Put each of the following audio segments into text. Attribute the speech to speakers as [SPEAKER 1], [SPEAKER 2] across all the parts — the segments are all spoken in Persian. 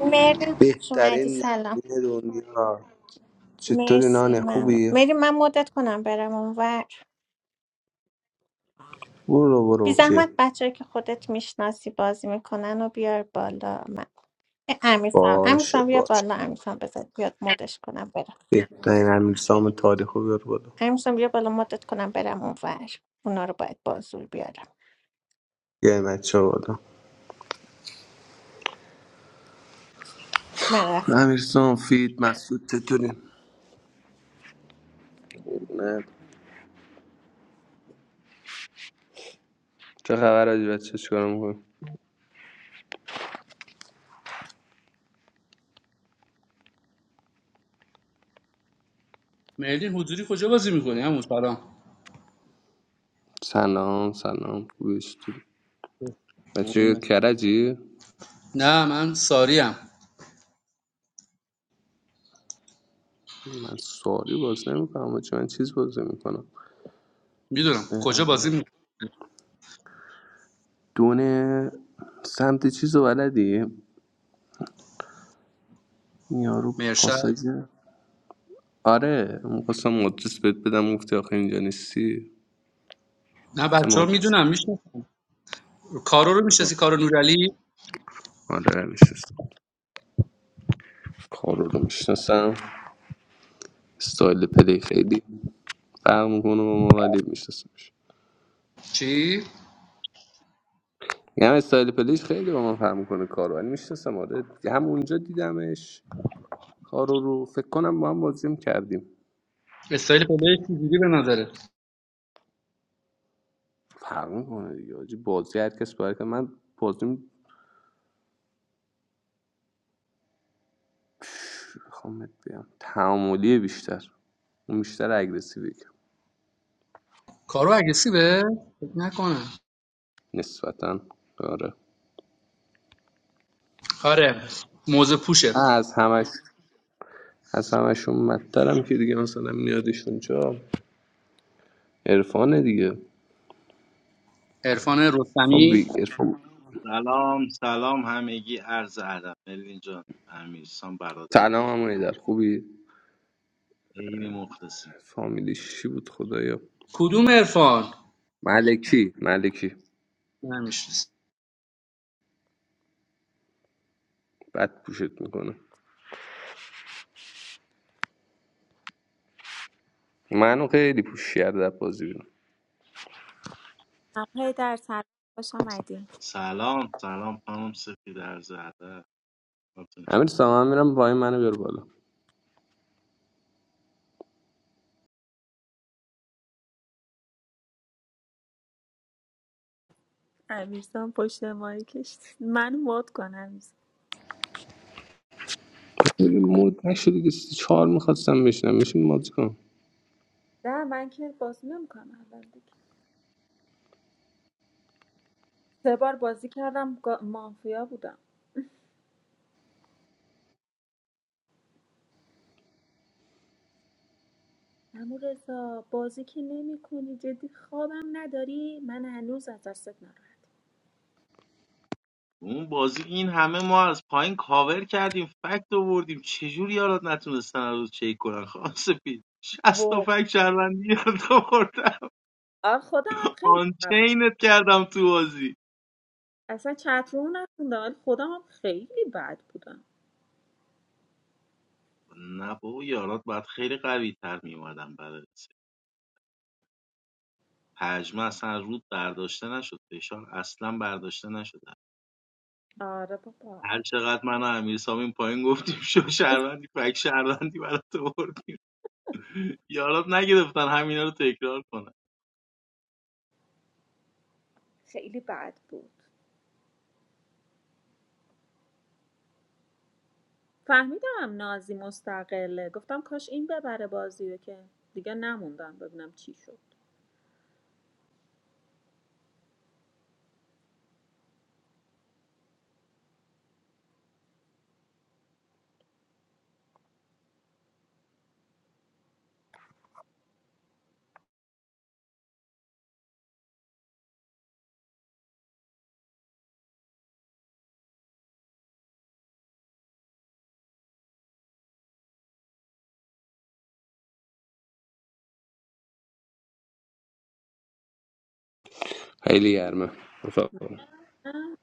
[SPEAKER 1] مرلی خوش اومدی
[SPEAKER 2] بهترین
[SPEAKER 1] سلام
[SPEAKER 2] نان دنیا چطوری
[SPEAKER 1] مرسی
[SPEAKER 2] نان
[SPEAKER 1] ممنون
[SPEAKER 2] خوبی؟
[SPEAKER 1] مری من مدت کنم برم اونور
[SPEAKER 2] برو
[SPEAKER 1] بی
[SPEAKER 2] برو که
[SPEAKER 1] زحمت بچه که خودت میشناسی بازی میکنن و بیار بالا من امیرسام
[SPEAKER 2] باشه
[SPEAKER 1] امیرسام بیا
[SPEAKER 2] باشه
[SPEAKER 1] بالا امیرسام بذار بیاد مدش کنم برم
[SPEAKER 2] بهترین امیرسام تاریخ رو بیار بالا
[SPEAKER 1] امیرسام بیا بالا مدت کنم برم اونور اونا رو باید بازور بیارم
[SPEAKER 2] یه بچه ها بالا
[SPEAKER 1] من رفتم
[SPEAKER 2] امیرسام فید مسعود چطوری؟ نه چه خبر آجی بچه چیکار میکنی؟
[SPEAKER 3] مردین حضوری کجا بازی میکنی همون سلام
[SPEAKER 2] سلام سلام خوبیستی بچه کرجی؟
[SPEAKER 3] نه من ساریم
[SPEAKER 2] من ساری باز نمیکنم بچه من چیز باز میکنم
[SPEAKER 3] میدونم کجا بازی میکنی
[SPEAKER 2] دونه سمت چیز رو بلدی؟ این یارو
[SPEAKER 3] مرشد
[SPEAKER 2] پاساژ آره میخواستم آدرس بهت بدم گفتی آخه اینجا نیستی
[SPEAKER 3] نه
[SPEAKER 2] گفتم
[SPEAKER 3] بچه ها
[SPEAKER 2] آدرس
[SPEAKER 3] میدونم میشناسم کارو رو میشناسی کارو نورعلی
[SPEAKER 2] آره میشستم کارو رو میشناسم استایل پلی خیلی فرق میکنه با ما ولی میشناسمش
[SPEAKER 3] چی
[SPEAKER 2] یه هم استایل پلیش خیلی با من فرق میکنه کارو ولی میشناسم آره دیگه، هم اونجا دیدمش کارو رو فکر کنم با هم بازی هم کردیم
[SPEAKER 3] استایل پلیش چجوری به نظره
[SPEAKER 2] فرق میکنه دیگه حاجی. بازی هر کس باید کنه. من بازیم میخوام بهت بگم تعاملی بیشتر اون بیشتر اگریسیوی
[SPEAKER 3] کارو اگریسیوه فکر نکنم
[SPEAKER 2] نسبتا آره
[SPEAKER 3] آره موزه پوشه
[SPEAKER 2] از همش از همشون مدترم که دیگه مثلا میاد ایشون چا عرفانه دیگه
[SPEAKER 3] عرفان
[SPEAKER 2] عرفان
[SPEAKER 3] رستمی
[SPEAKER 2] بی عرفان
[SPEAKER 4] سلام سلام همگی عرض ادب ملین جان امیرسان برادر
[SPEAKER 2] سلام امانی
[SPEAKER 4] بزرگم
[SPEAKER 2] در خوبی
[SPEAKER 4] عین مخلصیم
[SPEAKER 2] فامیلیش چی بود خدایا
[SPEAKER 3] کدوم عرفان
[SPEAKER 2] ملکی ملکی
[SPEAKER 3] نمیشناسم
[SPEAKER 2] بد پوشت میکنه منو خیلی پوش کرده از بازی بیرون
[SPEAKER 5] من هی در سلام خوش آمدی
[SPEAKER 4] سلام سلام خانم سفید عرض ادب حالتون چطور؟
[SPEAKER 2] امیر سامان میرم وای منو بیار بالا
[SPEAKER 5] امیرسان پشت مایی کشت من مود کنم. امیرسان
[SPEAKER 2] دیگه مود نشد دیگه سی چهار میخواستم بشنم میشیم مازی کنم
[SPEAKER 5] نه من که بازی نمیکنم الان دیگه سه بار بازی کردم گا- مافیا بودم امو رضا بازی که نمی کنی جدی خوابم نداری من هنوز از دستت ناراحت
[SPEAKER 4] اون بازی این همه ما از پایین کاور کردیم فکت آوردیم چجوری یارات نتونستن از روز چک کنن خانم سفید 60 تا
[SPEAKER 5] واقعا
[SPEAKER 4] فکت شهروندی یارات آوردم
[SPEAKER 5] خودم هم خیلی بد
[SPEAKER 4] آنچینت کردم تو بازی
[SPEAKER 5] اصلا چت رو نخوندم ولی خودم هم خیلی بد بودم
[SPEAKER 4] نه بابا یارات باید خیلی قوی تر میومدن برای پژمه اصلا از رود برداشته نشد فشار اصلا برداشته نشده
[SPEAKER 5] آره بابا
[SPEAKER 4] هر چقدر من و امیر سامین پایین گفتیم شو شهروندی فک شهروندی برات آوردیم یارات نگرفتن همینا رو تکرار کنن
[SPEAKER 5] خیلی بد بود فهمیدم نازی مستقله گفتم کاش این ببره بازی رو که دیگه نموندم ببینم چی شد
[SPEAKER 2] خیلی گرمه رفقا.
[SPEAKER 5] نه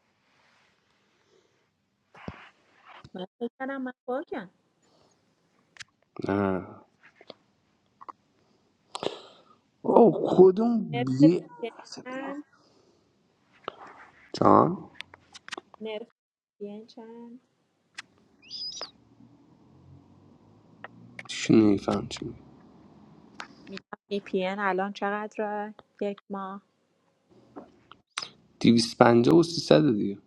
[SPEAKER 5] من فکر کردم من باگم
[SPEAKER 2] نه او کدوم
[SPEAKER 5] نرخ
[SPEAKER 2] بی
[SPEAKER 5] VPN
[SPEAKER 2] اصلا
[SPEAKER 5] چند نرخ VPN چند
[SPEAKER 2] چی نیفهم چی میگی؟
[SPEAKER 5] VPN الان چقدره یک ماه
[SPEAKER 2] 250 و سیصد دیگه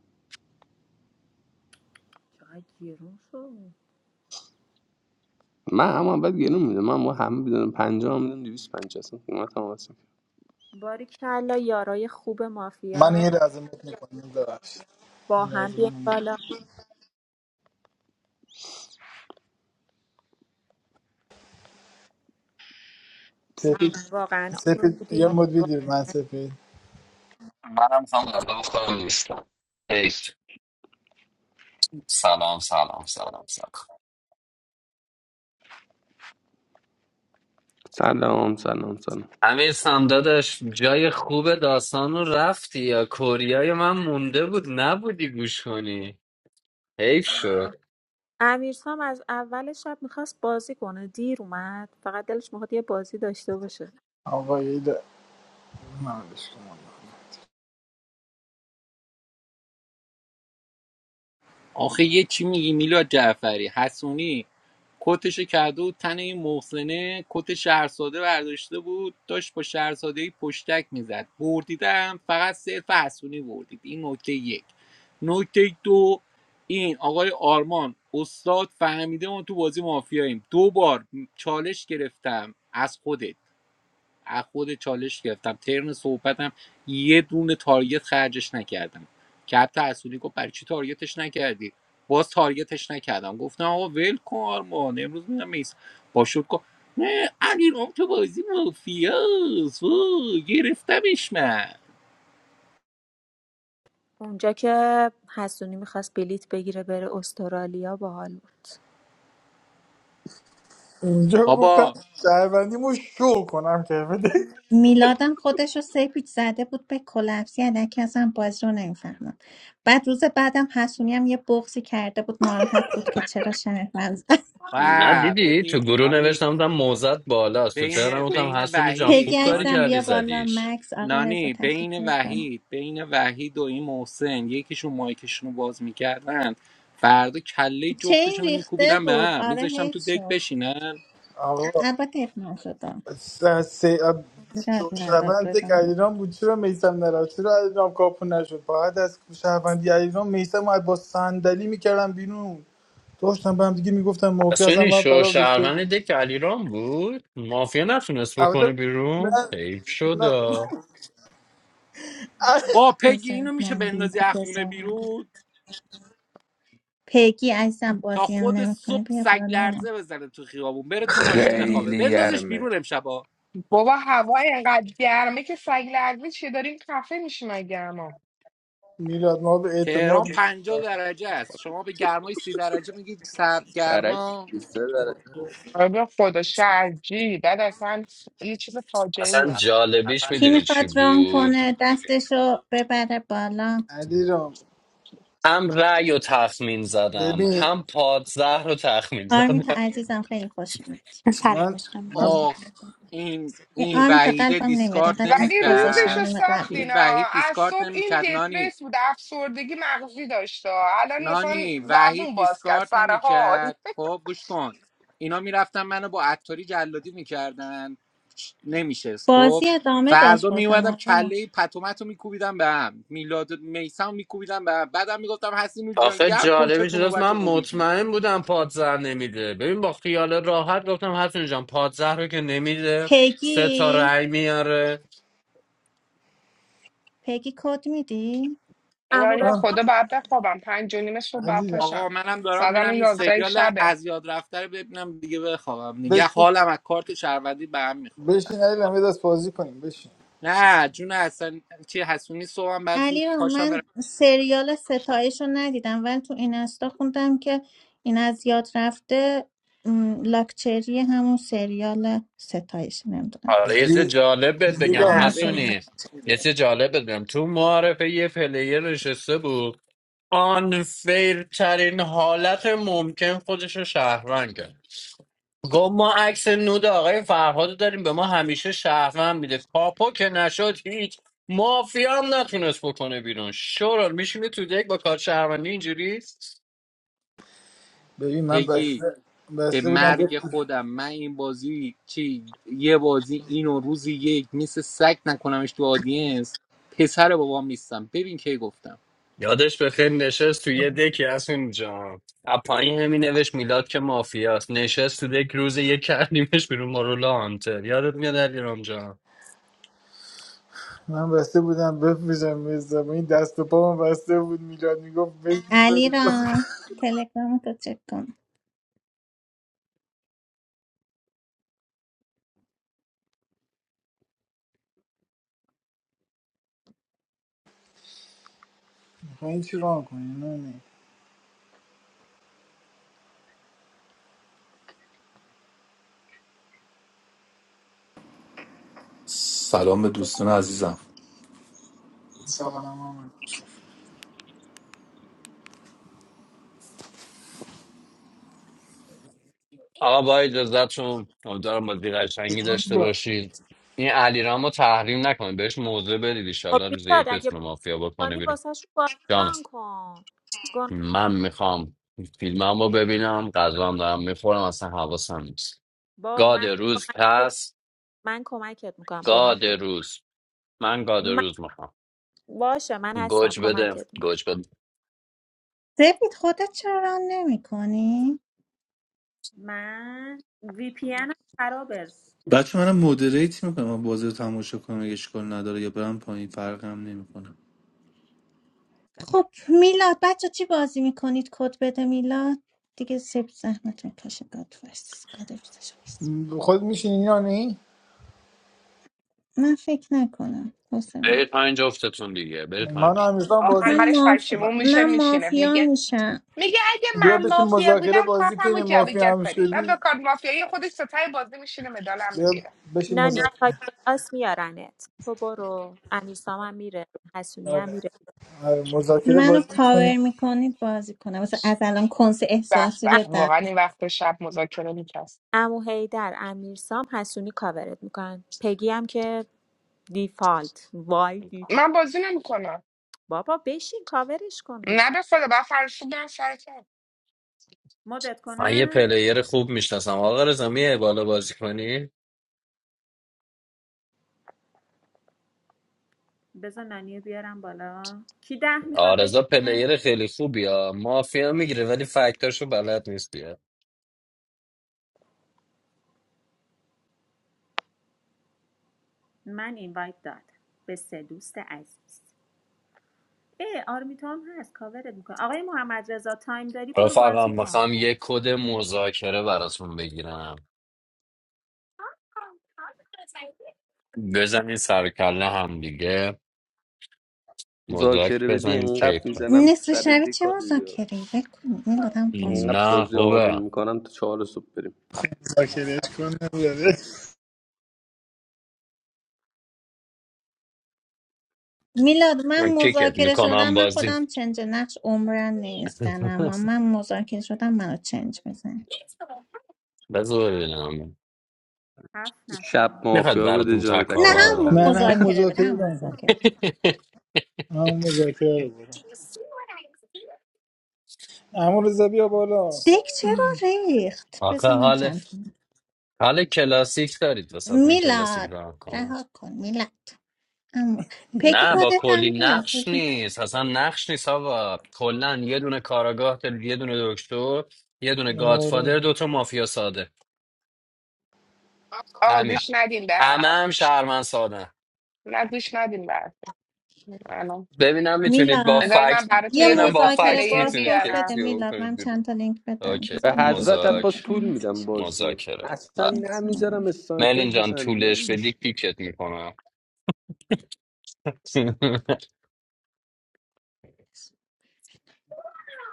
[SPEAKER 5] چقدر گیرون شد
[SPEAKER 2] من اما بعد گلو میدم من هم همه بدونم پنجاه هم میدم دویست پنجاه اصلا قیمت هم واسه
[SPEAKER 5] باریکلا یارای خوب
[SPEAKER 6] من
[SPEAKER 5] مافیا
[SPEAKER 6] یه لحظه مد میکنم ببخشید
[SPEAKER 5] با
[SPEAKER 6] یه
[SPEAKER 5] هم
[SPEAKER 6] لحظه
[SPEAKER 5] بیان
[SPEAKER 6] من مد
[SPEAKER 5] بالا
[SPEAKER 6] سپید
[SPEAKER 5] واقعا عالی
[SPEAKER 6] سپید یه
[SPEAKER 5] بودیم
[SPEAKER 6] مد ویدیو من
[SPEAKER 5] واقعا
[SPEAKER 6] سپید
[SPEAKER 7] منم هم غذا بخورم نیستم ایش سلام سلام سلام سلام
[SPEAKER 2] سلام سلام سلام
[SPEAKER 7] امیر سمدادش جای خوب داستان رو رفتی یا کوریای من مونده بود نبودی گوش کنی حیف شد
[SPEAKER 5] امیرسام از اول شب میخواست بازی کنه دیر اومد فقط دلش میخواد یه بازی داشته باشه
[SPEAKER 6] آقایی ده نمیدش کنم
[SPEAKER 8] آخه یه چی میگی میلاد جعفری حسونی کتشو کرده بود تن این محسنه کت شهرساده برداشته بود داشت با شهرساده پشتک میزد بردیدم فقط صرف حسونی بردید این نکته یک نکته دو این آقای آرمان استاد فهمیده ما تو بازی مافیاییم دو بار چالش گرفتم از خودت از خود چالش گرفتم ترن صحبتم یه دونه تارگت خرجش نکردم که حتی اصولی گفت برای چی تارگتش نکردی باز تارگتش نکردم گفتم آقا ول کن آرمان امروز میرم میس با شد نه علی رام تو بازی مافیاس وای، گرفتمش من
[SPEAKER 5] اونجا که حسونی میخواست بلیت بگیره بره استرالیا باحال بود
[SPEAKER 6] اینجا گفتم
[SPEAKER 8] بابا
[SPEAKER 6] شهروندیمو شو کنم که بده
[SPEAKER 1] میلادم خودش رو سه پیچ زده بود به کلپسی علکی ازم بازی رو نمیفهمم بعد روز بعدم حسونی هم یه بغضی کرده بود ناراحت بود که چرا شهروند
[SPEAKER 7] نه
[SPEAKER 8] و
[SPEAKER 7] دیدی تو
[SPEAKER 8] ببین
[SPEAKER 7] گروه
[SPEAKER 8] نانی
[SPEAKER 7] نوشتم بودم موزت بالاست تو ترم
[SPEAKER 8] بین
[SPEAKER 7] بودم
[SPEAKER 8] بین
[SPEAKER 7] حسونی جان
[SPEAKER 1] پگی
[SPEAKER 8] وحید
[SPEAKER 7] خوب کاری
[SPEAKER 1] عزیزم
[SPEAKER 8] نانی
[SPEAKER 7] کردی
[SPEAKER 1] بیا بالا
[SPEAKER 7] زدیش
[SPEAKER 1] مکس آقا رضا
[SPEAKER 8] نانی
[SPEAKER 1] تشریف
[SPEAKER 8] بین
[SPEAKER 1] میکنم
[SPEAKER 8] وحید بین وحید و این محسن یکیشون مایکشون رو باز میکردن فردا کله
[SPEAKER 1] چین
[SPEAKER 8] جفتشون رو
[SPEAKER 1] ریخته
[SPEAKER 8] میکوبیدم به
[SPEAKER 1] بود
[SPEAKER 8] هم
[SPEAKER 1] آره
[SPEAKER 8] میذاشتم
[SPEAKER 1] حیف
[SPEAKER 8] تو دک
[SPEAKER 1] شد
[SPEAKER 8] بشینن
[SPEAKER 6] آقا
[SPEAKER 1] البته حیف نشد
[SPEAKER 6] س... س... شو
[SPEAKER 1] ایراد ندار
[SPEAKER 6] شهروند که
[SPEAKER 1] بزن
[SPEAKER 6] علیرام بود چرا میسم نرفت چرا علیرام کاپو نشد باید از شهروندی علیرام میسم باید با صندلی میکردم بیرون داشتم به هم دیگه میگفتم مافی هستم
[SPEAKER 7] حسونی
[SPEAKER 6] من
[SPEAKER 7] شو
[SPEAKER 6] فرار ریخته
[SPEAKER 7] شهروند
[SPEAKER 6] بود
[SPEAKER 7] دک علیرام بود مافیا نتونست بکنه
[SPEAKER 6] البته نه
[SPEAKER 7] بیرون حیف شد
[SPEAKER 6] نه
[SPEAKER 7] آ.
[SPEAKER 8] با پگی
[SPEAKER 1] بذار
[SPEAKER 8] اینو میشه
[SPEAKER 1] من لینک
[SPEAKER 8] بندازی از
[SPEAKER 1] رو
[SPEAKER 8] خونه
[SPEAKER 1] بذارم
[SPEAKER 8] بیرون
[SPEAKER 1] پگی عزیزم
[SPEAKER 8] تا
[SPEAKER 1] بازی هم
[SPEAKER 8] خود
[SPEAKER 1] نمیکنه
[SPEAKER 8] صبح
[SPEAKER 1] بیا
[SPEAKER 8] سگ
[SPEAKER 1] بالا
[SPEAKER 8] لرزه بزنه تو خیابون بره تو
[SPEAKER 1] چند
[SPEAKER 8] ماشین
[SPEAKER 1] تا لینک
[SPEAKER 8] بخوابه
[SPEAKER 2] خیلی
[SPEAKER 1] بزن
[SPEAKER 8] بندازش بیرون
[SPEAKER 2] گرمه
[SPEAKER 8] امشبا
[SPEAKER 9] بابا هوا اینقدر گرمه که سگ لرزه چیه داریم خفه میشیم از گرما
[SPEAKER 6] میلاد ما به اعتماد
[SPEAKER 8] تهران 50 درجه است شما به گرمای 30 درجه میگید
[SPEAKER 2] کرک
[SPEAKER 8] سرگرما
[SPEAKER 2] 23 درجه
[SPEAKER 9] آره به خدا شرجی بعد اصلا یه چیز فاجعه
[SPEAKER 7] اصلا
[SPEAKER 9] ایه.
[SPEAKER 7] جالبیش
[SPEAKER 1] کی
[SPEAKER 7] میدونی چی
[SPEAKER 1] میخواد ران
[SPEAKER 7] بود
[SPEAKER 1] کنه دستشو ببره بالا
[SPEAKER 6] علی رام
[SPEAKER 7] هم رأی و تخمین زدم
[SPEAKER 6] ببین
[SPEAKER 7] هم پادزهر رو تخمین زدم
[SPEAKER 1] آرمیتا عزیزم خیلی خوش اومد
[SPEAKER 10] سلام
[SPEAKER 6] من
[SPEAKER 10] عشقم
[SPEAKER 6] من
[SPEAKER 1] بزن یه
[SPEAKER 8] آخ
[SPEAKER 1] قلبم.
[SPEAKER 8] این
[SPEAKER 1] ای،
[SPEAKER 8] این
[SPEAKER 6] ب-
[SPEAKER 1] آرمیتا
[SPEAKER 8] وحیده
[SPEAKER 1] قلبم نمیاد
[SPEAKER 8] دیسکارد
[SPEAKER 1] اینقدر عکس
[SPEAKER 9] ولی روزش
[SPEAKER 1] گذاشتم
[SPEAKER 9] رو
[SPEAKER 8] نمیکرد
[SPEAKER 1] روم قبلی
[SPEAKER 8] این
[SPEAKER 9] ساختینا
[SPEAKER 8] وحید
[SPEAKER 9] از
[SPEAKER 8] دیسکارد
[SPEAKER 9] صبح این
[SPEAKER 8] نمیکرد نانی
[SPEAKER 9] دپرس بود افسردگی مغزی داشته الان مثلا
[SPEAKER 8] نانی وحید
[SPEAKER 9] زبون باز کرد
[SPEAKER 8] دیسکارد
[SPEAKER 9] سر حال
[SPEAKER 8] نمیکرد خب گوش کن اینا میرفتن منو با عطاری جلادی میکردن نمیشست خب
[SPEAKER 1] بازی ادامه داشت
[SPEAKER 8] فردا
[SPEAKER 1] بازم
[SPEAKER 8] میومدم
[SPEAKER 1] آره
[SPEAKER 8] کله پتومت رو میکوبیدم به هم میلاد میسم میکوبیدم به هم بعدم میگفتم حسین جان
[SPEAKER 7] آخه
[SPEAKER 8] گرم کن که
[SPEAKER 7] جالبش
[SPEAKER 8] تو
[SPEAKER 7] اینجاست من
[SPEAKER 8] نوبت خروجی
[SPEAKER 7] مطمئن بودم پادزر نمیده ببین با خیال راحت گفتم حسن جان پادزر رو که نمیده سه تا
[SPEAKER 1] پگی
[SPEAKER 7] رأی میاره
[SPEAKER 1] پگی کد میدی
[SPEAKER 9] اینا یعنی
[SPEAKER 5] امورا
[SPEAKER 9] به
[SPEAKER 6] من
[SPEAKER 9] خدا بعد بخوابم پنج و نیم صبح باید
[SPEAKER 6] علی رام
[SPEAKER 9] پاشم
[SPEAKER 8] آقا منم دارم
[SPEAKER 9] ساعت الان
[SPEAKER 8] میرم این
[SPEAKER 9] یازده
[SPEAKER 8] سریال
[SPEAKER 9] شبه
[SPEAKER 8] از یاد رفته رو ببینم دیگه بخوابم دیگه
[SPEAKER 6] بشین
[SPEAKER 8] حالم از کارت شهروندی به هم میخوره
[SPEAKER 6] بشین علی رام یه دست بازی کنیم بشین
[SPEAKER 8] نه جون حسن چی حسونی صبحم بعد زود
[SPEAKER 1] علی رو
[SPEAKER 8] پاشم برم
[SPEAKER 1] من سریال ستایش رو ندیدم ولی تو این استا خوندم که این از یاد رفته م، لاکچری همون سریال ستایش نمیدونم
[SPEAKER 7] حالا یه
[SPEAKER 1] دیگه
[SPEAKER 7] چیز
[SPEAKER 6] ولی
[SPEAKER 7] جالب بهت بگم
[SPEAKER 6] میلاد
[SPEAKER 8] نه ببینه
[SPEAKER 7] حسونی یه چیز جالب بهت بگم تو معارفه یه پلیر نشسته بود آنفیر ترین حالت ممکن خودش رو شهروند کرد گفت ما عکس نود آقای فرهاد رو داریم به ما همیشه شهروند میده کاپو که نشد هیچ مافیا هم نتونست بکنه بیرون شورال میشینه تو دک با کار شهروندی اینجوری
[SPEAKER 6] ببین من
[SPEAKER 8] پگی
[SPEAKER 6] بسته
[SPEAKER 8] به
[SPEAKER 6] بسته بودم
[SPEAKER 8] مرگ
[SPEAKER 6] بفروش
[SPEAKER 8] خودم من این بازی چی یه بازی اینو روزی یک مثل سگ نکنمش تو آدینس پسر بابام نیستم ببین کی گفتم
[SPEAKER 7] یادش به خیر نشست تو یه دکی از اونجا از پایین همی نوشت میلاد که مافیاست نشست تو دک روز یه کردیمش بیرون مارولا هانتر یادت میاد علی رامجان
[SPEAKER 6] من بسته بودم بفروشم میزم این دست و پا من بسته بود میلاد میگفت بشین
[SPEAKER 1] علی
[SPEAKER 6] بفروش
[SPEAKER 1] رام تلگرام تو چک کن
[SPEAKER 6] خب این چی راه کنی نه نه
[SPEAKER 11] Salam, brother. Aziza.
[SPEAKER 6] سلام آمد
[SPEAKER 7] آقا با اجازتون امیدوارم بازی قشنگی داشته باشید این علیرام رو تحریم نکنید بهش موضع بدید
[SPEAKER 5] خب
[SPEAKER 7] ایشالله روز یک
[SPEAKER 5] میلاد اگه
[SPEAKER 7] بتونه مافیا بکنه
[SPEAKER 5] بکنی
[SPEAKER 7] بیرون.
[SPEAKER 5] واسه شو
[SPEAKER 7] جان
[SPEAKER 5] ران کن گناه
[SPEAKER 7] من میخوام فیلمم رو ببینم غذام دارم میخورم اصلا حواسم نیست
[SPEAKER 5] با
[SPEAKER 7] گاد
[SPEAKER 5] من
[SPEAKER 7] روز
[SPEAKER 5] کمکت
[SPEAKER 7] پس
[SPEAKER 5] من کمکت میکنم گناه
[SPEAKER 7] گاد
[SPEAKER 5] دار
[SPEAKER 7] روز من گاد
[SPEAKER 5] من
[SPEAKER 7] روز میخوام
[SPEAKER 5] باشه من هستم
[SPEAKER 7] گوج بده
[SPEAKER 5] کمکت میکنم
[SPEAKER 7] گوج بده
[SPEAKER 1] زبید خودت چرا ران نمی کنی؟
[SPEAKER 5] من وی پی ان خرابه
[SPEAKER 11] Dach, man, I moderate it. I'm going to make a moderate talk. I'm going to school. I don't like it. I'm going to play. I'm not doing it.
[SPEAKER 1] خب میلاد بچه چی بازی میکنید کد بده میلاد دیگه سب زحمت میکشه گاد فرست گاد فرستش.
[SPEAKER 6] خود میشینی یا نه
[SPEAKER 1] من فکر نکنم حوصله ندارم.
[SPEAKER 7] برید پایین جفتتون دیگه برید
[SPEAKER 6] من
[SPEAKER 7] پایین
[SPEAKER 6] همیشه
[SPEAKER 1] آخ
[SPEAKER 7] آخر
[SPEAKER 1] من
[SPEAKER 9] آخرش
[SPEAKER 1] ماف...
[SPEAKER 6] بازی
[SPEAKER 9] پشیمون میشه
[SPEAKER 1] من
[SPEAKER 9] میشینه میگه
[SPEAKER 1] مافیا میشم
[SPEAKER 9] میگه اگه
[SPEAKER 6] بیا
[SPEAKER 9] من
[SPEAKER 6] بشین
[SPEAKER 9] مافیا
[SPEAKER 6] مذاکره
[SPEAKER 9] بودم
[SPEAKER 6] بازی
[SPEAKER 9] کارتم رو
[SPEAKER 6] کنیم مافی
[SPEAKER 9] جابجا
[SPEAKER 6] هم
[SPEAKER 9] کنیم و
[SPEAKER 6] شدی
[SPEAKER 9] به کارت مافیایی خودش ستای بازی میشینه مدالم
[SPEAKER 6] بیا
[SPEAKER 9] میگیره
[SPEAKER 6] بشین
[SPEAKER 5] نانی
[SPEAKER 6] مذاکره
[SPEAKER 5] تا کلاس میارنت تو برو امیرسام هم میره حسونی هم
[SPEAKER 6] آره
[SPEAKER 5] میره
[SPEAKER 6] آره مذاکره
[SPEAKER 1] منو
[SPEAKER 6] بازی کنیم
[SPEAKER 1] کاور میکنید بازی کنم واسه از الان کنس
[SPEAKER 9] به
[SPEAKER 1] احساسی
[SPEAKER 5] ام-
[SPEAKER 9] به
[SPEAKER 1] بدم
[SPEAKER 9] واقعا این وقت شب مذاکره میکرد
[SPEAKER 5] امو هیدر امیرسام حسونی کاورت میکنن پگی هم که دیفالت وای دی...
[SPEAKER 9] من بازی نمیکنم
[SPEAKER 5] بابا بشین کاورش کن دیگه
[SPEAKER 9] نه به خدا با فرشو برم سر کار.
[SPEAKER 5] مدت
[SPEAKER 7] من یه
[SPEAKER 5] کنم
[SPEAKER 7] پلیر خوب میشناسم آقا رضا میای بالا بازی کنی
[SPEAKER 5] بذار ننیه بیارم بالا کی ده میخواد
[SPEAKER 7] آرزا
[SPEAKER 5] بشینه
[SPEAKER 7] پلیر خیلی خوبی ها مافیا میگیره ولی فکتاشو بلد نیست دیگه
[SPEAKER 5] من اینوایت دادم به سه دوست عزیز ای آرمیتا هم هست کاورت میکنه آقای محمد رضا تایم داری برو
[SPEAKER 7] رفقا
[SPEAKER 5] بازی کن
[SPEAKER 7] میخوام یه کد مذاکره براتون بگیرم بزنین سر کله هم دیگه مدرک
[SPEAKER 2] مذاکره بدی
[SPEAKER 7] بزنیم
[SPEAKER 2] انقدر
[SPEAKER 7] کیک کنیم.
[SPEAKER 2] میزنم تو
[SPEAKER 1] نصف
[SPEAKER 2] سر
[SPEAKER 1] شبی چه
[SPEAKER 2] دیکا دیگه
[SPEAKER 1] مذاکره ول کن میلادم باز
[SPEAKER 2] انقدر
[SPEAKER 1] باز
[SPEAKER 7] نه
[SPEAKER 2] بازی آروم
[SPEAKER 7] خوبه
[SPEAKER 2] میکنم تا چهار صبح بریم
[SPEAKER 6] مذاکرهش کنم بره.
[SPEAKER 1] میلاد
[SPEAKER 7] من
[SPEAKER 1] من
[SPEAKER 7] کیکت
[SPEAKER 1] مذاکره شدم
[SPEAKER 7] میکنم
[SPEAKER 1] من
[SPEAKER 7] بازی
[SPEAKER 1] خودم چنج نقش عمرن نمیزنم اما من مذاکره شدم منو چنج بزن
[SPEAKER 7] بذار
[SPEAKER 5] هفت
[SPEAKER 7] ببینم
[SPEAKER 5] هفت
[SPEAKER 2] شب
[SPEAKER 5] نفریم
[SPEAKER 7] میخواد
[SPEAKER 2] مافیا بده
[SPEAKER 7] براتون
[SPEAKER 2] جای
[SPEAKER 1] نه
[SPEAKER 7] تکاور
[SPEAKER 2] تکاور
[SPEAKER 1] هم
[SPEAKER 7] را
[SPEAKER 6] نه نه
[SPEAKER 2] دمت
[SPEAKER 7] کنم.
[SPEAKER 6] هم
[SPEAKER 2] گرم.
[SPEAKER 1] مذاکره بده
[SPEAKER 6] مذاکره
[SPEAKER 1] هم
[SPEAKER 6] رو نکن
[SPEAKER 1] مذاکره
[SPEAKER 6] هم مذاکره رو برم اما رضا بیا بالا
[SPEAKER 1] دک چرا ریخت
[SPEAKER 7] آخه
[SPEAKER 1] بذار من
[SPEAKER 7] حال
[SPEAKER 1] چند تا-
[SPEAKER 7] حال کلاسیک دارید وسط من کلاسیک
[SPEAKER 1] میلاد
[SPEAKER 7] را کنم
[SPEAKER 1] رها کن میلاد اما پیک
[SPEAKER 7] نه با
[SPEAKER 1] خودت
[SPEAKER 7] کلی
[SPEAKER 1] هم بیا
[SPEAKER 7] نقش نیست اصلا نقش نیست آقا کلا یه دونه کاراگاه دارید یه دونه دکتر یه دونه
[SPEAKER 6] آره
[SPEAKER 7] گادفادر دوتا مافیا ساده
[SPEAKER 9] آقا
[SPEAKER 7] همین
[SPEAKER 9] گوش ندین به
[SPEAKER 7] همه
[SPEAKER 9] حرف
[SPEAKER 7] هم شهرمن ساده
[SPEAKER 9] نه گوش ندین به حرف الان
[SPEAKER 7] ببینم میتونید با
[SPEAKER 1] میلاد
[SPEAKER 9] بذاری من
[SPEAKER 7] فکت
[SPEAKER 9] براتون
[SPEAKER 1] یه
[SPEAKER 9] یه دو
[SPEAKER 7] ببینم با
[SPEAKER 9] تا
[SPEAKER 1] مذاکره
[SPEAKER 7] فکت
[SPEAKER 9] پلیر
[SPEAKER 7] میتونید
[SPEAKER 1] بازپرس بده
[SPEAKER 9] بیارم
[SPEAKER 7] کسی رو
[SPEAKER 1] میلاد
[SPEAKER 7] بکنید
[SPEAKER 1] من چند
[SPEAKER 7] بیرون
[SPEAKER 1] تا لینک بدم
[SPEAKER 7] اوکی
[SPEAKER 1] بذار
[SPEAKER 2] به
[SPEAKER 1] ببینم به
[SPEAKER 2] حضرت
[SPEAKER 1] کی لینک
[SPEAKER 2] عباس
[SPEAKER 7] مزاک
[SPEAKER 2] طول
[SPEAKER 1] بدم
[SPEAKER 2] میدم
[SPEAKER 1] راستش.
[SPEAKER 2] بازیو
[SPEAKER 7] مذاکره
[SPEAKER 2] اصلا
[SPEAKER 7] بله.
[SPEAKER 2] نمیذارم
[SPEAKER 1] بذار.
[SPEAKER 2] اسنایپر
[SPEAKER 7] مرلین جان
[SPEAKER 2] بزنه نه
[SPEAKER 7] طولش بدی
[SPEAKER 2] ایشکی
[SPEAKER 7] کیکت میکنم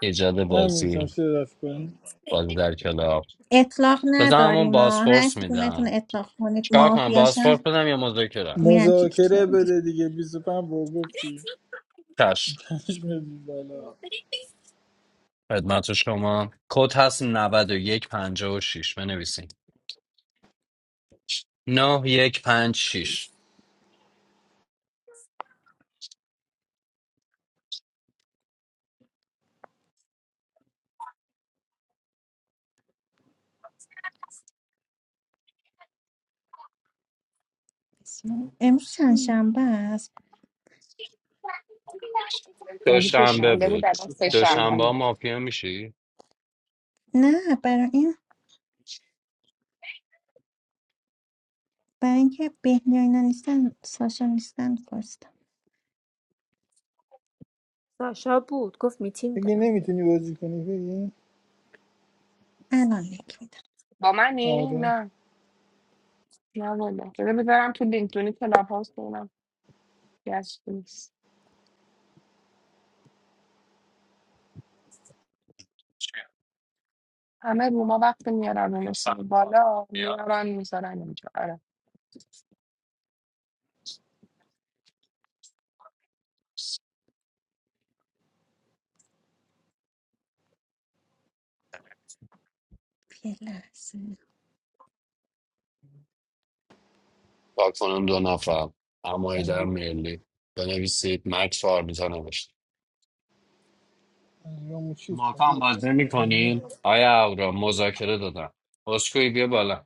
[SPEAKER 7] ایجاد
[SPEAKER 6] هم میتونم
[SPEAKER 7] بازی
[SPEAKER 6] شرف کنیم
[SPEAKER 7] بازی در کلاب
[SPEAKER 1] اطلاق
[SPEAKER 7] بزن همون
[SPEAKER 1] نداریم ما هر
[SPEAKER 7] بازفورس
[SPEAKER 1] کدومتون
[SPEAKER 7] میدم
[SPEAKER 1] اطلاق کنید
[SPEAKER 7] چیکار کنم بازفورس
[SPEAKER 1] مافیاشم
[SPEAKER 7] بدم یا مذاکره
[SPEAKER 1] میرم کیکتون
[SPEAKER 6] مذاکره
[SPEAKER 1] رو میگیرم
[SPEAKER 6] بده دیگه بیست و پنج با گفتی
[SPEAKER 7] چشم
[SPEAKER 6] پنج میدی بالا
[SPEAKER 7] خدمت شما کد هست 9156 بنویسین 9156
[SPEAKER 1] امروز چند شنبه است
[SPEAKER 9] اون
[SPEAKER 6] هم
[SPEAKER 9] که
[SPEAKER 6] بود.
[SPEAKER 7] دوشنبه
[SPEAKER 9] شنبه بود
[SPEAKER 7] بود
[SPEAKER 9] الان سه
[SPEAKER 6] دوشنبه
[SPEAKER 9] شنبه
[SPEAKER 7] دوشنبه ها
[SPEAKER 6] بود
[SPEAKER 7] مافیا میشی
[SPEAKER 1] نه برای این برای اینکه بهنیا اینا نیستن ساشا نیستن گفتم
[SPEAKER 5] ساشا بود گفت میتینگ
[SPEAKER 6] دیگه
[SPEAKER 5] دارم
[SPEAKER 6] نمیتونی بازی کنی بگی
[SPEAKER 1] الان لینک میدم
[SPEAKER 9] با منی
[SPEAKER 6] آره
[SPEAKER 9] نه نه والا بذار بذارم تو لینکدین کلاب هاوس ببینم کی هست. همه روما وقت میارن اونو سر بالا میارن میذارن اینجا آره
[SPEAKER 1] یه لحظه
[SPEAKER 7] تا کنم دو نفر اما در
[SPEAKER 6] اگه
[SPEAKER 7] ملی بنویسید مکس آرمیتا نوشت
[SPEAKER 6] اگه همون چیز
[SPEAKER 7] ماکا هم باز
[SPEAKER 6] کجاست
[SPEAKER 7] نمی کنین آیا اورا مذاکره دادم اسکوی بیا بالا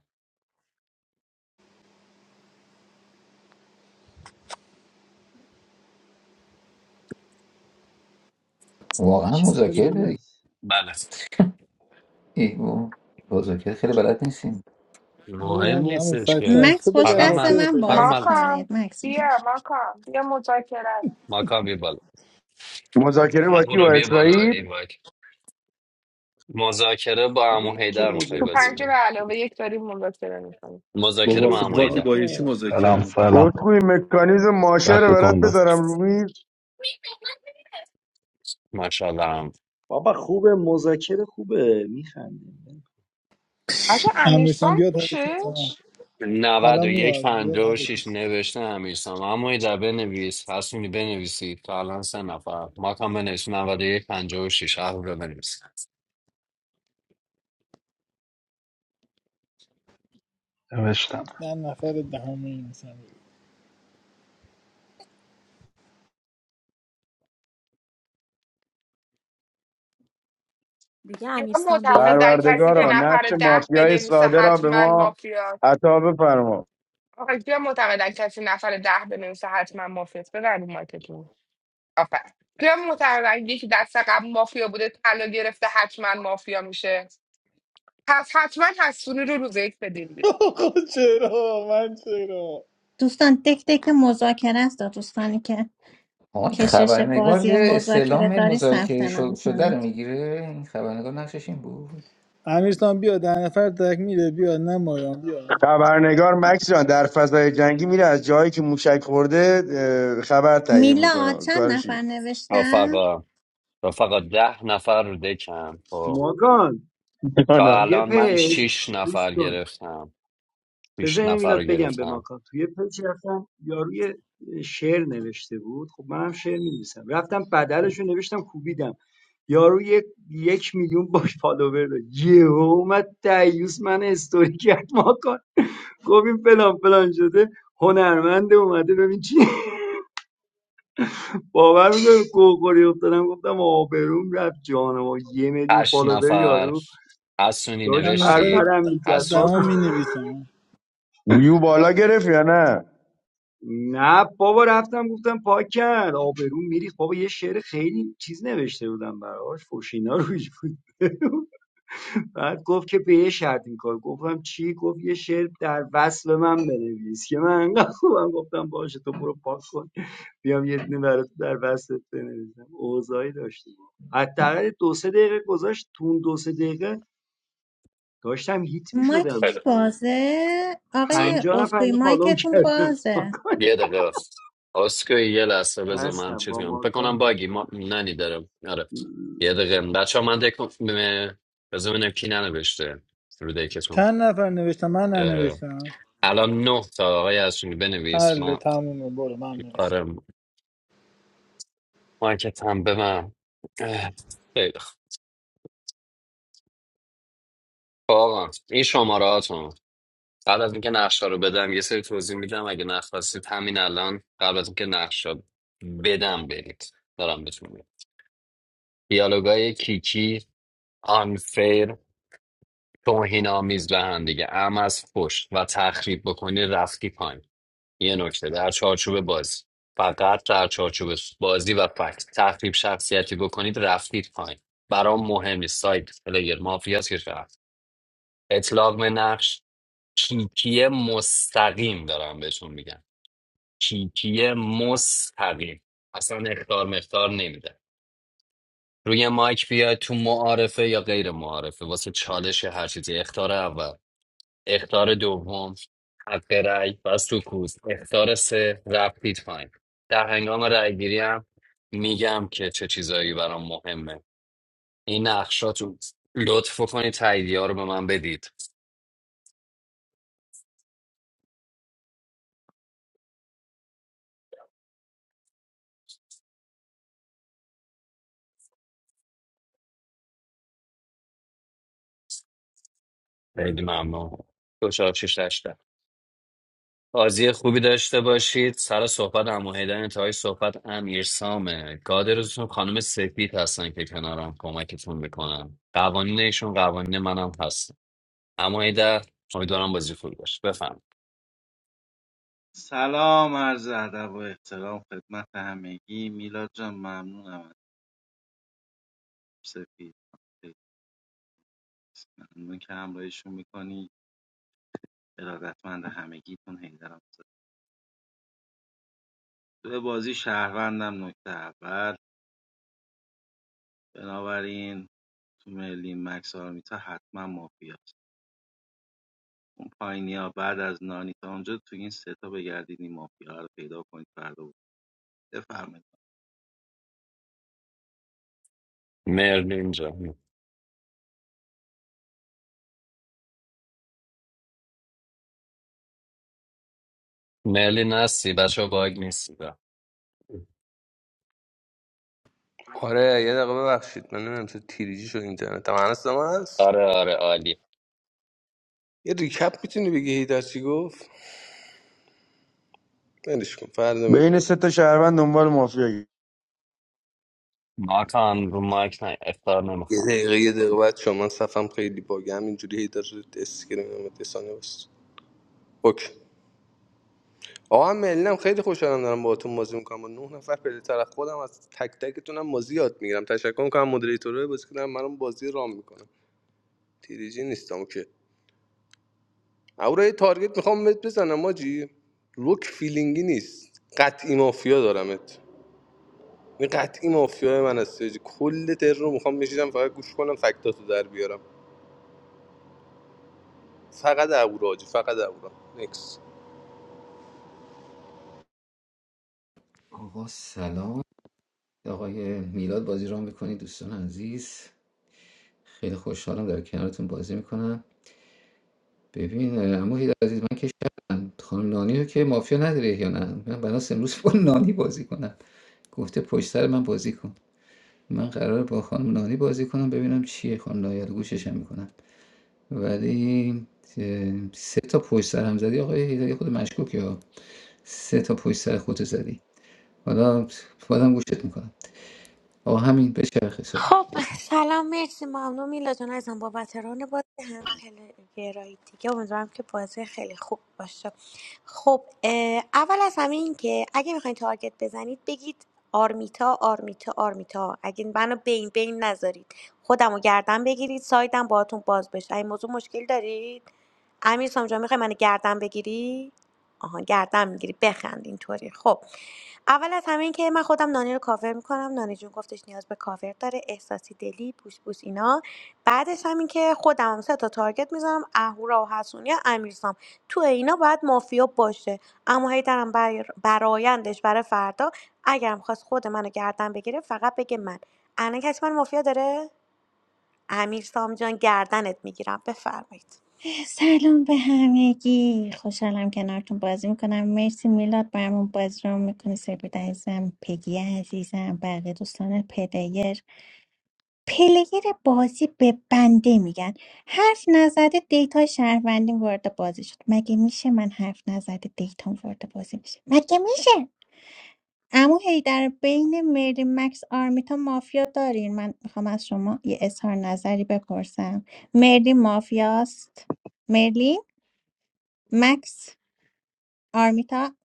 [SPEAKER 12] واقعا
[SPEAKER 13] چطوری
[SPEAKER 12] مذاکره داری
[SPEAKER 13] میلاد
[SPEAKER 7] بله
[SPEAKER 12] ای بابا. مذاکره خیلی بلد نیستیم
[SPEAKER 7] مهم
[SPEAKER 6] ببینم همون
[SPEAKER 7] نیستش
[SPEAKER 6] فکت
[SPEAKER 7] که
[SPEAKER 6] هست تو
[SPEAKER 1] مکس پشت
[SPEAKER 6] بگه
[SPEAKER 7] فقط
[SPEAKER 1] دست
[SPEAKER 6] مافیا
[SPEAKER 7] من
[SPEAKER 6] رو
[SPEAKER 1] من
[SPEAKER 6] پیدا
[SPEAKER 7] فقط
[SPEAKER 6] کن
[SPEAKER 1] بازی
[SPEAKER 7] من هستم.
[SPEAKER 9] ماکام
[SPEAKER 1] کنید مکس میگه
[SPEAKER 9] بیا ماکام بیا مذاکره
[SPEAKER 7] ماکا بیا بالا
[SPEAKER 14] مذاکره با کی با
[SPEAKER 7] اهورا بیا بالا ای
[SPEAKER 14] اسرائیل
[SPEAKER 7] وای مذاکره با عمو
[SPEAKER 13] خوبه که
[SPEAKER 7] حیدر میخوای
[SPEAKER 9] تو
[SPEAKER 7] بازی
[SPEAKER 13] مذاکره
[SPEAKER 9] پنج به
[SPEAKER 7] کنی
[SPEAKER 9] علاوه یک داریم مذاکره میکنیم
[SPEAKER 11] What,
[SPEAKER 7] مذاکره
[SPEAKER 13] خوبه
[SPEAKER 11] what,
[SPEAKER 7] با
[SPEAKER 13] که
[SPEAKER 7] عمو
[SPEAKER 11] what are you
[SPEAKER 7] حیدر
[SPEAKER 11] doing?
[SPEAKER 13] ماکان
[SPEAKER 11] What are
[SPEAKER 15] سلام
[SPEAKER 11] you doing?
[SPEAKER 15] سلام
[SPEAKER 14] گفتگوی مکانیزم ماشه رو برات
[SPEAKER 15] وقتتون بخیر
[SPEAKER 14] بذارم رو میز
[SPEAKER 7] ماشاءالله
[SPEAKER 13] بابا خوبه مذاکره خوبه میخنده
[SPEAKER 9] اصلا
[SPEAKER 6] امیرسان
[SPEAKER 9] امیرسام
[SPEAKER 6] بیاد حرکت ها
[SPEAKER 9] پیشش
[SPEAKER 6] الان
[SPEAKER 7] 91
[SPEAKER 6] میاد بیاد
[SPEAKER 7] 56
[SPEAKER 6] حرکت
[SPEAKER 7] نوشته امیرسام اما یه در بنویس حسونی بنویسید تا الان سه نفر ما کام بنویس 91 56 هر رو بنویس
[SPEAKER 15] نوشتم
[SPEAKER 6] نه نفر دهم این مثلا
[SPEAKER 5] دیگه
[SPEAKER 9] اینا
[SPEAKER 5] امیرسان بیاد
[SPEAKER 9] معتقدن کسی که
[SPEAKER 14] پروردگارا
[SPEAKER 5] آه.
[SPEAKER 9] نفر
[SPEAKER 14] نقش
[SPEAKER 9] ده
[SPEAKER 14] مافیای
[SPEAKER 9] بنویسه
[SPEAKER 14] ساده را به
[SPEAKER 9] حتما
[SPEAKER 14] ما
[SPEAKER 9] مافیا
[SPEAKER 14] عطا بفرما
[SPEAKER 9] آخه بیا معتقدن کسی نفر ده بنویسه حتما مافیاست ببرین مایکتون آفت بیا معتقدن یکی دست قبل مافیا بوده طلا گرفته حتما مافیا میشه پس حتما حسونی رو روز یک بدین
[SPEAKER 6] آقا چرا من چرا
[SPEAKER 1] دوستان تک تک مذاکره است دوستانی که
[SPEAKER 12] آقا این
[SPEAKER 1] کشش
[SPEAKER 12] خبرنگار
[SPEAKER 1] بازی
[SPEAKER 12] یه استعلام
[SPEAKER 1] مذاکره داری ثبت
[SPEAKER 12] مذاکره شو-
[SPEAKER 1] نام
[SPEAKER 12] شده رو
[SPEAKER 1] کنید
[SPEAKER 12] میگیره این خبرنگار نقشش این بود
[SPEAKER 6] امیرسان بیاد ده نفر تک میره بیاد نه مایان بیاد
[SPEAKER 14] خبرنگار مکس جان در فضای جنگی میره از جایی که موشک خورده اه، خبر تهیه
[SPEAKER 1] میلاد
[SPEAKER 14] میکنه
[SPEAKER 1] چند
[SPEAKER 14] کارشی
[SPEAKER 1] نفر نوشتن
[SPEAKER 7] رفقا رفقا ده نفر رو دکم خب
[SPEAKER 13] ماکان
[SPEAKER 7] تا
[SPEAKER 13] توی
[SPEAKER 7] الان من
[SPEAKER 13] پیج
[SPEAKER 7] 6
[SPEAKER 13] گوش
[SPEAKER 7] نفر
[SPEAKER 13] کن
[SPEAKER 7] گرفتم 6
[SPEAKER 13] بذار اینو
[SPEAKER 7] نفر رو
[SPEAKER 13] میلاد بگم به
[SPEAKER 7] گرفتم
[SPEAKER 13] ماکان توی پیج رفتم یاروی شعر نوشته بود خب منم شعر می‌نویسم رفتم بدلش رو نوشتم کوبیدم یارو یک, یک میلیون باش فالوور داره یهو اومد دیوس من استوری کرد ماکان گفت این فلان فلان شده هنرمنده اومده ببین چی باور میکنی کوکوری افتادم گفتم آبروم رفت جانم و یه میلیون
[SPEAKER 7] 8
[SPEAKER 13] فالوور
[SPEAKER 7] نفر
[SPEAKER 13] یارو
[SPEAKER 7] حسونی
[SPEAKER 13] داشت
[SPEAKER 6] من
[SPEAKER 13] پر
[SPEAKER 6] نفر
[SPEAKER 7] نوشتی
[SPEAKER 13] پرم
[SPEAKER 6] د-
[SPEAKER 13] میکرد ما
[SPEAKER 7] حسونی
[SPEAKER 6] دهم می نویسم
[SPEAKER 14] بیو بالا گرفت یا نه
[SPEAKER 13] نه بابا رفتم گفتم پاک کرد آبروم میریخت بابا یه شعر خیلی چیز نوشته بودم براش فوشینا روش بود بعد گفت که به یه شرط این کار گفتم چی گفت یه شعر در وصل من بنویس که من انقدر خوبم گفتم باشه تو برو پاک کن بیام یه دونه برات در بستت بنویسم اوضاعی داشتم. حداقل دو سه دقیقه گذاشت تو اون دو سه دقیقه داشتم هیت می
[SPEAKER 1] مایکی
[SPEAKER 13] شدم
[SPEAKER 1] کی
[SPEAKER 13] دیگه
[SPEAKER 1] بازه آقای
[SPEAKER 7] خیلی
[SPEAKER 13] پنجاه نفر
[SPEAKER 1] افتوی
[SPEAKER 13] اینو فالوم
[SPEAKER 1] مایکتون
[SPEAKER 13] کردن
[SPEAKER 1] بازه
[SPEAKER 7] یه دقیقه اسکوی یه لحظه بذار من
[SPEAKER 13] بستم
[SPEAKER 7] چیز
[SPEAKER 13] با
[SPEAKER 7] کنم فکر
[SPEAKER 13] ماکان
[SPEAKER 7] کنم
[SPEAKER 13] بود.
[SPEAKER 7] باگی ما ننی دارم آره یه دقیقه بچه ها من دکم بذار ببینم کی ننوشته رو دکتون
[SPEAKER 6] چند نفر نوشتم من
[SPEAKER 7] اه،
[SPEAKER 6] ننوشتم
[SPEAKER 7] الان نه تا آقای ازشون بنویس
[SPEAKER 6] حل
[SPEAKER 7] من
[SPEAKER 6] تمومه برو من
[SPEAKER 7] آره مایکت هم به من اه، خیلی خوب. خب آقا این شماره هاتون قبل از اینکه نقشه رو بدم یه سری توضیح میدم اگه نخواستید همین الان قبل از اینکه نقشه بدم برید دارم بهتون میگم دیالوگای کیکی آنفیر توهین آمیز به هم دیگه ام از پشت و تخریب بکنی رفتی پایین یه نکته در چارچوب بازی فقط در چارچوب بازی و فکت تخریب شخصیتی بکنید رفتید پایین برام مهم نیست سایت پلیر مافیاس که رفت اطلاق به نقش کیکی مستقیم دارم بهتون میگم کیکی مستقیم اصلا اختار مختار نمیده روی مایک بیاید تو معارفه یا غیر معارفه واسه چالش هر چیزی اختار اول اختار دوم حق رأی و سکوت اختار سه رفتید پایین در هنگام رأیگیری هم میگم که چه چیزایی برام مهمه این نقشاتون لطف کنید تاییدیه ها رو به من بدید خیلی ممنون دو چهار شش هشت بازی خوبی داشته باشید سر صحبت عمو حیدر انتهای صحبت امیر سامه گاد روزتون خانم سفید هستن که کنارم کمکتون میکنن قوانین ایشون قوانین منم هست اما حیدر امیدوارم بازی خوبی باشه بفهم
[SPEAKER 4] سلام عرض ادب و احترام خدمت همگی میلاد جان ممنونم از سپید ممنون که همراهیشون میکنی ارادتمند همگیتون هیدرم تو بازی شهروندم نکته اول بنابراین تو ملی مکس آرمیتا حتما مافیاست اون پایینیا بعد از نانی تا اونجا تو این سه تا بگردید این مافیا رو پیدا کنید فردا بود بفرمایید
[SPEAKER 7] مرلین اینجا مرلین هستی بچه ها، باگ نیستی
[SPEAKER 2] آره یه دقیقه ببخشید من نمیدونم چه تیریجی شد اینترنت من هست هست
[SPEAKER 7] آره آره عالی
[SPEAKER 2] یه ریکپ میتونی بگی هیدر چی گفت ولش کن فردا میگم
[SPEAKER 14] بین سه تا شهروند دنبال مافیا گشت.
[SPEAKER 7] ناکن رو مایک نه افتار
[SPEAKER 2] یه
[SPEAKER 7] نمیخوام
[SPEAKER 2] دقیقه یه دقیقه بعد شما من صفم خیلی باگه همینجوری هیدر استیکر میدم دسانه بس اوکی آقا من ملنم خیلی خوشحالم دارم باهاتون بازی میکنم با نه نفر پلی طرف خودم از تک تکتونم بازی یاد میگیرم تشکر میکنم مدیریتورهای بازی کنم منم بازی رام میکنم تیریجی نیستم اوکی اورا یه تارگت میخوام بهت بزنم ماجی لوک فیلینگی نیست قطعی مافیا دارمت این قطعی مافیای من است حاجی. کل تر رو میخوام بشینم فقط گوش کنم فکتاتو در بیارم فقط اهورا حاجی فقط اهورا نکس
[SPEAKER 12] آقا سلام آقای میلاد بازی را میکنی دوستان عزیز خیلی خوشحالم در کنارتون بازی میکنم ببین اما عزیز من که شهرم خانم نانی رو که مافیا نداره یا نه من بناس امروز با نانی بازی کنم گفته پشت سر من بازی کن من قرار با خانم نانی بازی کنم ببینم چیه خانم نانی رو گوششم میکنم ولی اه، 3 تا پشت سر هم زدی آقای حیدری خود مشکوکی ها سه تا پشت سر خودت زدی حالا بازم گوشت میکنم آقا همین بچرخه صحبت
[SPEAKER 10] سلام مرسی ممنون میلا جان ازم بابت ران بازی هم پلگرایی دیگه امیدوارم که بازی خیلی خوب باشه خب اه، اول از همه این که اگه میخواین تارگت بزنید بگید آرمیتا آرمیتا آرمیتا اگه منو بین بین نذارید خودم رو گردن بگیرید سایدم باهاتون باز بشه این موضوع مشکل دارید امیر سامجا میخوای منو گردن بگیری آها گردن میگیری بخند اینطوری خب اول از همه این که من خودم نانی رو کاور میکنم نانی جون گفتش نیاز به کاور داره احساسی دلی بوس بوس اینا بعدش هم این که خودم هم سه تا تارگت میزنم اهورا و حسونی و امیرسام تو اینا باید مافیا باشه اما هیدرم بر... برایندش برای فردا اگرم خواست خود منو گردن بگیره فقط بگه من الان کسی من مافیا داره امیرسام جان گردنت میگیرم بفرمایید
[SPEAKER 1] سلام به همگی خوشحالم کنارتون بازی میکنم مرسی میلاد برامون بازی رو میکنی سپید عزیزم پگی عزیزم بقیه دوستان پلیر پلیر بازی به بنده میگن حرف نزده دیتا شهروندی وارد بازی شد مگه میشه من حرف نزده دیتا وارد بازی میشه مگه میشه امو در بین مری مکس آرمیتا مافیا دارین من میخوام از شما یه اظهار نظری بپرسم مری مافیاست مرلین مکس آرمیتا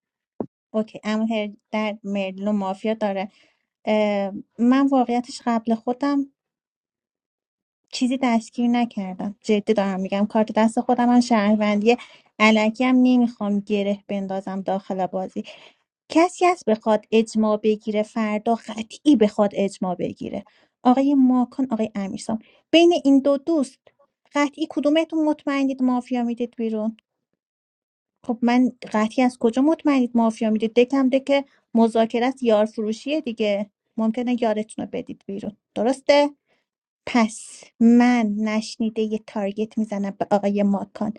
[SPEAKER 1] اوکی امو در مرلین مافیا داره اه، من واقعیتش قبل خودم چیزی دستگیر نکردم جدی دارم میگم کارت دست خودم هم شهروندی علکی هم نمیخوام گره بندازم داخل بازی کسی هست بخواد اجماع بگیره فردا قطعی بخواد اجماع بگیره آقای ماکان آقای امیرسام بین این دو دوست قطعی کدومتون مطمئنید مافیا میدید بیرون خب من قطعی از کجا مطمئنید مافیا میدید دکم دک مذاکره است یار فروشیه دیگه ممکنه یارتون رو بدید بیرون درسته پس من نشنیده یه تارگت میزنم به آقای ماکان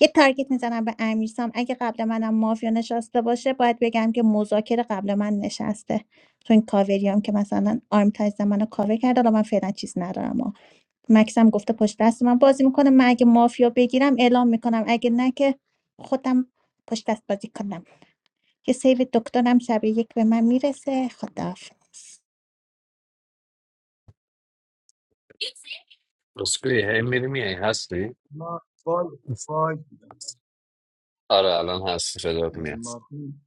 [SPEAKER 1] یه تارگت میزنم به امیرسام اگه قبل منم مافیا نشسته باشه باید بگم که مذاکره قبل من نشسته تو این کاوری هم که مثلا آرم تایز منو کاور کرده حالا من فعلا چیز ندارم و مکسم گفته پشت دست من بازی میکنه من اگه مافیا بگیرم اعلام میکنم اگه نه که خودم پشت دست بازی کنم یه سیو دکترم شب یک به من میرسه خداحافظ
[SPEAKER 7] رسکوی هی میری میای هستی
[SPEAKER 13] ما باگ باگ بودم
[SPEAKER 7] آره الان هستی صدات میاد
[SPEAKER 13] ماکان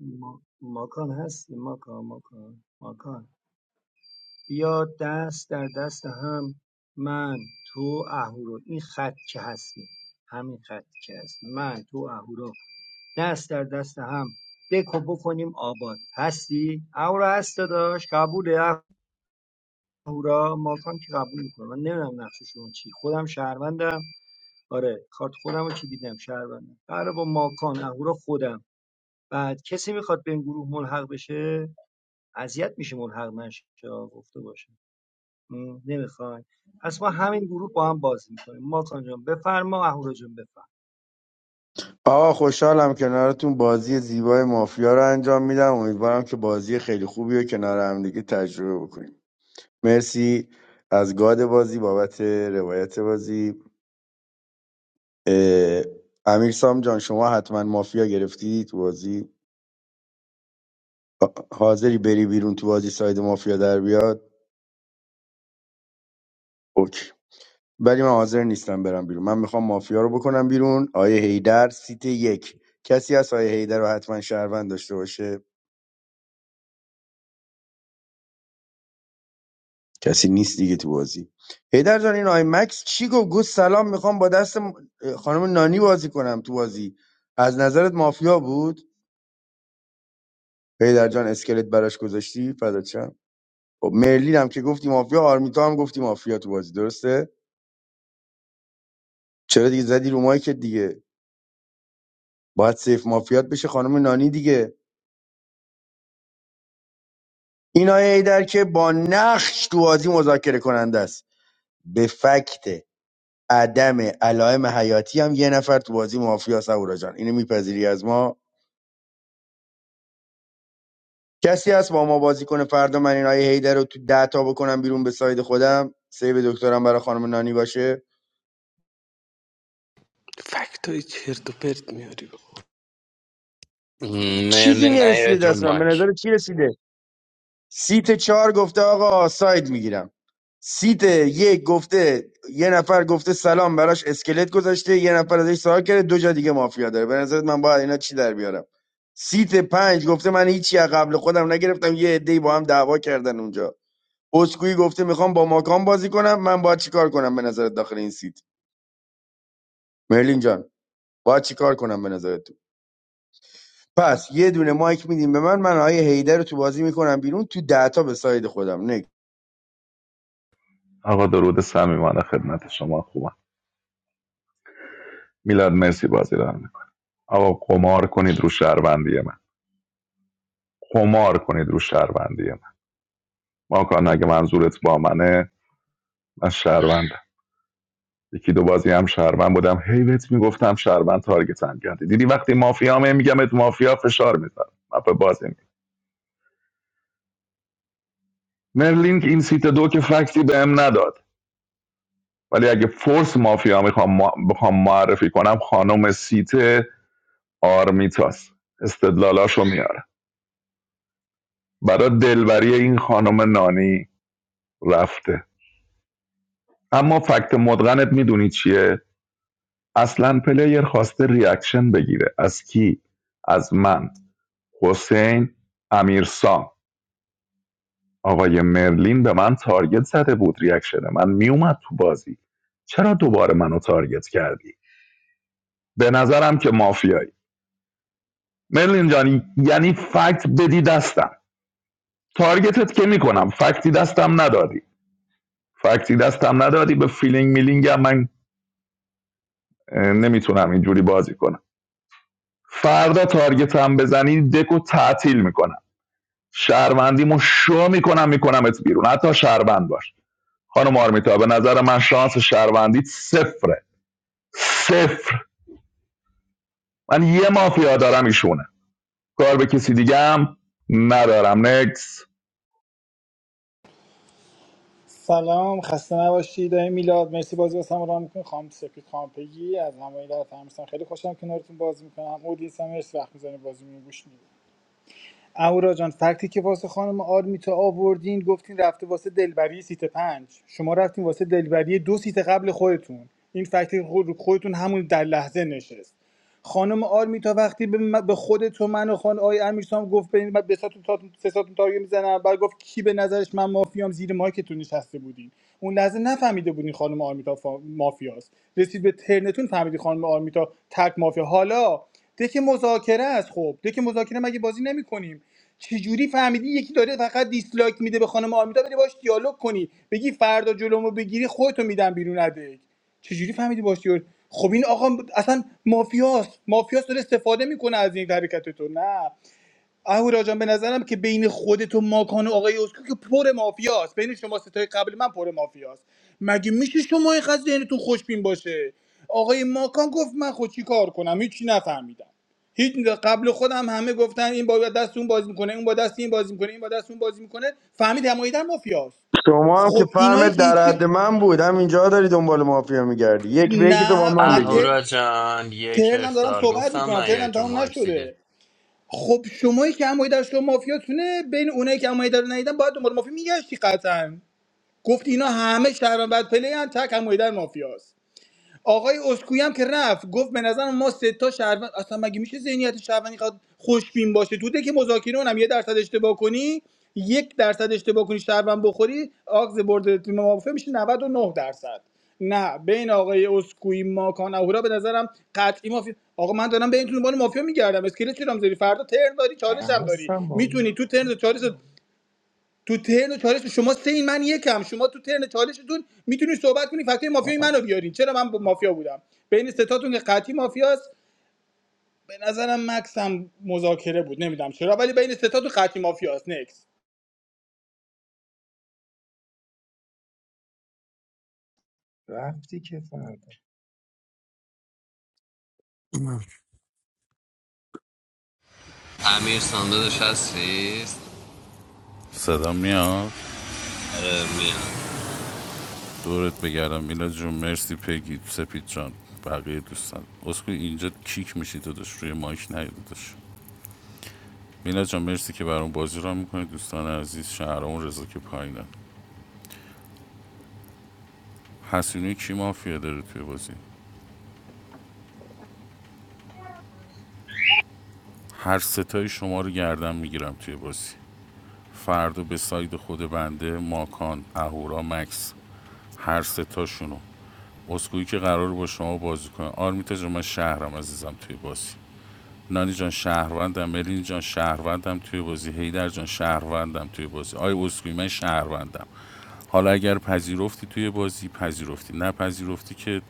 [SPEAKER 13] ما- ماکان هستی ماکان ماکان ماکان بیا دست در دست هم من تو اهورو این خط که هستی همین خط که هست من تو اهورو دست در دست هم دکو بکنیم آباد هستی؟ اهورا هست داداش قبوله اهورا ماکان که قبول میکنه من نمیدونم نقش شما چی خودم شهروندم آره کارت خودم رو که دیدم شهروندم قراره با ماکان اورا خودم بعد کسی میخواد به این گروه ملحق بشه اذیت میشه ملحق نشه آه، گفته باشه نمیخوای پس ما همین گروه با هم بازی میکنیم ماکان جان بفرما اهورا جان بفرما
[SPEAKER 14] آقا خوشحالم کنارتون بازی زیبای مافیا رو انجام میدم امیدوارم که بازی خیلی خوبی رو کنار همدیگه تجربه بکنیم مرسی از گاد بازی بابت روایت بازی اه، امیر سام جان شما حتما مافیا گرفتی تو بازی آ- حاضری بری بیرون تو بازی ساید مافیا در بیاد اوکی ولی من حاضر نیستم برم بیرون من میخوام مافیا رو بکنم بیرون آیه هیدر سیت یک کسی از آیه هیدر رو حتما شهروند داشته باشه کسی نیست دیگه تو بازی هیدر جان این آیه مکس چی گفت گفت سلام میخوام با دست م- خانم نانی بازی کنم تو بازی از نظرت مافیا بود پیدر جان اسکلت براش گذاشتی فدات شم خب مرلین هم که گفتی مافیا آرمیتا هم گفتی مافیا تو بازی درسته چرا دیگه زدی رو مایکت دیگه باید سیف مافیات بشه خانم نانی دیگه این آیه ایدر که با نقش تو بازی مذاکره کننده است به فکت عدم علائم حیاتی هم یه نفر تو بازی مافیا سهورا جان اینو میپذیری از ما کسی هست با ما بازی کنه فردا من این آیه هیدر رو تو ده تا بکنم بیرون به ساید خودم سیو دکترم برای خانم نانی باشه
[SPEAKER 2] فکتای چرت و پرت میاری
[SPEAKER 14] چیزی
[SPEAKER 7] مرلین
[SPEAKER 14] نرسیده
[SPEAKER 7] نیاید رو
[SPEAKER 14] دست من به
[SPEAKER 7] مایک
[SPEAKER 14] نظر چی رسیده سیت چهار گفته آقا ساید میگیرم سیت یک گفته یه نفر گفته سلام براش اسکلت گذاشته یه نفر ازش سوال کرده دو جا دیگه مافیا داره به نظرت من باید اینا چی در بیارم سیت پنج گفته من هیچی از قبل خودم نگرفتم یه عده‌ای با هم دعوا کردن اونجا اسکوئی گفته میخوام با ماکان بازی کنم من باید چیکار کنم به نظرت داخل این سیت مرلین جان باید چیکار کنم به نظرت تو پس یه دونه مایک میدیم به من من آیه هیدر رو تو بازی میکنم بیرون تو دهتا به ساید خودم
[SPEAKER 15] آقا درود صمیمانه خدمت شما خوبم میلاد مرسی بازی رو میکنم آقا قمار کنید رو شهروندی من قمار کنید رو شهروندی من ماکان اگه منظورت با منه من شهروندم یکی دو بازی هم شهروند بودم هی بهت میگفتم شهروند تارگتم کردی دیدی وقتی مافیا هم میگم ات مافیا فشار میذارم من بازی میگم مرلینگ این سیت دو که فکتی بهم نداد ولی اگه فورس مافیا میخوام ما... بخوام معرفی کنم خانم سیت آرمیتاس استدلالاشو میاره برای دلبری این خانم نانی رفته اما فکت مدغنت میدونی چیه اصلا پلیر خواسته ریاکشن بگیره از کی از من حسین امیرسام آقای مرلین به من تارگت زده بود ریاکشن من میومد تو بازی چرا دوباره منو تارگت کردی به نظرم که مافیایی مرلین جانی یعنی فکت بدی دستم تارگتت که میکنم فکتی دستم ندادی فکتی دستم ندادی به فیلینگ میلینگ هم من نمیتونم اینجوری بازی کنم فردا تارگت هم بزنی دکو تعطیل میکنم شهروندیمو شو میکنم میکنم ات بیرون حتی شهروند باش خانم آرمیتا به نظر من شانس شهروندیت صفره صفر من یه مافیا دارم ایشونه کار به کسی دیگه هم ندارم نکس
[SPEAKER 6] سلام خسته نباشید آقای میلاد مرسی بازی واسم راه میکنی خانم سپید خانم پگی از همه تمیزتون خیلی خوشم کنارتون بازی میکنم اودینس هم مرسی وقت میزنه بازی میگوش گوش میدی اهورا جان فکتی که واسه خانم آرمیتا آوردین گفتین رفته واسه دلبری سیت پنج شما رفتین واسه دلبری دو سیت قبل خودتون این فکتی خود- خودتون همون در لحظه نشست خانم آرمیتا وقتی به, من- به خود تو من و خان آی امیرسام گفت به من به ساتون تاتون سه ساتون تارگت میزنم بعد گفت کی به نظرش من مافیام زیر مایکتون نشسته بودین اون لحظه نفهمیده بودین خانم آرمیتا فا... مافیاست رسید به ترنتون فهمیدی خانم آرمیتا تک مافیا حالا دک مذاکره است خب دک مذاکره مگه بازی نمیکنیم چجوری فهمیدی یکی داره فقط دیسلایک میده به خانم آرمیتا بری باش دیالوگ کنی بگی فردا جلومو بگیری خودتو میدم بیرون ادک چجوری فهمیدی باش دیالوگ خب این آقا اصلا مافیاست مافیاست داره استفاده میکنه از این حرکت تو نه اهورا جان به نظرم که بین خودت و ماکان و آقای اسکو که پر مافیاست بین شما ستای قبل من پر مافیاست مگه میشه شما اینقدر ذهنتون خوشبین باشه آقای ماکان گفت من خود چی کار کنم هیچی نفهمیدم هیچ قبل خودم همه گفتن این با دست اون بازی میکنه اون با دست این بازی میکنه این با دست اون بازی میکنه فهمید همایی مافیاست
[SPEAKER 14] شما هم که
[SPEAKER 6] خب اینایی
[SPEAKER 14] فهمت
[SPEAKER 6] که
[SPEAKER 14] در
[SPEAKER 6] هیچی
[SPEAKER 14] حد من بود همینجا داری دنبال مافیا میگردی یک به یکی تو با
[SPEAKER 6] نه
[SPEAKER 14] من بگی
[SPEAKER 6] من
[SPEAKER 7] اهورا جان یک
[SPEAKER 6] ترنم دارم
[SPEAKER 7] افتار
[SPEAKER 6] صحبت
[SPEAKER 7] گفتم
[SPEAKER 6] میکنم ترنم
[SPEAKER 7] نیاید رو
[SPEAKER 6] تمام
[SPEAKER 7] مایک دیگه
[SPEAKER 6] نشده خب شمایی که همایی در شما مافیاتونه بین اونایی که همایی در رو ندیدن باید دنبال مافیا میگشتی قطعا گفت اینا همه شهران بعد پلی هم تک همایی در مافیاست آقای اسکویی هم که رفت گفت به نظر ما سه تا شهروند اصلا مگه میشه ذهنیت شهروندی قد خوشبین باشه تو ده که مذاکره اونم یه درصد اشتباه کنی یک درصد اشتباه کنی شهروند بخوری آگز برد تیم مافیا میشه 99 درصد نه بین آقای اسکوئی ماکان اهورا به نظرم قطعی مافیا آقا من دارم بین تو دنبال مافیا میگردم اسکلت چرام زیری فردا ترن داری چالش هم
[SPEAKER 13] من
[SPEAKER 6] داری
[SPEAKER 13] هستم با
[SPEAKER 6] میتونی تو ترن چالش تو ترن چالش شما سه این من یکم شما تو ترن چالشتون میتونی صحبت کنی فکتای مافیای منو
[SPEAKER 13] هست.
[SPEAKER 6] بیارین چرا من با مافیا بودم بین ستاتون که قطعی مافیاست به نظرم مکس هم مذاکره بود نمیدونم چرا ولی بین ستاتون قطعی مافیاست نکس
[SPEAKER 13] رفتی که فرد
[SPEAKER 7] امیر ساندادش هستی
[SPEAKER 16] صدا میاد
[SPEAKER 7] آره میاد
[SPEAKER 16] دورت بگردم میلا جون مرسی پگی سپید جان بقیه دوستان اسکو اینجا کیک میشی داداش روی مایک نیاد داداش میلا جان مرسی که برام بازی را میکنی دوستان عزیز شهرام رضا که پایینن حسینی کی مافیا داره توی بازی هر ستای شما رو گردن میگیرم توی بازی فردا به ساید خود بنده ماکان اهورا مکس هر ستاشونو اسکویی که قرار با شما بازی کنه آرمیتا جان من شهرم عزیزم توی بازی نانی جان شهروندم مرین جان شهروندم توی بازی هیدر جان شهروندم توی بازی آی اسکوی من شهروندم حالا اگر پذیرفتی توی بازی پذیرفتی نه پذیرفتی که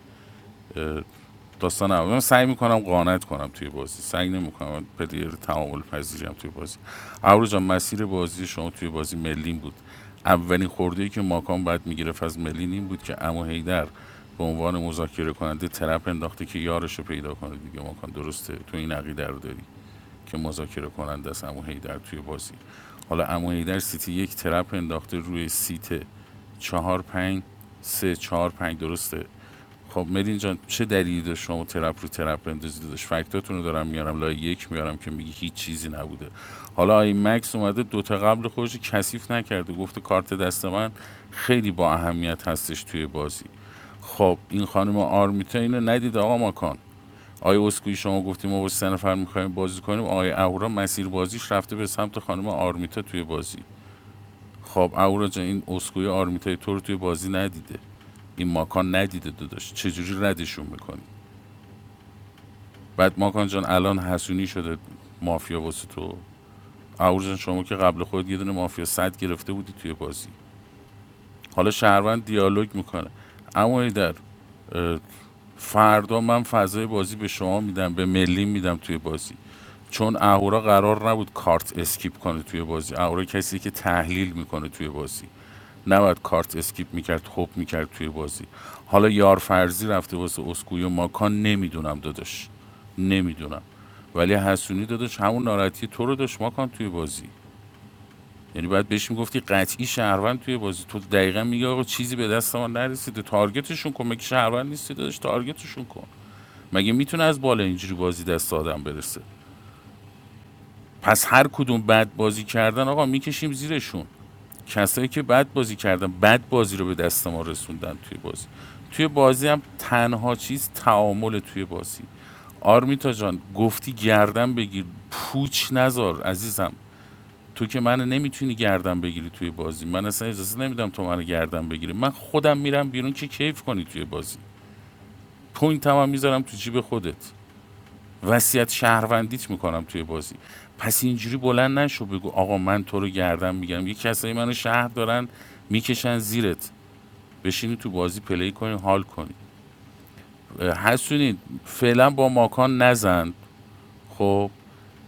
[SPEAKER 16] داستان اول من سعی میکنم قانت کنم توی بازی سعی نمیکنم پلیر تعامل پذیریم توی بازی ابرو جان مسیر بازی شما توی بازی ملین بود اولین خورده که ماکان بعد میگرفت از ملین این بود که امو هیدر به عنوان مذاکره کننده طرف انداخته که یارش رو پیدا کنه دیگه ماکان درسته تو این عقیده رو داری که مذاکره کننده است امو هیدر توی بازی حالا امو هیدر سیتی یک ترپ انداخته روی سیت چهار پنج سه چهار پنج درسته خب مرین جان چه دلیلی داشت شما ترپ رو ترپ بندازید داشت فکتاتون رو دارم میارم لایه یک میارم که میگی هیچ چیزی نبوده حالا آی مکس اومده دوتا قبل خودش رو کثیف نکرده گفته کارت دست من خیلی با اهمیت هستش توی بازی خب این خانم آرمیتا اینو ندید آقا ماکان آقای اسکوئی شما گفتیم ما با سه نفر میخوایم بازی کنیم آقای اهورا مسیر بازیش رفته به سمت خانم آرمیتا توی بازی خب اهورا جان این اسکوئی آرمیتای تو رو توی بازی ندیده این ماکان ندیده داداش چجوری ردشون میکنی بعد ماکان جان الان حسونی شده مافیا واسه تو اهورا جان شما که قبل خود یه دونه مافیا صد گرفته بودی توی بازی حالا شهروند دیالوگ میکنه اما در فردا من فضای بازی به شما میدم به ملی میدم توی بازی چون اهورا قرار نبود کارت اسکیپ کنه توی بازی اهورا کسی که تحلیل میکنه توی بازی نباید کارت اسکیپ میکرد خوب میکرد توی بازی حالا یار فرضی رفته واسه اسکوی و ماکان نمیدونم داداش نمیدونم ولی حسونی داداش همون ناراحتی تو رو داشت ماکان توی بازی یعنی باید بهش میگفتی قطعی شهروند توی بازی تو دقیقا میگه آقا چیزی به دست ما نرسیده تارگتشون کن مگه شهروند نیستی داداش تارگتشون کن مگه میتونه از بالا اینجوری بازی دست آدم برسه پس هر کدوم بد بازی کردن آقا میکشیم زیرشون کسایی که بد بازی کردن بد بازی رو به دست ما رسوندن توی بازی توی بازی هم تنها چیز تعامل توی بازی آرمیتا جان گفتی گردن بگیر پوچ نزار عزیزم تو که من نمیتونی گردن بگیری توی بازی من اصلا اجازه نمیدم تو منو گردن بگیری من خودم میرم بیرون که کیف کنی توی بازی پوینت هم میذارم تو جیب خودت وصیت شهروندیت میکنم توی بازی پس اینجوری بلند نشو بگو آقا من تو رو گردن میگم یه کسایی منو شهر دارن میکشن زیرت بشینی تو بازی پلی کنی حال کنی اه، حسونی فعلا با ماکان نزن خب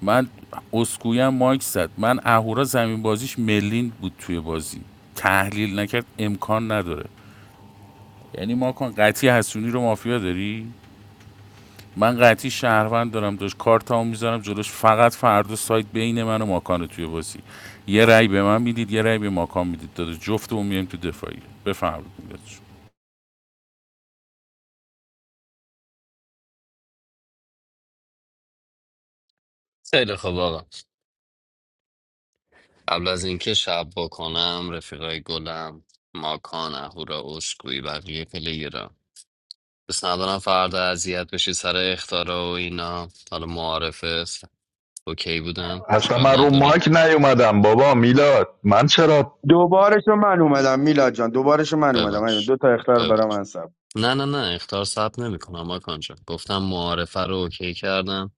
[SPEAKER 16] من اسکویم مایک زد من اهورا زمین بازیش ملین بود توی بازی تحلیل نکرد امکان نداره یعنی ماکان قطعی حسونی رو مافیا داری من قطعی شهروند دارم داشت کارت میذارم جلوش فقط فردا سایت بین من و ماکان توی بازی یه رأی به من میدید یه رأی به ماکان میدید داده جفتمون میایم تو دفاعیه بفرمایید میلاد جون.
[SPEAKER 7] خیلی خوب آقا قبل از اینکه شب بکنم رفیقای گلم ماکان اهورا اسکوئی بقیه پلیرا بس ندارم فردا اذیت بشی سر اختارا و اینا حالا معارفه اوکی بودم
[SPEAKER 15] اصلا
[SPEAKER 7] اشکال
[SPEAKER 15] من رو
[SPEAKER 7] نداره
[SPEAKER 15] ماک نیومدم بابا میلاد من چرا
[SPEAKER 14] دوبارش رو من اومدم میلاد جان دوبارش رو من اومدم
[SPEAKER 7] ببخش
[SPEAKER 14] دو تا اختار برام
[SPEAKER 7] ببخش
[SPEAKER 14] انسب
[SPEAKER 7] نه نه نه اختار ثبت نمیکنم ماکان جان گفتم معارفه رو اوکی کردم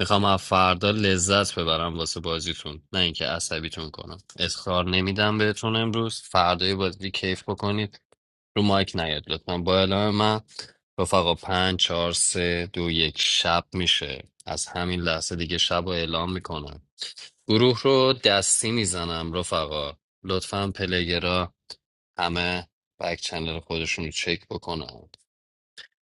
[SPEAKER 7] میخوام از فردا لذت ببرم واسه بازیتون نه اینکه عصبیتون کنم اختار نمیدم بهتون امروز فردای بازی کیف بکنید رو مایک نیاد لطفا با اعلام من رفقا پنج چهار سه دو یک شب میشه از همین لحظه دیگه شب رو اعلام میکنم گروه رو دستی میزنم رفقا لطفا پلگرا همه بک چنل خودشون رو چک بکنن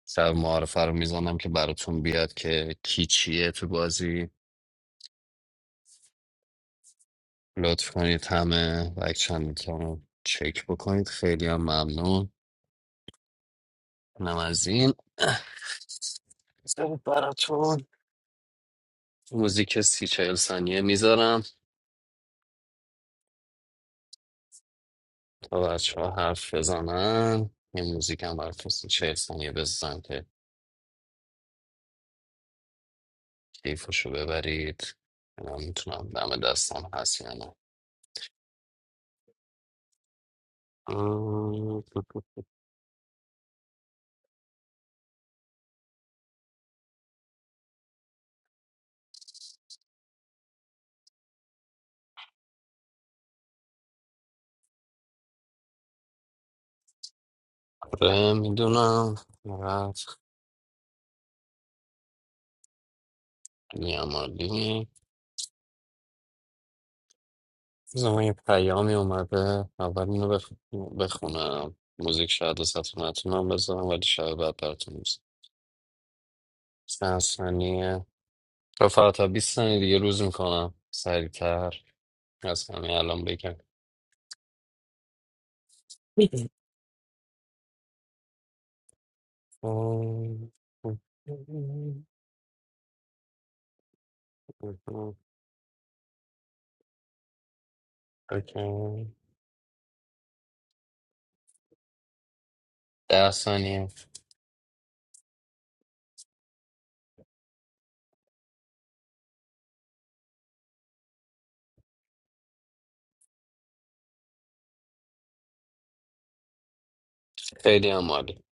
[SPEAKER 7] سر معارفه رو میزنم که براتون بیاد که کی چیه تو بازی لطف کنید همه بک چنل رو چک بکنید خیلی هم ممنون نم از این بذارید براتون موزیک سی چهل ثانیه میذارم تا بچه ها حرف بزنن یه موزیک هم براتون سی چهل ثانیه بزنم که کیفشو ببرید من میتونم دم دستم هست یا نه آره میدونم رفت بیامالی بذار من یه پیامی اومده اول اینو بخ... بخونم موزیک شاید وسط نتونم بذارم ولی شاید بعد براتون بزنم چند ثانیه تا فقط تا 20 ثانیه دیگه روز میکنم سریعتر از همین الان بگم ده ثانیه خیلی هم عالی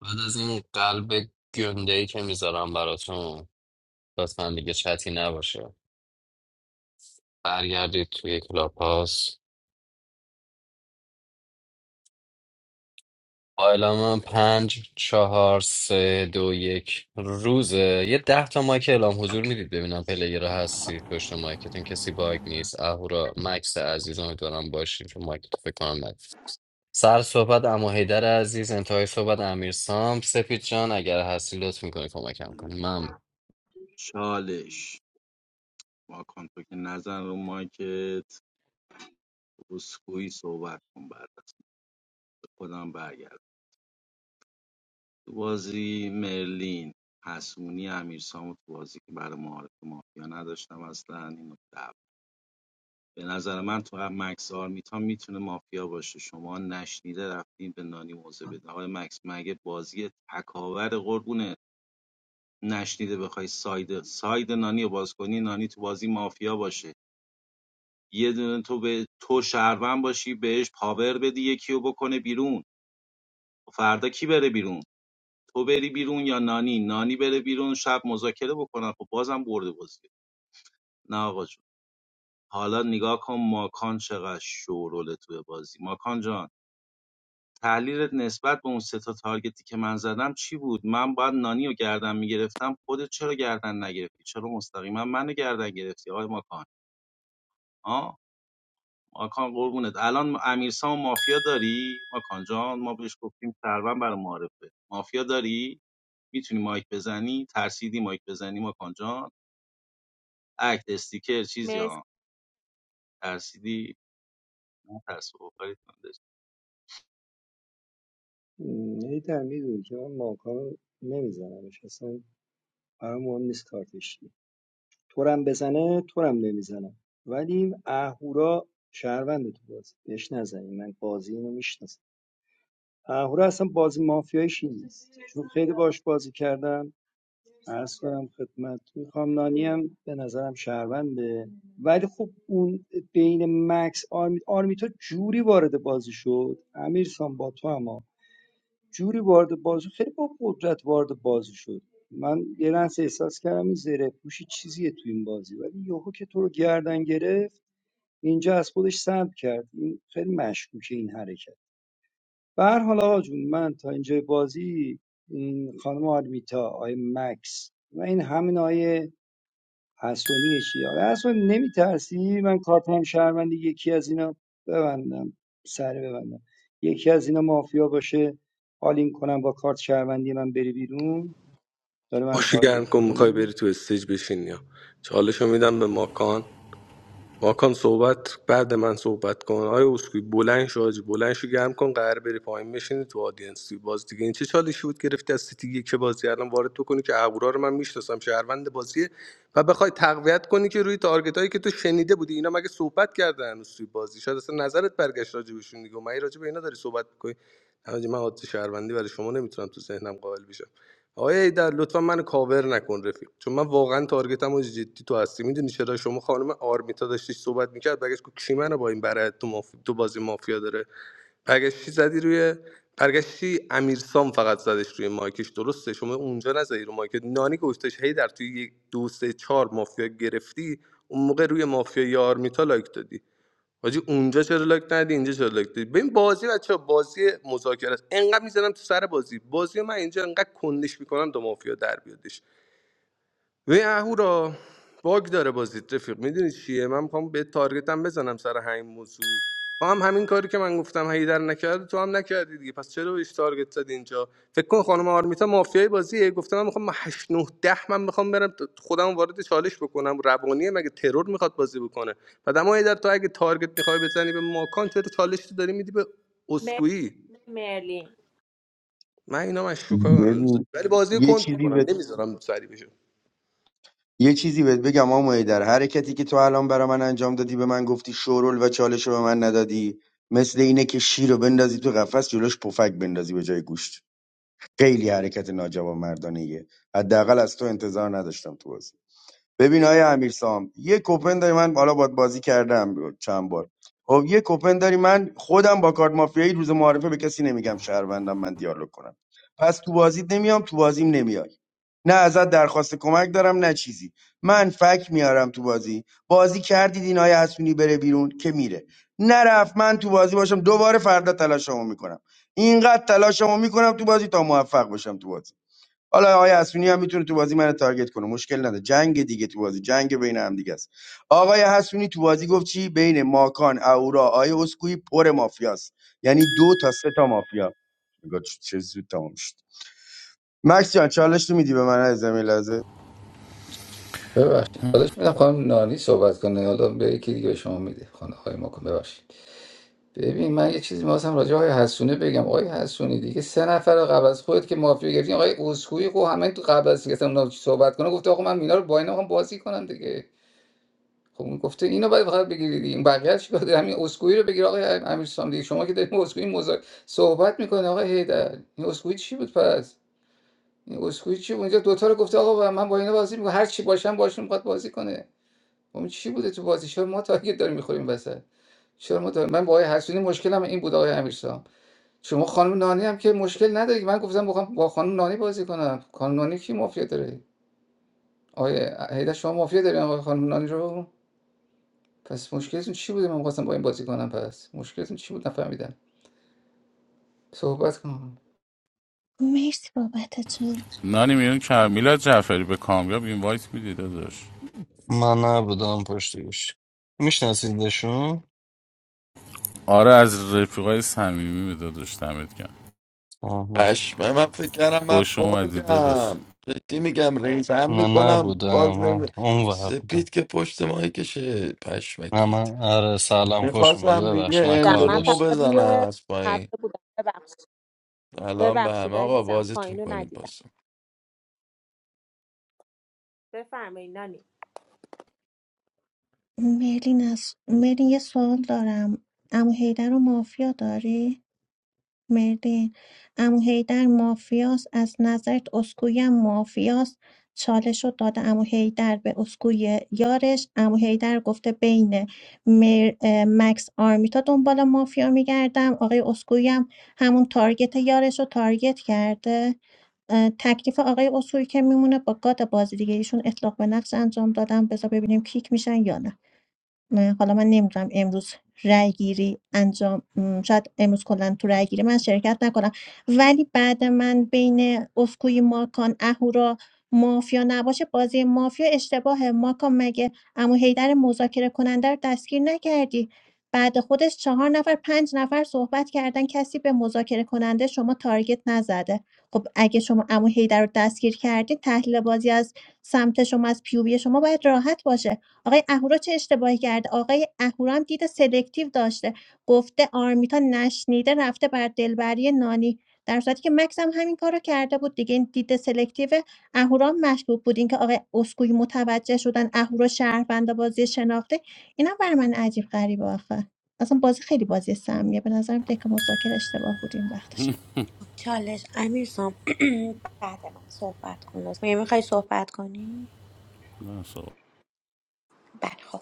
[SPEAKER 7] بعد از این قلب گنده ای که میذارم براتون لطفا دیگه چتی نباشه برگردید توی کلاپاس حالا من پنج چهار سه دو یک روزه یه ده تا مایک اعلام حضور میدید ببینم پلیر هستید پشت مایکتون کسی باگ نیست اهورا مکس عزیز امیدوارم باشین چون مایکتو فکر کنم نگفت سر صحبت اما حیدر عزیز انتهای صحبت امیر سام سپید جان اگر هستی لطف میکنی کمکم کنی من
[SPEAKER 4] چالش واکن تو که نزن رو مایکت اسکوئی صحبت کن بعد از خودم برگرد تو بازی مرلین حسونی امیرسامو تو بازی که برای معارف مافیا نداشتم اصلا این نکته به نظر من تو هم مکس آرمیتا میتونه مافیا باشه شما نشنیده رفتین به نانی موزه بده آقای مکس مگه بازی تکاور قربونه نشنیده بخوای ساید ساید نانی رو باز کنی نانی تو بازی مافیا باشه یه دونه تو به تو شهروند باشی بهش پاور بدی یکی رو بکنه بیرون فردا کی بره بیرون تو بری بیرون یا نانی نانی بره بیرون شب مذاکره بکنن خب بازم برده بازی نه آقا جون حالا نگاه کن ماکان چقدر شوروله توی بازی ماکان جان تحلیلت نسبت به اون سه تا تارگتی که من زدم چی بود من باید نانی رو گردن میگرفتم خودت چرا گردن نگرفتی چرا مستقیما منو گردن گرفتی آقای ماکان آه ماکان قربونت الان امیرسام و مافیا داری ماکان جان ما بهش گفتیم سرون برای معرفه مافیا داری میتونی مایک بزنی ترسیدی مایک بزنی ماکان جان اکت استیکر چیزی
[SPEAKER 5] مرسی
[SPEAKER 4] ها ترسیدی نه ترس بخوری
[SPEAKER 13] نیتر میدونی که من ماکان نمیزنمش اصلا برای مهم نیست کارتش چیه تورم بزنه تورم نمیزنم ولی این اهورا شهروند تو بازی بهش نزنیم من بازی اینو میشناسم اهورا اصلا بازی مافیاییش این نیست چون خیلی باش بازی کردم عرض کنم خدمت خامنانی هم به نظرم شهرونده ولی خب اون بین مکس آرمیتا آرمیتا جوری وارد بازی شد امیر سان با تو هم جوری وارد بازی خیلی با قدرت وارد بازی شد من یه لحظه احساس کردم این زره پوشی چیزیه تو این بازی ولی یهو که تو رو گردن گرفت اینجا از خودش سلب کرد این خیلی مشکوکه این حرکت به هر حال آقا جون من تا اینجا بازی این خانم آرمیتا آقای مکس و این همین آقای حسونی چی آقا حسونی نمیترسی من کارتم شهروندی یکی از اینا ببندم سر ببندم یکی از اینا مافیا باشه حالین کنم با کارت شهروندی من بری بیرون داره من
[SPEAKER 2] باشی
[SPEAKER 13] تارگت
[SPEAKER 2] گرم کن میخوای بری
[SPEAKER 13] میکنی
[SPEAKER 2] تو استیج بشین یا چالشو میدم به ماکان ماکان صحبت بعد من صحبت کن آیا اسکوی بلند شو حاجی بلند شو گرم کن قرار بری پایین بشینی تو آدینس توی باز دیگه این چه چالشی بود گرفتی از سیتی یک که بازی الان وارد تو کنی که اهورا رو من میشناسم شهروند بازیه و بخوای تقویت کنی که روی تارگت هایی که تو شنیده بودی اینا مگه صحبت کردن هنوز توی بازی شاید اصلا نظرت برگشت راجع بهشون دیگه و من راجع به اینا داری صحبت میکنی حاجی من حادثه شهروندی برای شما نمیتونم تو ذهنم قائل بشم آقای ایدر لطفا من کاور نکن رفیق چون من واقعا تارگتم و جدی تو هستی میدونی چرا شما خانم آرمیتا داشتیش صحبت میکرد بگش کو کی منو با این برد تو, ماف... تو بازی مافیا داره برگشتی زدی روی برگشتی امیرسام فقط زدش روی مایکش درسته شما اونجا نزدی رو مایک نانی گفتش هی در توی یک دو سه چهار مافیا گرفتی اون موقع روی مافیا آرمیتا لایک دادی حاجی اونجا چرا لاک ندی اینجا چرا لاک دادی ببین بازی بچه بازی مذاکره است انقدر میزنم تو سر بازی بازی من اینجا انقدر کندش میکنم تا مافیا در بیادش ببین اهورا باگ داره بازیت رفیق میدونی چیه من میخوام به تارگتم بزنم سر همین موضوع تو هم همین کاری که من گفتم هیدر نکرد تو هم نکردی دیگه پس چرا بهش تارگت زدی اینجا فکر کن خانم آرمیتا مافیای بازیه گفته من میخوام 8 9 10 من میخوام برم خودم وارد چالش بکنم روانیه مگه ترور میخواد بازی بکنه بعد اما هیدر تو اگه تارگت میخوای بزنی به ماکان چرا چالش تو داری میدی به
[SPEAKER 5] مرسی
[SPEAKER 2] اسکوئی
[SPEAKER 5] مرلی
[SPEAKER 2] من اینا مشکوکا
[SPEAKER 14] ببین
[SPEAKER 2] ولی بازی
[SPEAKER 14] یه
[SPEAKER 2] کند
[SPEAKER 14] چیزی
[SPEAKER 2] میکنم
[SPEAKER 14] بهت
[SPEAKER 2] نمیذارم سری
[SPEAKER 14] یه چیزی بهت بگم آموی در حرکتی که تو الان برا من انجام دادی به من گفتی شورول و چالش رو به من ندادی مثل اینه که شیر رو بندازی تو قفس جلوش پفک بندازی به جای گوشت خیلی حرکت ناجوانمردانه مردانه حداقل از تو انتظار نداشتم تو بازی ببین آیه امیرسام یه کوپن داری من حالا باید بازی کردم چند بار خب یه کوپن داری من خودم با کارت مافیایی روز معارفه به کسی نمیگم شهروندم من دیالوگ کنم پس تو بازیت نمیام تو بازیم نمیای نه ازت درخواست کمک دارم نه چیزی من فک میارم تو بازی بازی کردید این آیه حسونی بره بیرون که میره نرفت من تو بازی باشم دوباره فردا تلاشمو میکنم اینقدر تلاشمو میکنم تو بازی تا موفق باشم تو بازی حالا آقای حسونی هم میتونه تو بازی من تارگت کنه مشکل نداره جنگ دیگه تو بازی جنگ بین هم دیگه است آقای حسونی تو بازی گفت چی بین ماکان اورا آقای اسکوئی پر مافیاست یعنی دو تا سه تا مافیا نگاه چه چه زود تمام شد مکس جان چالش رو میدی به من از زمین لحظه
[SPEAKER 12] ببخشید حالش میدم خانم نانی صحبت کنه حالا به یکی دیگه به شما میده خانم آقای ماکن ببخشید ببین من یه چیزی می‌خواستم راجع به آقای حسونه بگم آقای حسونی دیگه سه نفر قبل از خودت که مافیا گرفتین آقای اسکوئی خب همه تو قبل از اینکه اصلا اونا صحبت کنه گفته آقا من اینا رو با اینا می‌خوام بازی کنم دیگه خب اون گفته اینو باید فقط بگیری این بقیه چی باید همین اسکوئی رو بگیر آقای امیر دیگه شما که داریم اسکوئی مذاکره صحبت میکنه آقای هیدر این اسکوئی چی بود پس این اسکوئی چی بود اونجا دوتا رو گفته آقا من با اینا بازی میکنم هر چی باشم باشون میخواد بازی کنه اون چی بوده تو بازی چرا ما تارگت داریم میخوریم وسط چرا ما تارگت- من با آقای حسونی مشکلم این بود آقای امیرسام شما خانم نانی هم که مشکل نداری من گفتم بخوام با خانم نانی بازی کنم خانم نانی کی مافیا داره آقای هیدر شما مافیا داری آقای خانم نانی رو پس مشکلتون چی بوده من می‌خواستم با این بازی کنم پس مشکلتون چی بود نفهمیدم صحبت کن
[SPEAKER 1] مرسی بابت
[SPEAKER 16] نانی میون که میلاد جعفری به کامیاب اینوایت میدید داداش
[SPEAKER 7] من نبودم پشت گوش میشناسیدشون
[SPEAKER 16] آره از رفیقای صمیمی به داداش دمت گرم
[SPEAKER 7] آه، نه
[SPEAKER 17] پشمه من فکر کردم من
[SPEAKER 16] خوش اومدی داداش
[SPEAKER 17] باگم جدی میگم ریزم
[SPEAKER 7] نه
[SPEAKER 17] میکنم
[SPEAKER 7] نبودم
[SPEAKER 17] باز
[SPEAKER 7] من
[SPEAKER 17] نمی...
[SPEAKER 7] اون بودم
[SPEAKER 17] سپید که پشت ماهی کشه
[SPEAKER 7] نه
[SPEAKER 17] پشمکید
[SPEAKER 7] من آره سلام خوش اومد
[SPEAKER 17] میخواستم دیگه
[SPEAKER 7] ببخش من
[SPEAKER 5] دیدم.
[SPEAKER 7] کار
[SPEAKER 5] من
[SPEAKER 17] اندروم رو
[SPEAKER 7] داشت
[SPEAKER 5] فقط
[SPEAKER 17] بزنم
[SPEAKER 5] روی
[SPEAKER 17] از پایین
[SPEAKER 5] هفته بودم ببخشید
[SPEAKER 17] الان به همه
[SPEAKER 5] ببخشید
[SPEAKER 17] آقا
[SPEAKER 5] عزیزم
[SPEAKER 17] بازیتون
[SPEAKER 5] پایین
[SPEAKER 17] کنید
[SPEAKER 5] ندیدم
[SPEAKER 17] بازم
[SPEAKER 5] بفرمایین نانی
[SPEAKER 1] مرلین از مرلین یه سوال دارم عمو حیدر رو مافیا داری؟ مرلین عمو حیدر مافیاست از نظرت اسکوئی هم مافیاست چالش رو داده عمو حیدر به اسکوی یارش عمو حیدر گفته بین مر... اه، مکس آرمیتا دنبال مافیا میگردم آقای اسکوئی هم همون تارگت یارش رو تارگت کرده اه، تکلیف آقای اسکوئی که میمونه با گاد بازی دیگه ایشون اطلاق به نقش انجام دادم بذار ببینیم کیک میشن یا نه نه حالا من نمیدونم امروز رای گیری انجام م، شاید امروز کلا تو رای گیری من شرکت نکنم ولی بعد من بین اسکوی ماکان اهورا مافیا نباشه بازی مافیا اشتباه ماکان مگه امو هیدر مذاکره کننده رو دستگیر نکردی بعد خودش چهار نفر پنج نفر صحبت کردن کسی به مذاکره کننده شما تارگت نزده خب اگه شما امو هیدر رو دستگیر کردی تحلیل بازی از سمت شما از پیوبی شما باید راحت باشه آقای اهورا چه اشتباهی کرده آقای اهورا هم دید سلکتیو داشته گفته آرمیتا نشنیده رفته بر دلبری نانی در صورتی که مکس هم همین کارو کرده بود دیگه این دید سلکتیو اهورا هم مشکوک بود اینکه آقای اسکوئی متوجه شدن اهورا شهروند بازی شناخته اینا بر من عجیب غریبه آخه اصلا بازی خیلی بازی سمیه به نظرم دک مذاکره اشتباه بود این وقتشم
[SPEAKER 10] چالش امیرسام بعد من صحبت کن لطفا میخوای صحبت کنی بله خب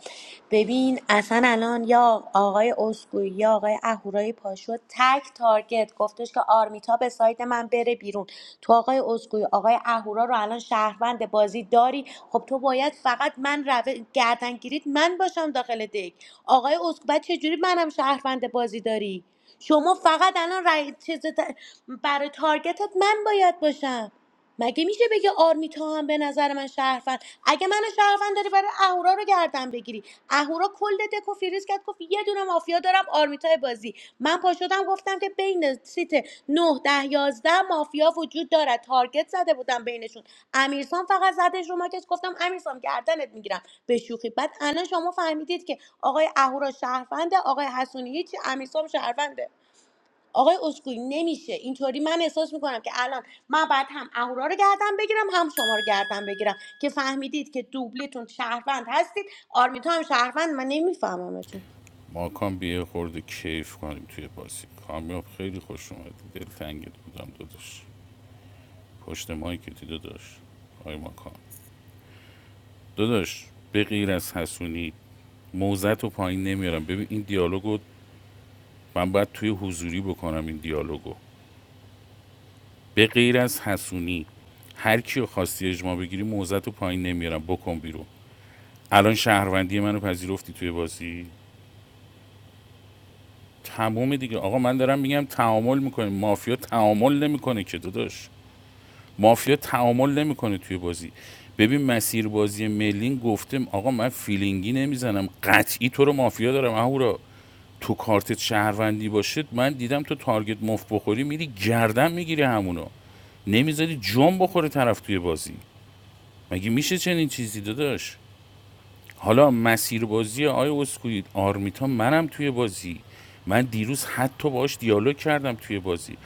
[SPEAKER 10] ببین اصلا الان یا آقای اسکوئی یا آقای اهورای پاشو تک تارگت گفتش که آرمیتا به سایت من بره بیرون تو آقای اسکوئی آقای اهورا رو الان شهروند بازی داری خب تو باید فقط من رو... گردن گیرید من باشم داخل دک آقای اسکوئی بعد چجوری منم شهروند بازی داری شما فقط الان رای... چیز... برای تارگتت من باید باشم مگه میشه بگه آرمیتا هم به نظر من شهروند اگه من شهروند داری برای اهورا رو گردن بگیری اهورا کل دک و فریز کرد گفت یه دونه مافیا دارم آرمیتا بازی من پا شدم گفتم که بین سیت 9 10 11 مافیا وجود دارد تارگت زده بودم بینشون امیرسان فقط زدش رو ماکش گفتم امیرسان گردنت میگیرم به شوخی بعد الان شما فهمیدید که آقای اهورا شهرونده آقای حسونی هیچی امیرسام شهرونده آقای اسکوئی نمیشه اینطوری من احساس میکنم که الان من باید هم اهورا رو گردن بگیرم هم شما رو گردن بگیرم که فهمیدید که دوبلیتون شهروند هستید آرمیتا هم شهروند من نمیفهممتون
[SPEAKER 16] ماکان بیه خورده کیف کنیم توی بازی کامیاب خیلی خوش اومدی دلتنگت بودم داداش پشت مایکتی داداش آی ماکان داداش به غیر از حسونی موزت رو پایین نمیارم ببین این دیالوگو من باید توی حضوری بکنم این دیالوگو به غیر از حسونی هر کیو خواستی اجماع بگیری موزت رو پایین نمیارم بکن بیرون الان شهروندی منو پذیرفتی توی بازی تمام دیگه آقا من دارم میگم تعامل میکنیم مافیا تعامل نمیکنه که داداش مافیا تعامل نمیکنه توی بازی ببین مسیر بازی ملین گفتم آقا من فیلینگی نمیزنم قطعی تو رو مافیا دارم اهورا تو کارت شهروندی باشه من دیدم تو تارگت مفت بخوری میری گردن میگیری همونو نمیذاری جون بخوره طرف توی بازی مگه میشه چنین چیزی داداش حالا مسیر بازی آیا اسکوئی آرمیتا منم توی بازی من دیروز حتی باش دیالوگ کردم توی بازی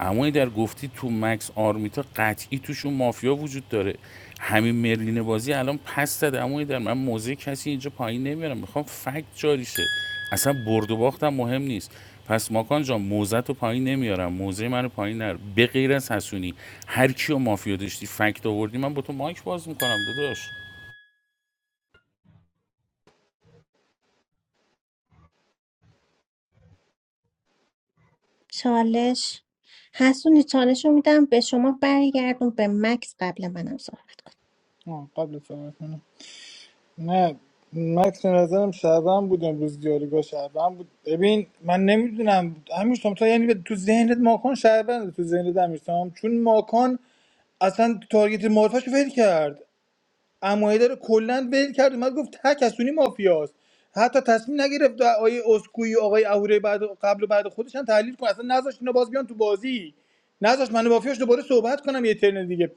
[SPEAKER 16] اما در گفتی تو مکس آرمیتا قطعی توشون مافیا وجود داره همین مرلین بازی الان پس داد اما در من موزه کسی اینجا پایین نمیارم میخوام فکت جاری شه اصلا برد و باختم مهم نیست پس ماکان جان موزه تو پایین نمیارم موزه منو پایین نر به غیر از حسونی هر کیو مافیا داشتی فکت آوردی من با تو مایک باز میکنم داداش
[SPEAKER 1] چالش حسونی چالش رو میدم به شما برگردون به مکس قبل منم صحبت
[SPEAKER 6] آه، قبل از صحبت کنم نه مکس به نظرم شهروند بود امروز دیالوگا شهروند بود ببین من نمیدونم همیشتم تو یعنی به- تو ذهنت ماکان شهروند تو ذهنت همیشتم چون ماکان اصلا تارگت معرفش ول کرد عمایه رو کلا ول کرد اومد گفت ته کسونی مافیاست حتی تصمیم نگرفت آقای اسکوئی آقای اهوره بعد قبل و بعد خودش هم تحلیل کنه اصلا نذاشت اینا باز بیان تو بازی نذاشت من و مافیاش دوباره صحبت کنم یه ترن دیگه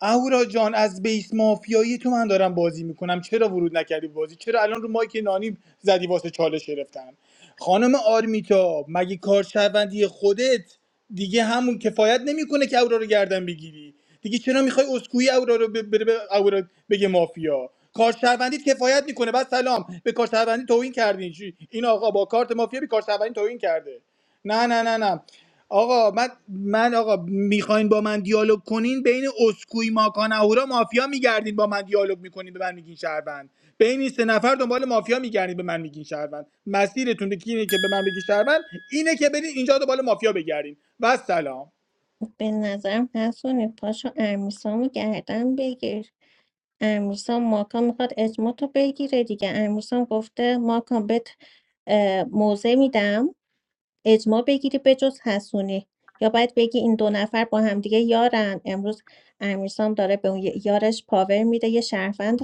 [SPEAKER 6] اهورا جان از بیس مافیایی تو من دارم بازی میکنم چرا ورود نکردی به بازی چرا الان رو مایک نانی زدی واسه چالش گرفتن خانم آرمیتا مگه کارشهروندی خودت دیگه همون کفایت نمیکنه که اهورا رو گردن بگیری دیگه چرا میخوای اسکوئی اهورا رو ب- بره به اهورا بگه مافیا کارشهروندیت کفایت میکنه بعد سلام به کارشهروندی توهین کردین چی؟ این آقا با کارت مافیا به کارشهروندی توهین کرده نه نه نه نه آقا من من آقا میخواین با من دیالوگ کنین بین اسکوئی ماکان اهورا مافیا میگردین با من دیالوگ میکنین به من میگین شهروند بین این سه نفر دنبال مافیا میگردین به من میگین شهروند مسیرتون که اینه که به من بگین شهروند اینه که برین اینجا دنبال مافیا بگردین و سلام
[SPEAKER 1] به نظرم حسونی پاشو امیرسامو گردن بگیر امیرسام ماکان میخواد اجماع تو بگیره دیگه امیرسام گفته ماکان بهت اه، موزه میدم اجماع بگیری به‌جز حسونی یا باید بگی این دو نفر با همدیگه یارن امروز امیرسام داره به اون ی- یارش پاور میده یه شهروند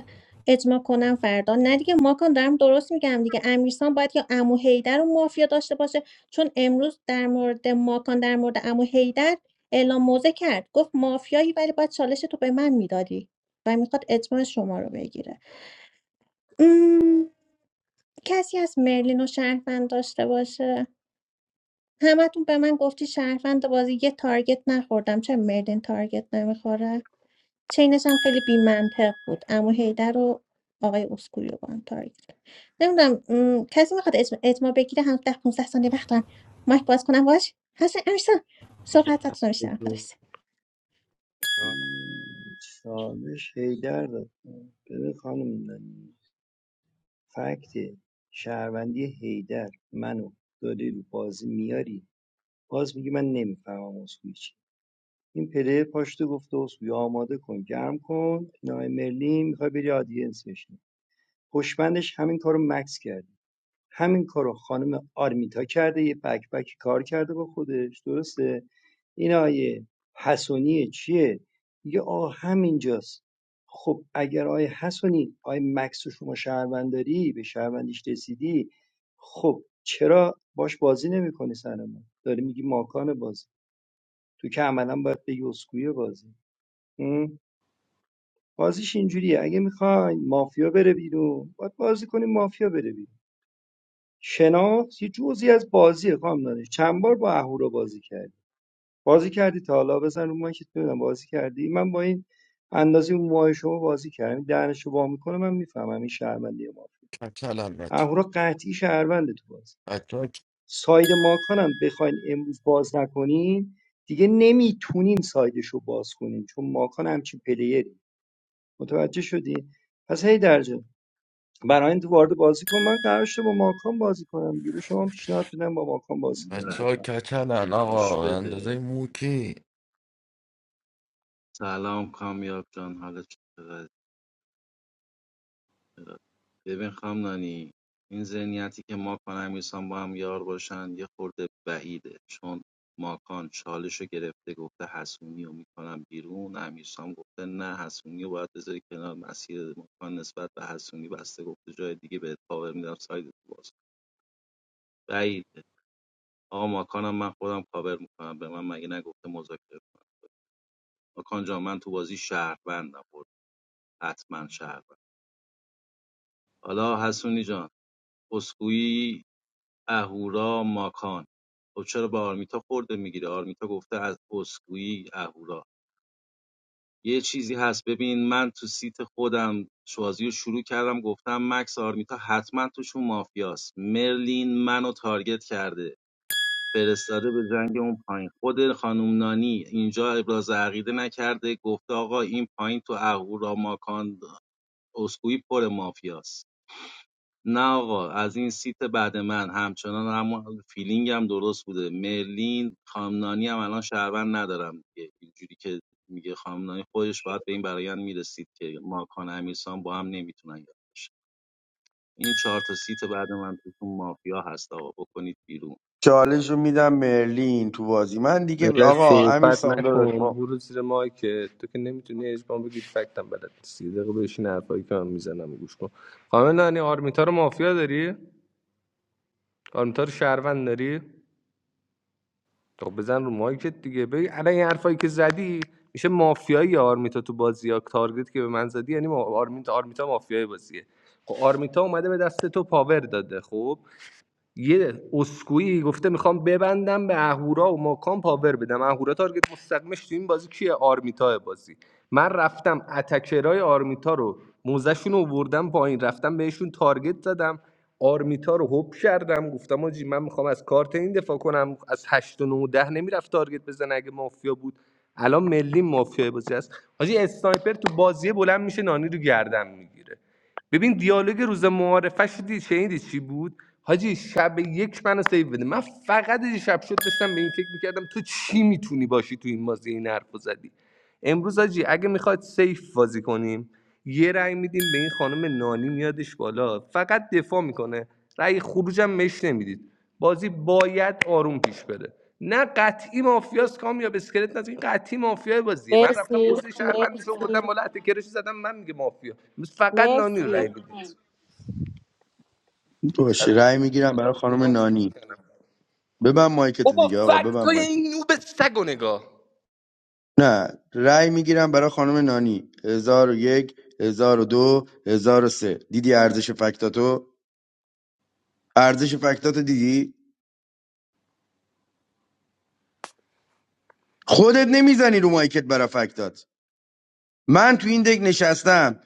[SPEAKER 1] اجماع کنم فردا نه دیگه ماکان دارم درست میگم دیگه امیرسام باید یا عمو حیدر رو مافیا داشته باشه چون امروز در مورد ماکان در مورد عمو حیدر اعلام موضع کرد گفت مافیایی ولی باید چالش تو به من میدادی و میخواد اجماع شما رو بگیره مم، کسی از مرلین و شهروند داشته باشه همتون به من گفتی شهروند بازی یه تارگت نخوردم چه مردین تارگت نمیخوره چینش هم خیلی بیمنطق بود امو هیدر و آقای اسکویو با هم تارگت کرد. نمیدونم م، کسی میخواد اجماع, اجماع بگیره هم ده 15 ثانیه وقت دارم مایک باز کنم باش هستن امیرسان صحبتتون رو میشنم خلاص
[SPEAKER 2] بشه
[SPEAKER 13] چالش هیدر داد ببین خانم نانی فکت شهروندی هیدر منو داری رو بازی میاری باز میگی من نمیفهمم از هیچی. این پله پاشته گفته اسکویا آماده کن گرم کن نای مرلی میخوای بری آدینس بشین پشمندش همین کارو مکس کرده همین کارو خانم آرمیتا کرده یه بک بکی کار کرده با خودش درسته این آیه حسونی چیه میگه آ همینجاست خب اگر آیه حسونی آیه مکس رو شما شهرونداری به شهروندیش رسیدی خب چرا باش بازی نمیکنی سر ما داری میگی ماکان بازی تو که عملا باید بگی اسکوی بازی م؟ بازیش اینجوریه اگه میخواین مافیا بره بیرون باید بازی کنیم مافیا بره بیرون شناخت یه جزی از بازیه خواهم دانش چند بار با اهورا بازی کردی بازی کردی تا حالا بزن رو من که بدونم بازی کردی من با این اندازه اون ماه شما بازی کردم دهنشو وا میکنه من میفهمم این شهروندی ما
[SPEAKER 17] کچلم بچه
[SPEAKER 13] اهورا قطعی شهرونده تو بازی
[SPEAKER 17] بچه ها
[SPEAKER 13] ساید ماکان هم بخواین امروز باز نکنین دیگه نمیتونین سایدش رو باز کنین چون ماکان همچین پلیری متوجه شدی پس هی درجه برای برایند وارد بازی کن من قرار شده با ماکان بازی کنم دیگه به شما پیشنهاد میدم با ماکان بازی کنیم
[SPEAKER 4] نه
[SPEAKER 17] بچه ها
[SPEAKER 13] بفهم
[SPEAKER 17] کچلن آقا
[SPEAKER 4] گوش
[SPEAKER 17] به اندازه
[SPEAKER 4] بده
[SPEAKER 17] موکی
[SPEAKER 4] سلام کامیاب جان حالت چطوره ببین خانم نانی این ذهنیتی که ماکان امیرسان با هم یار باشن یه خورده بعیده چون ماکان چالش رو گرفته گفته حسونی رو میکنم بیرون امیرسان گفته نه حسونی رو باید بذاری کنار مسیر ماکان نسبت به حسونی بسته گفته جای دیگه بهت پاور میدم ساید تو باز بعیده آقا ماکانم من خودم کاور میکنم به من مگه نگفته مذاکره کنم ماکان جان من تو بازی شهروندم خورد حتما شهروند حالا حسونی جان اسکوئی اهورا ماکان خب چرا به آرمیتا خورده میگیره آرمیتا گفته از اسکوئی اهورا یه چیزی هست ببین من تو سیت خودم شوازی رو شروع کردم گفتم مکس آرمیتا حتما توشون مافیاست مرلین منو تارگت کرده فرستاده به زنگ اون پایین خود خانم نانی اینجا ابراز عقیده نکرده گفته آقا این پایین تو اهورا ماکان اسکوئی پر مافیاست نه آقا از این سیت بعد من همچنان همون فیلینگ هم درست بوده مرلین خامنانی هم الان شهروند ندارم دیگه اینجوری که میگه خامنانی خودش باید به این برایند میرسید که ماکان امیرسان با هم نمیتونن یاد باشن این چهار تا سیت بعد من توتون مافیا هست آقا بکنید بیرون
[SPEAKER 14] چالش رو میدم مرلین تو بازی من دیگه
[SPEAKER 2] نه
[SPEAKER 14] آقا امیر
[SPEAKER 2] صحبت
[SPEAKER 14] سامدار داشت
[SPEAKER 2] نکن
[SPEAKER 14] با
[SPEAKER 2] برو زیر مایکت تو که نمیتونی اجماع بگی فکتم بلد نیستی یه دقیقه بشین حرفایی که من میزنم گوش کن خانم نانی آرمیتا رو مافیا داری آرمیتا رو شهروند داری خب بزن رو مایکت دیگه بگی الان این حرفایی که زدی میشه مافیایی آرمیتا تو بازی یا تارگت که به من زدی یعنی ما- آرمیتا آرمیتا مافیای بازیه خب آرمیتا اومده به دست تو پاور داده خب یه اسکوئی گفته میخوام ببندم به اهورا و ماکان پاور بدم اهورا تارگت مستقیمش تو این بازی کیه آرمیتا بازی من رفتم اتکرای آرمیتا رو موزشون رو وردم پایین رفتم بهشون تارگت زدم آرمیتا رو هوب کردم گفتم آجی من میخوام از کارت این دفاع کنم از 8 و 9 و 10 نمیرفت تارگت بزن اگه مافیا بود الان ملی مافیا بازی هست حاجی اسنایپر تو بازی بلند میشه نانی رو گردن میگیره ببین دیالوگ روز معارفش دی شنیدی چی بود حاجی شب یک منو سیو بده من فقط یه شب شد داشتم به این فکر میکردم تو چی میتونی باشی تو این بازی این حرفو زدی امروز حاجی اگه میخواد سیف بازی کنیم یه رأی میدیم به این خانم نانی میادش بالا فقط دفاع میکنه رأی خروجم مش نمیدید بازی باید آروم پیش بره نه قطعی مافیاست کامیاب اسکلت نزد این قطعی مافیای بازیه من رفتم
[SPEAKER 5] مرسی
[SPEAKER 2] موزه شهروندیش
[SPEAKER 5] مرسی
[SPEAKER 2] آوردم بالا کرش زدم من میگه مافیا فقط نانی رو رای
[SPEAKER 5] مرسی مرسی
[SPEAKER 2] میدید
[SPEAKER 14] باشه رأی میگیرم برای خانم نانی ببن مایکت
[SPEAKER 2] بابا
[SPEAKER 14] دیگه آقا ببن
[SPEAKER 2] فکتای
[SPEAKER 14] مایکت
[SPEAKER 2] این نوب سگ و نگاه
[SPEAKER 14] نه رأی میگیرم برای خانم نانی هزار و یک هزار و دو هزار و سه دیدی ارزش فکتاتو ارزش فکتاتو دیدی خودت نمیزنی رو مایکت برای فکتات من تو این دک نشستم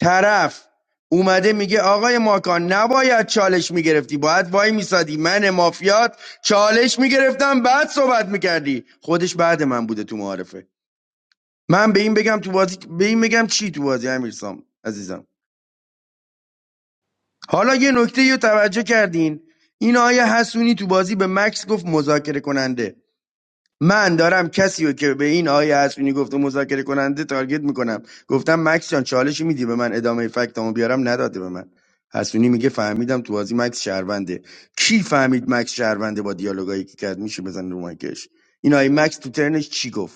[SPEAKER 14] طرف اومده میگه آقای ماکان نباید چالش میگرفتی باید وای میسادی من مافیات چالش میگرفتم بعد صحبت میکردی خودش بعد من بوده تو معارفه من به این بگم تو بازی به این بگم چی تو بازی امیرسام عزیزم حالا یه نکته رو توجه کردین این آیه حسونی تو بازی به مکس گفت مذاکره کننده من دارم کسی رو که به این آیه حسونی گفته مذاکره کننده تارگت میکنم گفتم مکس جان چالش میدی به من ادامه فکتامو بیارم نداده به من حسونی میگه فهمیدم تو بازی مکس شهرونده کی فهمید مکس شهرونده با دیالوگایی که کرد میشه بزن رو مایکش این آیه مکس تو ترنش چی گفت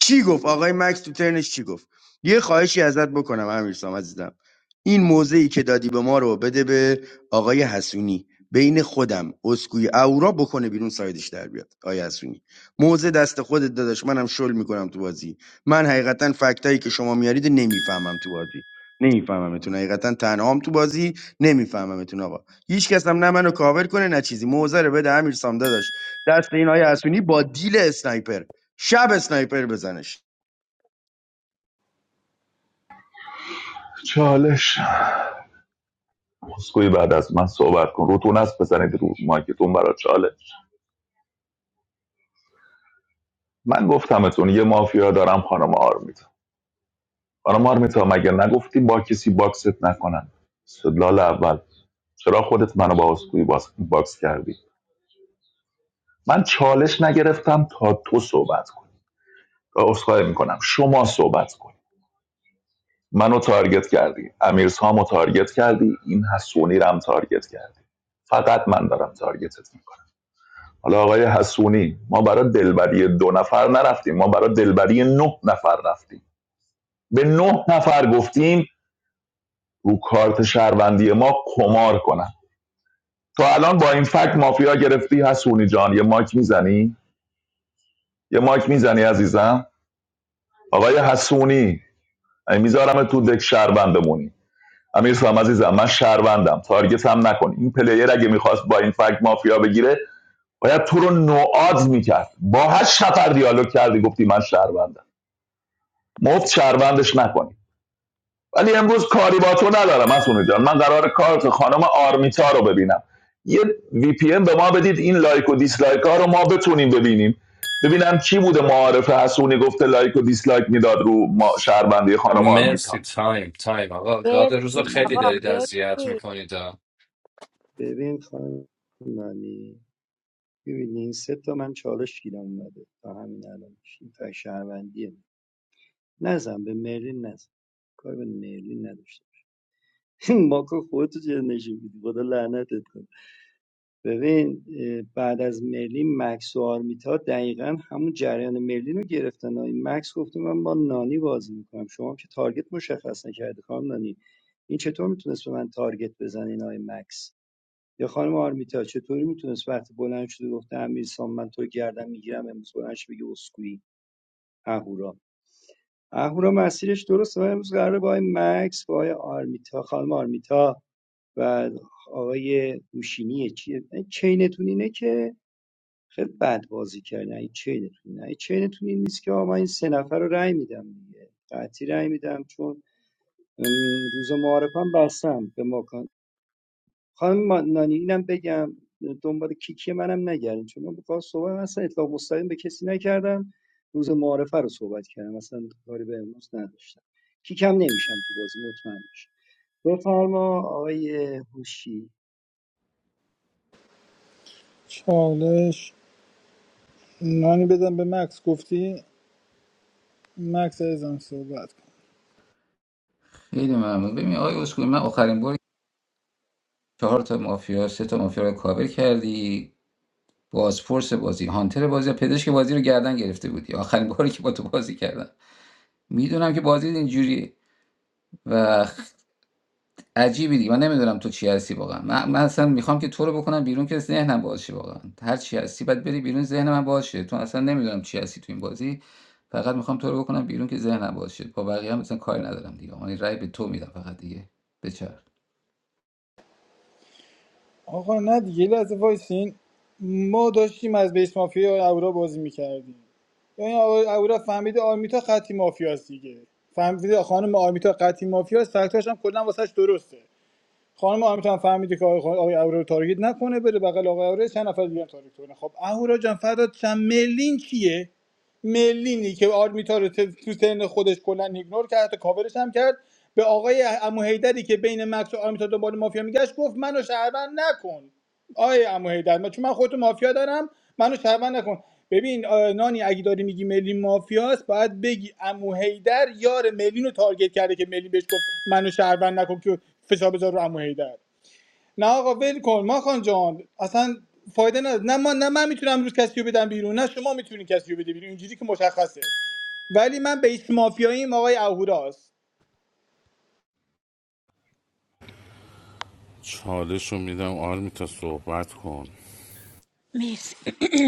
[SPEAKER 14] چی گفت آقای مکس تو ترنش چی گفت یه خواهشی ازت بکنم امیرسام عزیزم این موضعی که دادی به ما رو بده به آقای حسونی بین خودم اسکوی اورا بکنه بیرون سایدش در بیاد آیا حسونی موضع دست خودت داداش منم شل میکنم تو بازی من حقیقتا فکتایی که شما میارید نمیفهمم تو بازی نمیفهممتون حقیقتا تنهام تو بازی نمیفهممتون آقا هیچ کس هم نه منو کاور کنه نه چیزی موزه رو بده امیر سام داداش دست این آیه حسونی با دیل اسنایپر شب اسنایپر بزنش
[SPEAKER 15] چالش اسکوی بعد از من صحبت کن روتون است بزنید رو مایکتون برای چالش من گفتمتون یه مافیا دارم خانم آرمیتا خانم آرمیتا مگه نگفتی با کسی باکست نکنن استدلال اول چرا خودت منو با اسکوی باکس کردی من چالش نگرفتم تا تو صحبت کنی اسخای میکنم شما صحبت کنی منو تارگت کردی امیرسامو تارگت کردی این حسونی رم تارگت کردی فقط من دارم تارگتت میکنم. حالا آقای حسونی ما برای دلبری دو نفر نرفتیم ما برای دلبری نه نفر رفتیم به نه نفر گفتیم رو کارت شهروندی ما کمار کنن تو الان با این فکت مافیا گرفتی حسونی جان یه مایک میزنی یه مایک میزنی عزیزم آقای حسونی میذارم تو دک شهروند بمونی امیر سلام عزیزم من شهروندم تارگت هم نکن این پلیر اگه میخواست با این فکت مافیا بگیره باید تو رو نوآز میکرد با هشت نفر دیالوگ کردی گفتی من شهروندم مفت شهروندش نکنید ولی امروز کاری با تو ندارم حسونه جان من قرار کارت خانم آرمیتا رو ببینم یه وی پی ان به ما بدید این لایک و دیسلایک ها رو ما بتونیم ببینیم ببینم کی بوده معارف حسونی گفته لایک و دیسلایک میداد رو ما شهروندی خانم
[SPEAKER 7] مرسی
[SPEAKER 15] آرمیتا
[SPEAKER 7] تایم تایم آقا گاد روز رو خیلی
[SPEAKER 5] آقا
[SPEAKER 7] دارید اذیت
[SPEAKER 5] مرسی
[SPEAKER 7] میکنید
[SPEAKER 13] ببین خانم نانی ببین این سه تا من چالش گیرم اومده تا همین الان این فکر شهروندیه نزن به مرلین نزن کار به مرلین نداشته ماکان خودتو جر نشین بودی خدا لعنتت کنه ببین اه، بعد از مرلی مکس و آرمیتا دقیقا همون جریان مرلی رو گرفتن این مکس گفته من با نانی بازی میکنم شما هم که تارگت مشخص نکردی خانم نانی این چطور میتونست به من تارگت بزنه این آقای مکس یا خانم آرمیتا چطوری میتونست وقتی بلند شده گفته امیرسام من تو رو گردن میگیرم امروز بلند شده بگه اسکوئی اهورا اهورا مسیرش درسته و امروز قراره با آقای مکس با آقای آرمیتا خانم آرمیتا و آقای هوشینیه چیه این چینتون اینه که خیلی بد بازی کردین این چینتون نه این چینتون این نیست که آقا من این سه نفر رو رأی میدم دیگه قطعی رأی میدم چون ام، روز معارفم بستم به ماکان خانم ما- نانی اینم بگم دنبال کیکی منم نگردین چون من با صحبت اصلا اطلاق مستقیم به کسی نکردم روز معارفه رو صحبت کردم اصلا کاری به امروز نداشتم کیکم نمیشم تو بازی مطمئن باشم بفرما آقای هوشی
[SPEAKER 6] چالش نانی بدم به مکس گفتی مکس ازم صحبت کن
[SPEAKER 12] خیلی ممنون ببین آقای اسکوئی من آخرین بار چهار تا مافیا سه تا مافیا رو کاور کردی بازپرس بازی هانتر بازی پزشک بازی رو گردن گرفته بودی آخرین باری که با تو بازی کردن میدونم که بازی اینجوریه و عجیبی دیگه من نمیدونم تو چی هستی واقعا من, من اصلا میخوام که تو رو بکنم بیرون که ذهنم باشه واقعا هر چی هستی باید بری بیرون ذهن من باشه تو اصلا نمیدونم چی هستی تو این بازی فقط میخوام تو رو بکنم بیرون که ذهنم باشه با بقیه هم مثلا کاری ندارم دیگه من رأی به تو میدم فقط دیگه بچرخ
[SPEAKER 6] آقا نه دیگه یه لحظه وایسین ما داشتیم از بیس مافیا اورا بازی میکردیم ببین آقا اورا فهمیده آرمیتا قطعی مافیاست دیگه فهمیده خانم آرمیتا قطعی مافیاست فکتاش هم کلا واسش درسته خانم آرمیتا هم فهمیده که آقای آقای اورا رو تارگت نکنه بره بغل آقای اورا چند نفر دیگه هم تارگت کنه خب اورا جان فرداد چند ملین کیه ملینی که آرمیتا رو تو سن خودش کلا ایگنور کرد حتی کاورش هم کرد به آقای امو حیدری که بین مکس و آرمیتا دنبال مافیا میگشت گفت منو شهروند نکن آیه عمو حیدر من- چون من خودتو مافیا دارم منو شرمن نکن ببین نانی اگه داری میگی ملی مافیاست باید بگی امو حیدر یار ملین رو تارگت کرده که ملی بهش گفت منو شهروند نکن که فشار بذار رو امو حیدر نه آقا ول کن ماخان جان اصلا فایده نداره نه من نه من میتونم امروز کسی رو بدم بیرون نه شما میتونین کسی رو بده بیرون اینجوری که مشخصه ولی من بیس مافیاییم آقای اهوراست
[SPEAKER 16] چالش رو میدم آرمیتا صحبت کن
[SPEAKER 10] مرسی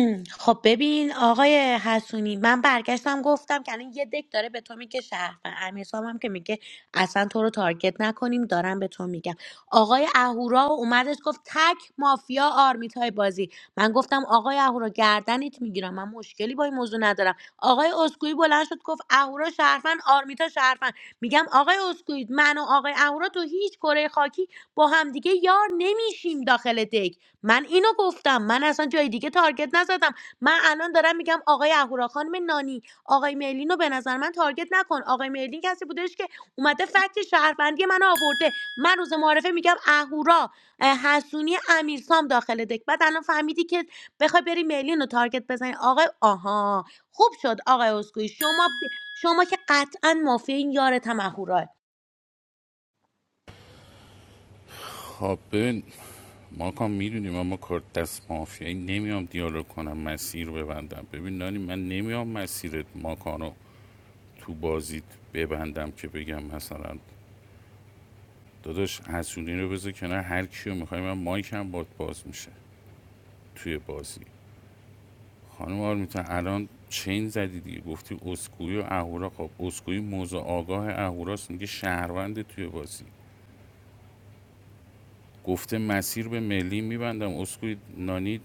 [SPEAKER 10] خب ببین آقای حسونی من برگشتم گفتم که الان یه دک داره به تو میگه شهر امیرسام هم که میگه اصلا تو رو تارگت نکنیم دارم به تو میگم آقای اهورا اومدش گفت تک مافیا آرمیت های بازی من گفتم آقای اهورا گردنت میگیرم من مشکلی با این موضوع ندارم آقای اسکوئی بلند شد گفت اهورا شهروند آرمیتا شهروند میگم آقای اسکوئی من و آقای اهورا تو هیچ کره خاکی با همدیگه یار نمیشیم داخل دک من اینو گفتم من اصلا جای دیگه تارگت نزدم من الان دارم میگم آقای اهورا خانم نانی آقای مرلین رو به نظر من تارگت نکن آقای مرلین کسی بودش که اومده فکت شهروندی من آورده من روز معارفه میگم اهورا اه، حسونی امیرسام داخل دک بعد الان فهمیدی که بخوای بری مرلین رو تارگت بزنی آقای آها خوب شد آقای اسکوئی شما شما که قطعا مافیا این یارت هم اهوراه
[SPEAKER 16] خب ببین ما کام میدونیم اما کار دست مافیایی نمیام دیالوگ کنم مسیر رو ببندم ببین نانی من نمیام مسیرت ماکانو تو بازیت ببندم که بگم مثلا داداش حسونی رو بذار کنار هر کیو میخوای من مایکم باد باز میشه توی بازی خانم آرمیتا الان چین زدی دیگه گفتی اسکوئی و اهورا خب اسکوئی موضوع آگاه اهوراست میگه شهرونده توی بازی گفته مسیر به ملی میبندم اسکوی نانی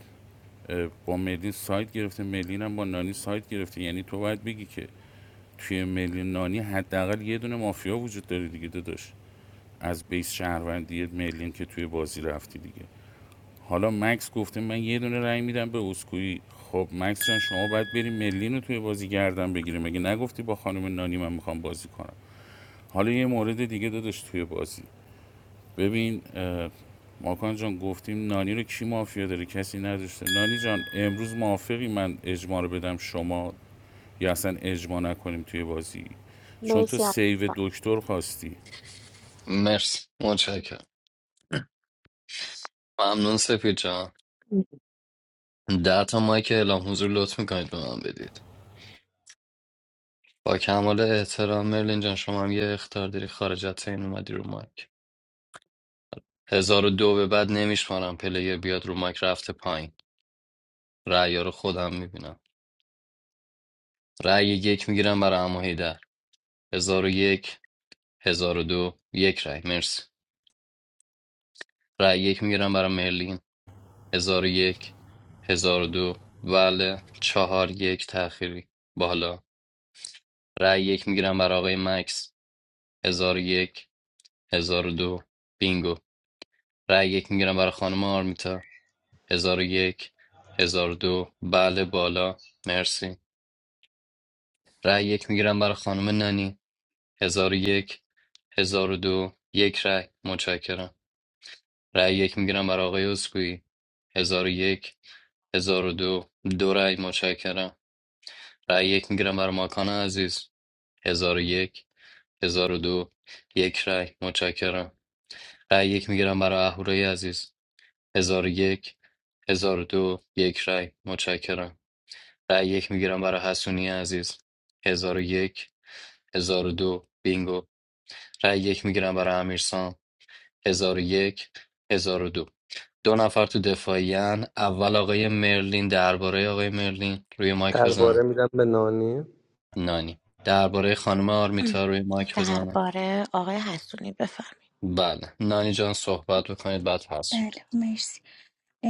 [SPEAKER 16] اه، با ملی سایت گرفته ملی هم با نانی سایت گرفته یعنی تو باید بگی که توی ملی نانی حداقل یه دونه مافیا وجود داره دیگه داداش از بیس شهروندی ملین که توی بازی رفتی دیگه حالا مکس گفته من یه دونه رای میدم به اسکوئی خب مکس جان شما باید بری ملین رو توی بازی گردن بگیریم. مگه نگفتی با خانم نانی من میخوام بازی کنم حالا یه مورد دیگه داداش توی بازی ببین اه، ماکان جان گفتیم نانی رو کی مافیا داره کسی نداشته نانی جان امروز موافقی من اجماع رو بدم شما یا اصلا اجماع نکنیم توی بازی چون تو
[SPEAKER 5] مرسی
[SPEAKER 16] سیو دکتر خواستی
[SPEAKER 7] مرسی متشکرم ممنون سپید جان ده تا مایک اعلام حضور لطف میکنید به من بدید با کمال احترام مرلین جان شما هم یه اختار داری خارج از تین اومدی رو مایک هزار و دو به بعد نمیشمارم پلیر بیاد رو مایک رفته پایین رأی رو خودم میبینم رأی یک میگیرم برای عمو هیدر هزار و یک هزار و دو یک رأی مرسی رای یک میگیرم برای مرلین هزار و یک هزار و دو بله چهار یک تأخیری بالا رای یک میگیرم برای آقای مکس هزار و یک هزار و دو بینگو رای یک میگیرم برای خانم آرمیتا هزار و یک هزار و دو بله بالا مرسی رای یک میگیرم برای خانم نانی هزار و یک هزار و دو یک رأی متشکرم رأی یک میگیرم برای آقای اسکوئی هزار و یک هزار و دو دو رأی متشکرم رأی یک میگیرم برای ماکان عزیز هزار و یک هزار و دو یک رأی متشکرم رأی یک میگیرم برای اهورای عزیز هزار و یک هزار و دو یک رأی متشکرم رأی یک میگیرم برای حسونی عزیز هزار و یک هزار و دو بینگو رأی یک میگیرم برای امیرسام هزار و یک هزار و دو دو نفر تو دفاعیان اول آقای مرلین درباره آقای مرلین روی مایک
[SPEAKER 2] درباره
[SPEAKER 7] بزنه
[SPEAKER 2] میدم به نانی
[SPEAKER 7] نانی درباره خانم آرمیتا روی مایک بزنه
[SPEAKER 10] درباره آقای حسونی
[SPEAKER 7] بله نانی جان صحبت بکنید بعد هست شد
[SPEAKER 1] بله مرسی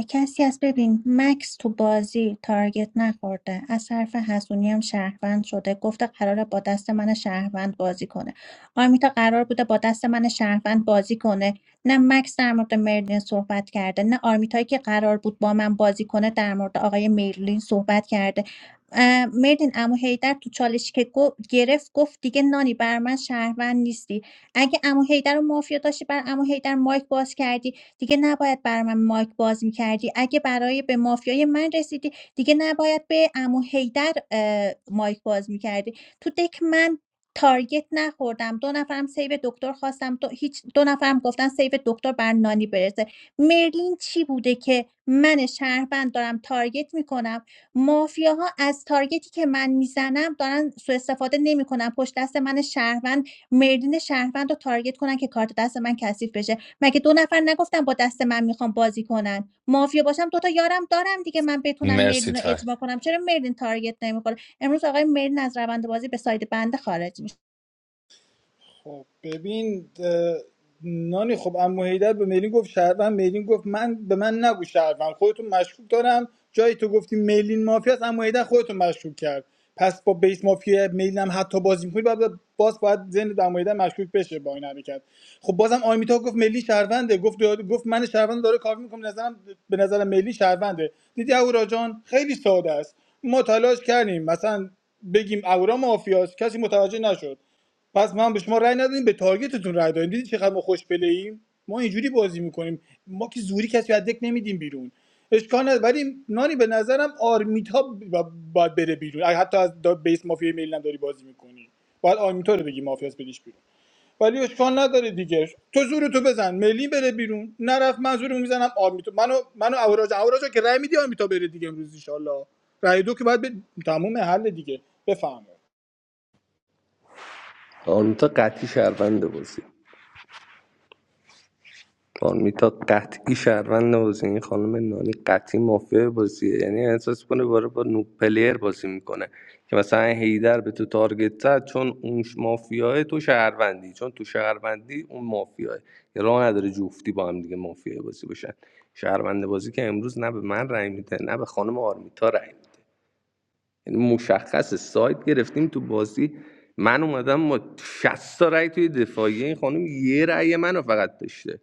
[SPEAKER 1] کسی از ببین مکس تو بازی تارگت نخورده از حرف حسونی هم شهروند شده گفته قراره با دست من شهروند بازی کنه آرمیتا قرار بوده با دست من شهروند بازی کنه نه مکس در مورد مرلین صحبت کرده نه آرمیتایی که قرار بود با من بازی کنه در مورد آقای مرلین صحبت کرده اه، مرلین امو هیدر تو چالش که گو- گرفت گفت دیگه نانی بر من شهروند نیستی اگه امو هیدر رو مافیا داشتی بر امو هیدر مایک باز کردی دیگه نباید برای من مایک باز میکردی. اگه برای به مافیای من رسیدی دیگه نباید به عمو حیدر اه، مایک باز میکردی. تو دک من تارگت نخوردم دو نفرم سیو دکتر خواستم دو, هیچ دو نفرم گفتن سیو دکتر بر نانی برسه مرلین چی بوده که من شهروند دارم تارگت میکنم مافیاها از تارگتی که من میزنم دارن سوء استفاده نمیکنن پشت دست من شهروند مرلین شهروند رو تارگت کنن که کارت دست من کثیف بشه مگه دو نفر نگفتن با دست من میخوام بازی کنن مافیا باشم دوتا یارم دارم دیگه من بتونم
[SPEAKER 7] مرسی
[SPEAKER 1] مردین رو
[SPEAKER 7] تای
[SPEAKER 1] اجماع کنم چرا مردین تارگت نمیخوره امروز آقای مردین از روند بازی به ساید بنده خارج میشه
[SPEAKER 6] خب ببین نانی خب عمو حیدر به میلین گفت شهروند میلین گفت من به من نگو شهروند خودتون مشکوک دارم جایی تو گفتی میلین مافیا است عمو حیدر خودتون مشکوک کرد پس با بیس مافیا میلین هم حتی بازی می‌کنی بعد باز باید ذهن عمو حیدر مشکوک بشه با این حرکت خب بازم آیمیتا گفت میلین شهرونده گفت گفت من شهروند داره کار میکنم نظرم به نظرم میلین شهرونده دیدی هورا جان خیلی ساده است ما تلاش کردیم مثلا بگیم اورا مافیاست کسی متوجه نشد پس من به شما رأی ندادیم به تارگتتون رأی دادیم دیدی چقدر ما خوش ایم ما اینجوری بازی میکنیم ما که زوری کسی رو از دک نمیدیم بیرون اشکال نداره ولی نانی به نظرم آرمیتا با- باید بره بیرون اگه حتی از دا- بیس مافیا میل هم داری بازی میکنی باید آرمیتا رو بگی مافیا از بدیش بیرون ولی اشکال نداره دیگه تو زور تو بزن ملی بره بیرون نرفت من زورمو میزنم آرمیتا منو منو اوراج اوراج که رأی میدی آرمیتا بره دیگه امروز ان رأی دو که باید به تموم حل دیگه بفهم
[SPEAKER 2] آرمیتا قطعی شهرونده بازی آرمیتا قطعی شهروند بازی این خانم نانی قطعی مافیا بازیه یعنی احساس کنه باره با نوک پلیر بازی میکنه که مثلا هیدر به تو تارگت زد چون اون ش- مافیاه تو شهروندی چون تو شهروندی اون مافیاه یه راه نداره جفتی با هم دیگه مافیا بازی باشن شهروند بازی که امروز نه به من رأی میده نه به خانم آرمیتا رأی میده یعنی مشخص سایت گرفتیم تو بازی من اومدم با 60 تا رأی توی دفاعیه این خانم یه رأی منو فقط داشته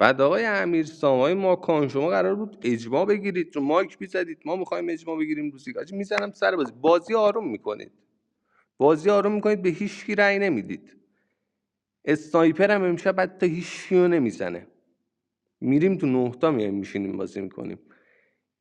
[SPEAKER 2] بعد آقای امیرسام ماکان شما قرار بود اجماع بگیرید تو مایک میزدید ما میخوایم اجماع بگیریم روسی آجی میزنم سر بازی بازی آروم میکنید بازی آروم میکنید به هیچ کی رأی نمیدید اسنایپر هم امشب حتی هیچ کیو نمیزنه میریم تو نهتا میایم میشینیم بازی میکنیم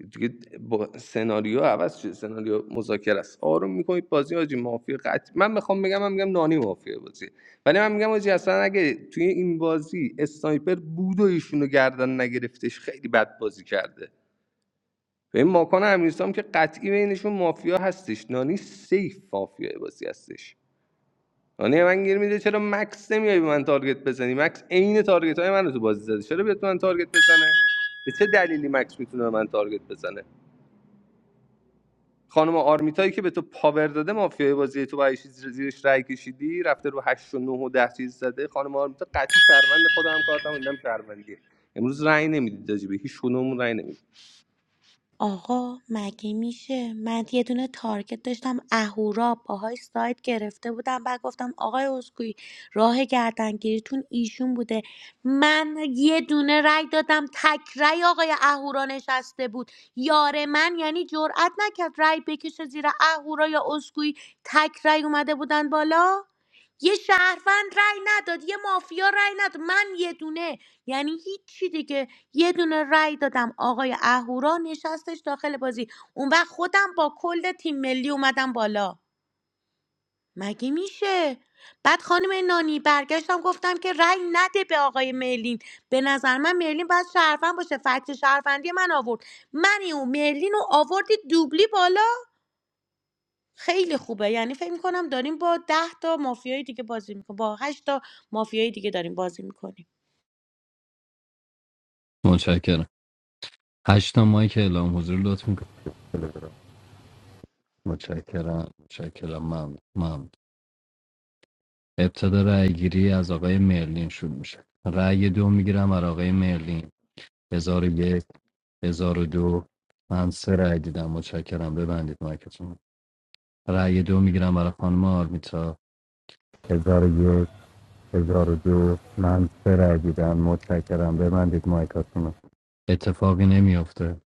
[SPEAKER 2] دیگه با سناریو عوض شده سناریو مذاکره است آروم میکنید بازی آجی مافیا قطع من میخوام بگم من میگم نانی مافیا بازی ولی من میگم آجی اصلا اگه توی این بازی اسنایپر بود و ایشونو گردن نگرفتش خیلی بد بازی کرده به این ماکان امیرسام که قطعی بینشون مافیا هستش نانی سیف مافیا بازی هستش نانی من گیر میده چرا مکس نمیای به من تارگت بزنی مکس عین تارگت های من رو تو بازی زده چرا بیاد به من تارگت بزنه به چه دلیلی مکس میتونه به من تارگت بزنه خانم آرمیتایی که به تو پاور داده مافیای بازی تو با چیز زیرش رای کشیدی رفته رو هشت و 9 و 10 چیز زده خانم آرمیتا قطعی شهروند خودم هم کارتم دیدم شهروندیه امروز رای نمیدید راجبه هیچ کدوممون رای نمی‌دید.
[SPEAKER 10] آقا مگه میشه من یه دونه تارگت داشتم اهورا باهاش سایت گرفته بودم بعد گفتم آقای اسکوئی راه گردنگیریتون ایشون بوده من یه دونه رای دادم تک رأی آقای اهورا نشسته بود یار من یعنی جرأت نکرد رأی بکشه زیر اهورا یا اسکوئی تک رأی اومده بودن بالا یه شهروند رای نداد یه مافیا رای نداد من یه دونه یعنی هیچی دیگه یه دونه رأی دادم آقای اهورا نشستش داخل بازی اون وقت خودم با کل تیم ملی اومدم بالا مگه میشه بعد خانم نانی برگشتم گفتم که رأی نده به آقای مرلین به نظر من مرلین باید شرفن باشه فکت شرفندی من آورد منی و مرلین رو آوردی دوبلی بالا خیلی خوبه یعنی فکر میکنم داریم با ده تا مافیای دیگه بازی میکنیم با هشت تا مافیای دیگه داریم بازی میکنیم
[SPEAKER 7] متشکرم هشتا مایی که اعلام حضور لطف میکنم متشکرم متشکرم ممنون ممنون ابتدا رأی گیری از آقای مرلین شروع میشه رأی دو میگیرم از آقای مرلین هزار و یک هزار و دو من سه رأی دیدم متشکرم ببندید مایکتون رأی دو میگیرم برای خانم آرمیتا هزار و یک هزار و دو من سه رأی دیدم متشکرم ببندید مایکتون اتفاقی نمیافته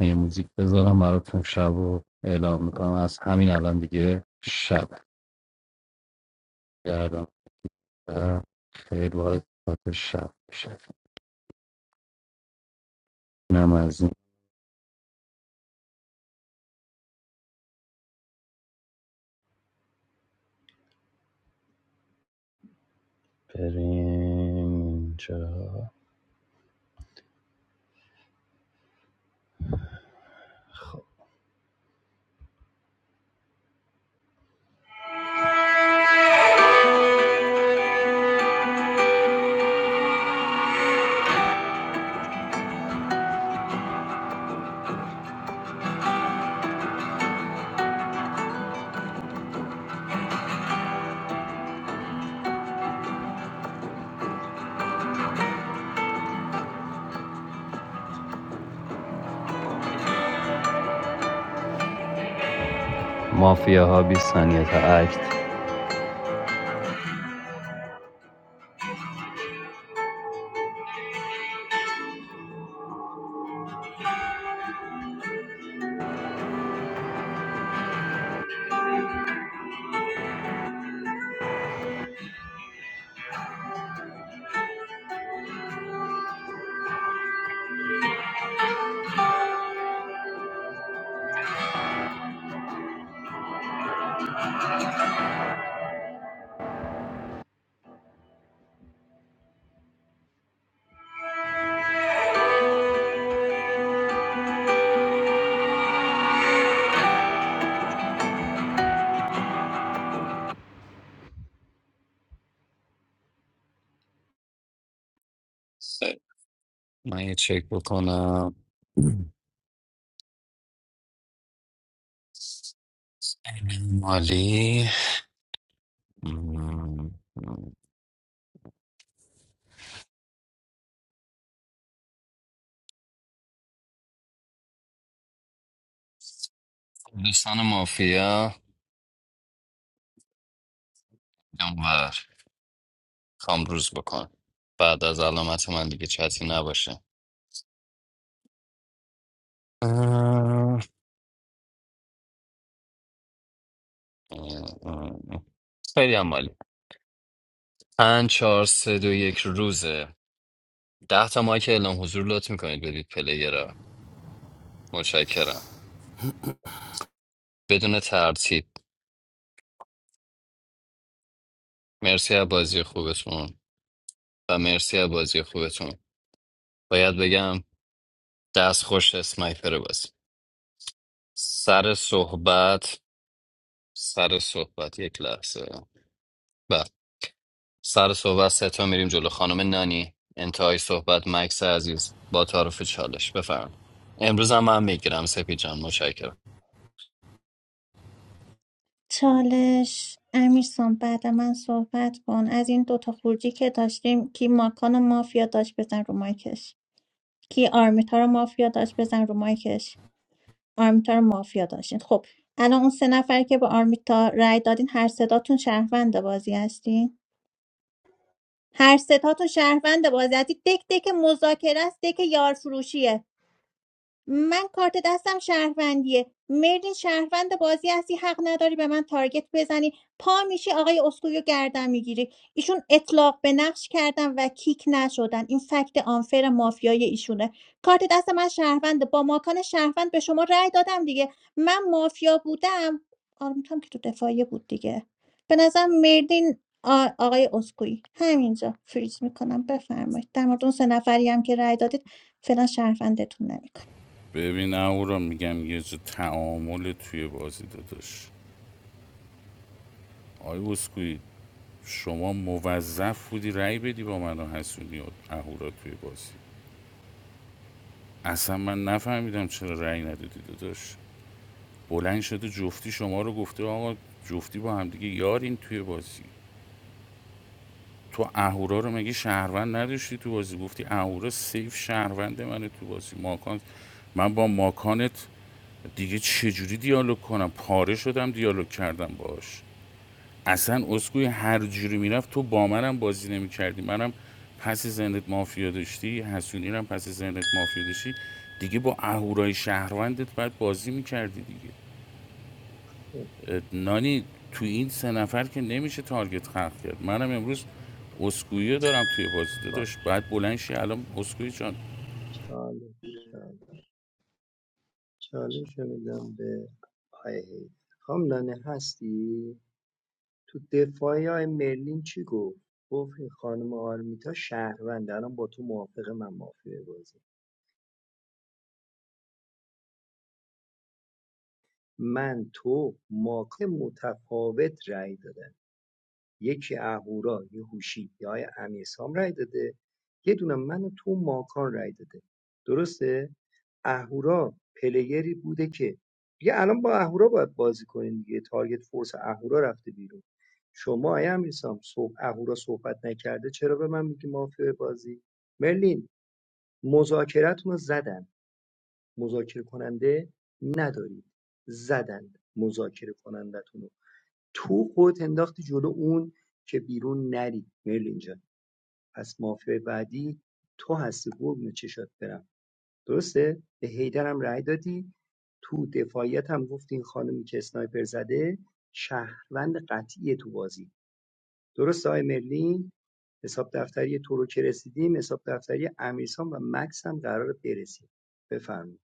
[SPEAKER 7] من یه موزیک بذارم براتون شب رو اعلام میکنم از همین الان دیگه شب گردم و خیلی وارد قسمت شب میشه اینم از این بریم اینجا مافیا ها 20 ثانیه تا اکت خیلی. من یه چک بکنم امین مالی مم. دوستان مافیا اونور کامروز بکن بعد از علامت من دیگه چتی نباشه خیلی هم مالی پنج چهار سه دو یک روزه ده تا مایک اعلام حضور لطف میکنید بدید پلیرا متشکرم بدون ترتیب مرسی از بازی خوبتون و مرسی از بازی خوبتون باید بگم دست خوش اسنایپر بازی سر صحبت سر صحبت یک لحظه بله سر صحبت سه تا میریم جلو خانم نانی انتهای صحبت مکس عزیز با تعارف چالش بفرمایید امروز هم من میگیرم سپی جان متشکرم
[SPEAKER 1] چالش امیرسان بعد من صحبت کن از این دوتا خورجی که داشتیم کی ماکان و مافیا داشت بزن رو مایکش کی آرمیتا رو مافیا داشت بزن رو مایکش آرمیتا رو مافیا داشتین خب الان اون سه نفر که به آرمیتا رای دادین هر صداتون شهروند بازی هستین هر سه تا تو شهروند بازی هستی دک دک مذاکره است دک یار من کارت دستم شهروندیه مرلین شهروند بازی هستی حق نداری به من تارگت بزنی پا میشی آقای اسکویو گردن میگیری ایشون اطلاق به نقش کردن و کیک نشدن این فکت آنفر مافیای ایشونه کارت دست من شهروند با ماکان شهروند به شما رأی دادم دیگه من مافیا بودم آره میتونم که تو دفاعیه بود دیگه به نظرم مرلین آ- آقای اسکویی همینجا فریز میکنم بفرمایید در مورد اون سه نفری هم که رأی دادید فعلا شهروندتون نمیکنم
[SPEAKER 16] ببین اهورا میگم یه جا تعامل توی بازی داداش آی اسکوئی شما موظف بودی رأی بدی با من و حسونی و اهورا توی بازی اصلا من نفهمیدم چرا رأی ندادی داداش بلند شده جفتی شما رو گفته آقا جفتی با هم دیگه یارین توی بازی تو اهورا رو مگه شهروند نداشتی تو بازی گفتی اهورا سیف شهروند منه تو بازی ماکان من با ماکانت دیگه چجوری دیالوگ کنم پاره شدم دیالوگ کردم باش اصلا اسکوی هر جوری میرفت تو با منم بازی نمیکردی منم پس ذهنت مافیا داشتی حسونی هم پس ذهنت مافیا داشتی دیگه با اهورای شهروندت باید بازی میکردی دیگه
[SPEAKER 13] خب،
[SPEAKER 16] نانی تو این سه نفر که نمیشه تارگت خلق کرد منم امروز
[SPEAKER 13] چه-
[SPEAKER 16] اسکویی دارم توی بازی
[SPEAKER 13] ما-
[SPEAKER 16] داداش باید بلند شی الان اسکویی جان
[SPEAKER 13] چالش. چالش رو میدم به آقای حیدر خانم نانه هستی تو دفاعی های مرلین چی گفت گفت این خانم آرمیتا شهرونده الان با تو موافق من مافیه بازی من تو ماک متفاوت رأی دادن یکی اهورا یه هوشی یا آقای امیرسام رأی داده یه دونه من و تو ماکان رأی داده درسته اهورا پلیری بوده که دیگه الان با اهورا باید بازی کنین دیگه تارگت فورس اهورا رفته بیرون شما ای امیرسام صبح اهورا صحبت نکرده چرا به من میگی مافیا بازی مرلین مذاکرتون رو زدن مذاکره کننده ندارید زدن مذاکره کنندتون رو تو خودت انداختی جلو اون که بیرون نری مرلین جان پس مافیا بعدی تو هستی قربون چشات برم درسته؟ به حیدر هم رأی دادی تو دفاعیت هم گفتی این خانمی که اسنایپر زده شهروند قطعی تو بازی درست آقای مرلین حساب دفتری تو رو که رسیدیم حساب دفتری امیرسان و مکس هم قرار برسیم بفرمایید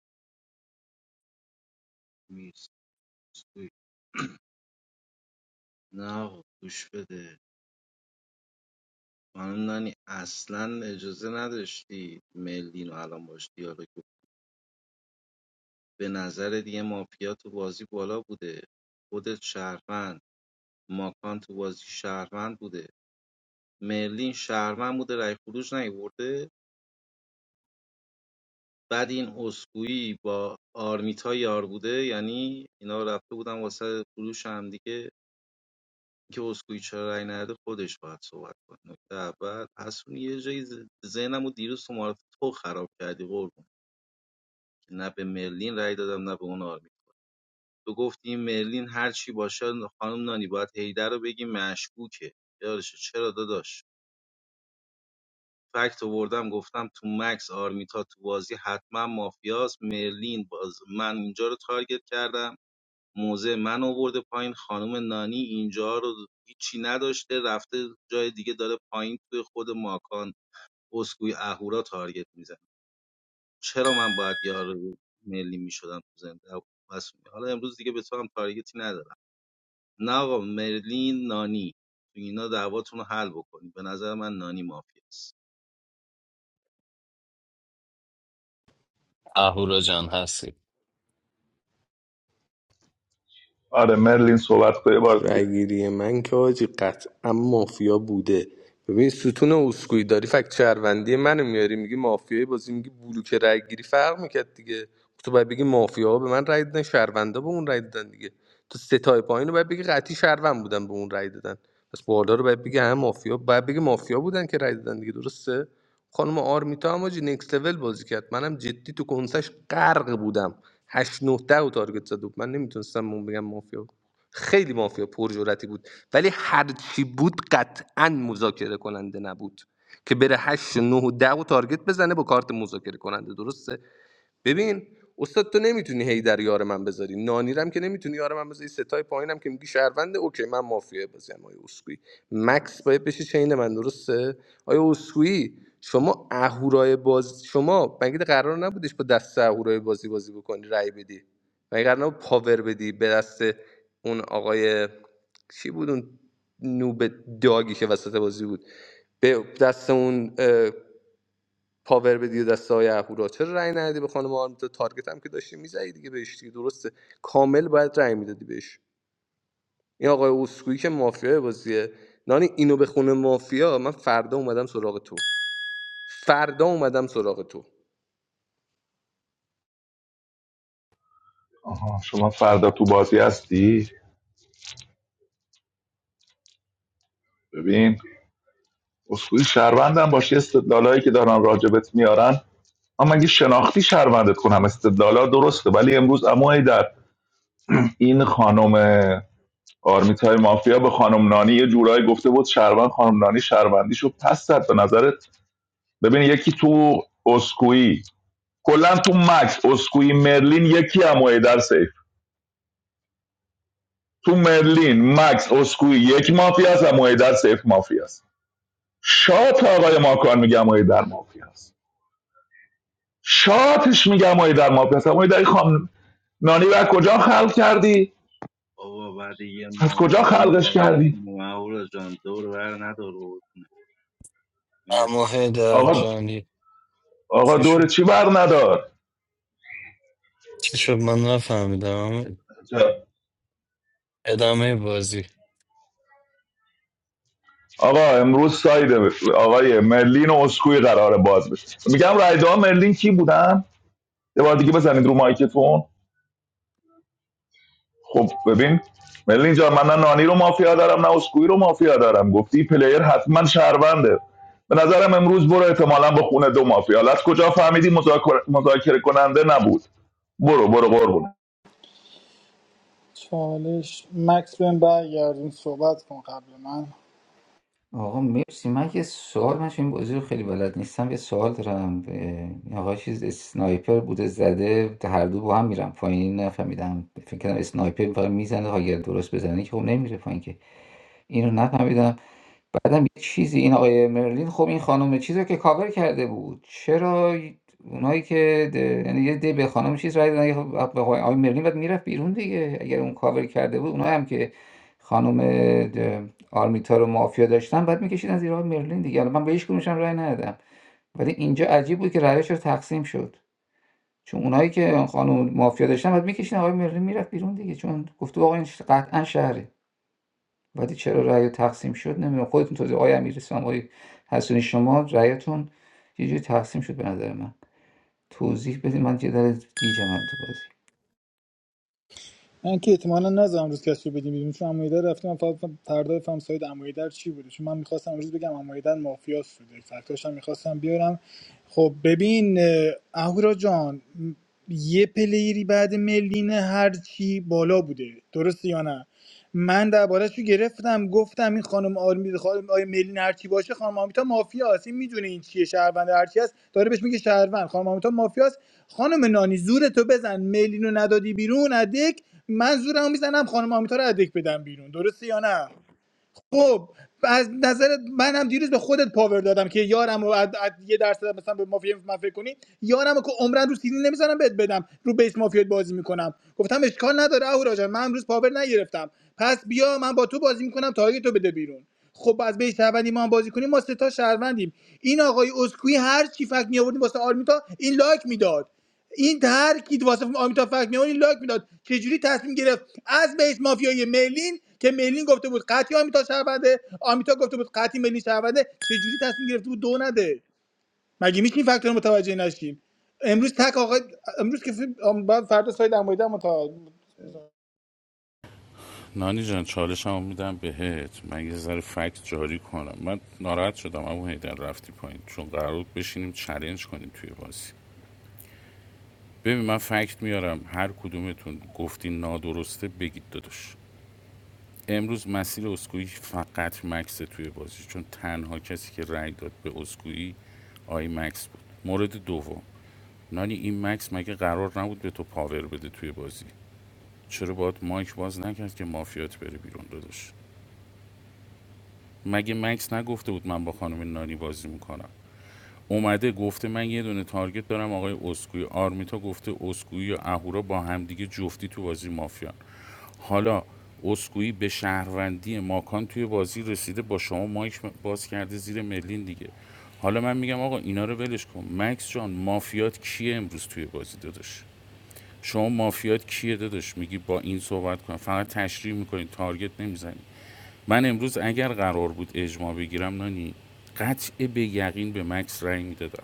[SPEAKER 4] نیست نه آقا گوش بده خانم نانی اصلا اجازه نداشتی ملین و الان باش دیالوگ کنی. به نظر دیگه مافیا تو بازی بالا بوده خودت شهروند ماکان تو بازی شهروند بوده مرلین شهروند بوده رای خروج نیورده بعد این اسکویی با آرمیتا یار بوده یعنی اینا رفته بودن واسه فروش هم دیگه که اسکویی چرا رای نده خودش باید صحبت کنه نکته اول حسون یه جایی ز- ذهنم و دیروز تو معرف تو خراب کردی قربون که نه به مرلین رای دادم نه به اون آرمیتا تو گفتی این مرلین هر چی باشه خانم نانی باید هیدر رو بگی مشکوکه یارشه چرا داداش فکت آوردم گفتم تو مکس آرمیتا تو بازی حتما مافیاست مرلین باز من اینجا رو تارگت کردم موزه من آورده پایین خانم نانی اینجا رو هیچی نداشته رفته جای دیگه داره پایین توی خود ماکان اسکوی اهورا تارگت میزنه چرا من باید یار ملی میشدم تو زنده بس- حالا امروز دیگه به تو هم تارگتی ندارم نه آقا مرلین نانی تو اینا دعواتون رو حل بکنید به نظر من نانی مافیاست
[SPEAKER 7] اهورا جان هستی
[SPEAKER 15] آره مرلین صحبت کنه یه بار
[SPEAKER 2] تو رأی
[SPEAKER 15] دیگه
[SPEAKER 2] گیری من که حاجی قطعا مافیا بوده ببین ستون اسکوئی داری فکت شهروندی منو میاری میگی مافیای بازی میگی بلوک رأی گیری فرق میکرد دیگه تو باید بگی مافیا به من رأی دادن شهروندا به اون رأی دادن دیگه تو ستای پایین رو باید بگی قطعی شهروند بودن به اون رأی دادن پس بالا رو باید بگی هم مافیا باید بگی مافیا بودن که رأی دادن دیگه درسته خانم آرمیتا هم حاجی نکست لول بازی کرد منم جدی تو کنسش غرق بودم 8 9 10 و تارگت زد و من نمیتونستم اون بگم مافیا خیلی مافیا پرجرتی بود ولی هرچی بود قطعا مذاکره کننده نبود که بره هشت و 9 و ده و تارگت بزنه با کارت مذاکره کننده درسته ببین استاد تو نمیتونی هی در یار من بذاری نانیرم که نمیتونی یار من بذاری ستای پایینم که میگی شهرونده اوکی من مافیای بازیم آیا اسکوئی مکس باید بشی چین من درسته آیا اسکوئی شما اهورای باز شما مگه قرار نبودش با دست اهورای بازی بازی بکنی رای بدی مگه قرار نبود پاور بدی به دست اون آقای چی بود اون نوب داگی که وسط بازی بود به دست اون پاور بدی و دست های اهورا چرا رأی ندی به خانم آرمیتا تارگت هم که داشتی میزدی دیگه بهش دیگه درسته کامل باید رأی میدادی بهش این آقای اوسکویی که مافیای بازیه نانی اینو به خونه مافیا من فردا اومدم سراغ تو فردا اومدم سراغ تو
[SPEAKER 15] آها شما فردا تو بازی هستی ببین اصولی شهروندم باشی استدلالایی که دارن راجبت میارن اما اگه شناختی شهروندت کنم استدلالا درسته ولی امروز اما در این خانم آرمیتای مافیا به خانم نانی یه جورایی گفته بود شربن خانم نانی شربندیشو پس زد به نظرت ببین یکی تو اسکویی کلا تو مکس اسکویی مرلین یکی هم در سیف تو مرلین مکس اسکویی یک مافیا است و در سیف مافیا است شات آقای ماکان میگم در مافیا است شاتش میگم در مافیا است در خانم نانی رو کجا خلق کردی
[SPEAKER 4] بابا بعد یه ما
[SPEAKER 15] از کجا
[SPEAKER 4] اومدیم
[SPEAKER 15] خلقش
[SPEAKER 4] بازی
[SPEAKER 15] کردی
[SPEAKER 4] کنیم اهورا جان دور ور ندار بود مرسی
[SPEAKER 7] اما هیدر
[SPEAKER 15] آقا
[SPEAKER 7] جانی
[SPEAKER 15] آقا
[SPEAKER 7] چی
[SPEAKER 15] دور
[SPEAKER 7] شد
[SPEAKER 15] چی بر ندار
[SPEAKER 7] چی شد من نفهمیدم اما ادامه بازی
[SPEAKER 15] آقا امروز ساید آقای مرلین و اسکوی قرار باز بشه میگم رای رایده مرلین کی بودن یه بار دیگه بزنید رو مایکتون خب ببین مرلین جان من نه نانی رو مافیا دارم نه اسکوی رو مافیا دارم گفتی پلیر حتما شهرونده به نظرم امروز برو احتمالا به خونه دو مافیا حالا از کجا فهمیدی مذاکره مذاکره کننده نبود برو برو قربون
[SPEAKER 6] چالش مکس بهم برگردون صحبت کن قبل من
[SPEAKER 12] آقا مرسی من یه سوال من چون این بازی رو خیلی بلد نیستم یه سوال دارم اه، این آقا چیز اسنایپر بوده زده هر دو با هم میرم پایین نفهمیدم فکر کردم اسنایپر فقط میزنه اگر درست بزنه که خب نمیره پایین که اینو نفهمیدم بعدم یه چیزی این آقای مرلین خب این خانم چیز رو که کاور کرده بود چرا اونایی که ده- یعنی یه دی به خانم چیز رای دادن خب به آقای آقای مرلین بعد میرفت بیرون دیگه اگر اون کاور کرده بود اونایی هم که خانم آرمیتا رو مافیا داشتن بعد میکشیدن زیر آقای مرلین دیگه حالا من به هیچ کدومشون رأی ندادم ولی اینجا عجیب بود که رأیش رو تقسیم شد چون اونایی که خانم مافیا داشتن بعد میکشیدن آقای مرلین میرفت بیرون دیگه چون گفته بود آقا این قطعا شهره ولی چرا رأی رو تقسیم شد نمیدونم خودتون توضیح آقای امیرسام آقای حسونی شما رأیتون یه جوری تقسیم شد به نظر من توضیح بدید من یه ذره گیجم تو بازی
[SPEAKER 6] من که احتمالا نذارم روز کسی رو بدیم بیرون چون امایدر رفته من فقط فردا بفهم ساید امایدر چی بوده چون من میخواستم امروز بگم امایدر مافیا سوده فکتاش هم میخواستم بیارم خب ببین اه، اهورا جان م- یه پلیری بعد ملین هرچی بالا بوده درسته یا نه من دربارهش رو گرفتم گفتم این خانم آرمی خانم آیه ملین هرچی باشه خانم آمیتا مافیا است این میدونه این چیه شهروند هرچی است داره بهش میگه شهروند خانم آمیتا مافیا است خانم نانی زور تو بزن ملین رو ندادی بیرون ادک من زورمو میزنم خانم آمیتا رو ادک بدم بیرون درسته یا نه خب از نظر من هم دیروز به خودت پاور دادم که یارم رو از, از یه درصد مثلا به مافیا من فکر کنی یارم رو که عمرن رو سیدی نمیذارم بهت بدم رو بیس مافیات بازی میکنم گفتم اشکال نداره اهورا جان من امروز پاور نگرفتم پس بیا من با تو بازی میکنم تا تو بده بیرون خب از بیس شهروندی ما هم بازی کنیم ما سه تا شهروندیم این آقای اسکوئی هر چی فکر می آوردیم واسه آرمیتا این لایک میداد این ترکید واسه آمیتا فکمیانی لاک میداد چجوری تصمیم گرفت از بیس مافیای ملین که ملین گفته بود قطعی آمیتا شهرونده آمیتا گفته بود قطعی ملین شهرونده چجوری تصمیم گرفته بود دو نده مگه میشه این فکتور رو متوجه نشیم امروز تک آقای امروز که فیلم- آم، بعد فردا ساید متا متوجه
[SPEAKER 16] نانی جان چالشمو میدم بهت من یه ذره فکت جاری کنم من ناراحت شدم اما هیدر رفتی پایین چون قرار بود بشینیم چلنج کنیم توی بازی ببین من فکت میارم هر کدومتون گفتین نادرسته بگید داداش امروز مسیر اسکویی فقط مکس توی بازی چون تنها کسی که رأی داد به اسکویی آی مکس بود مورد دوم نانی این مکس مگه قرار نبود به تو پاور بده توی بازی چرا باید مایک باز نکرد که مافیات بره بیرون داداش مگه مکس نگفته بود من با خانم نانی بازی میکنم اومده گفته من یه دونه تارگت دارم آقای اسکوی آرمیتا گفته اسکویی و اهورا با همدیگه جفتی تو بازی مافیان حالا اسکویی به شهروندی ماکان توی بازی رسیده با شما مایک باز کرده زیر ملین دیگه حالا من میگم آقا اینا رو ولش کن مکس جان مافیات کیه امروز توی بازی داداش شما مافیات کیه داداش میگی با این صحبت کن فقط تشریح میکنی تارگت نمیزنی من امروز اگر قرار بود اجماع بگیرم نانی قطع به یقین به مکس رأی میدادم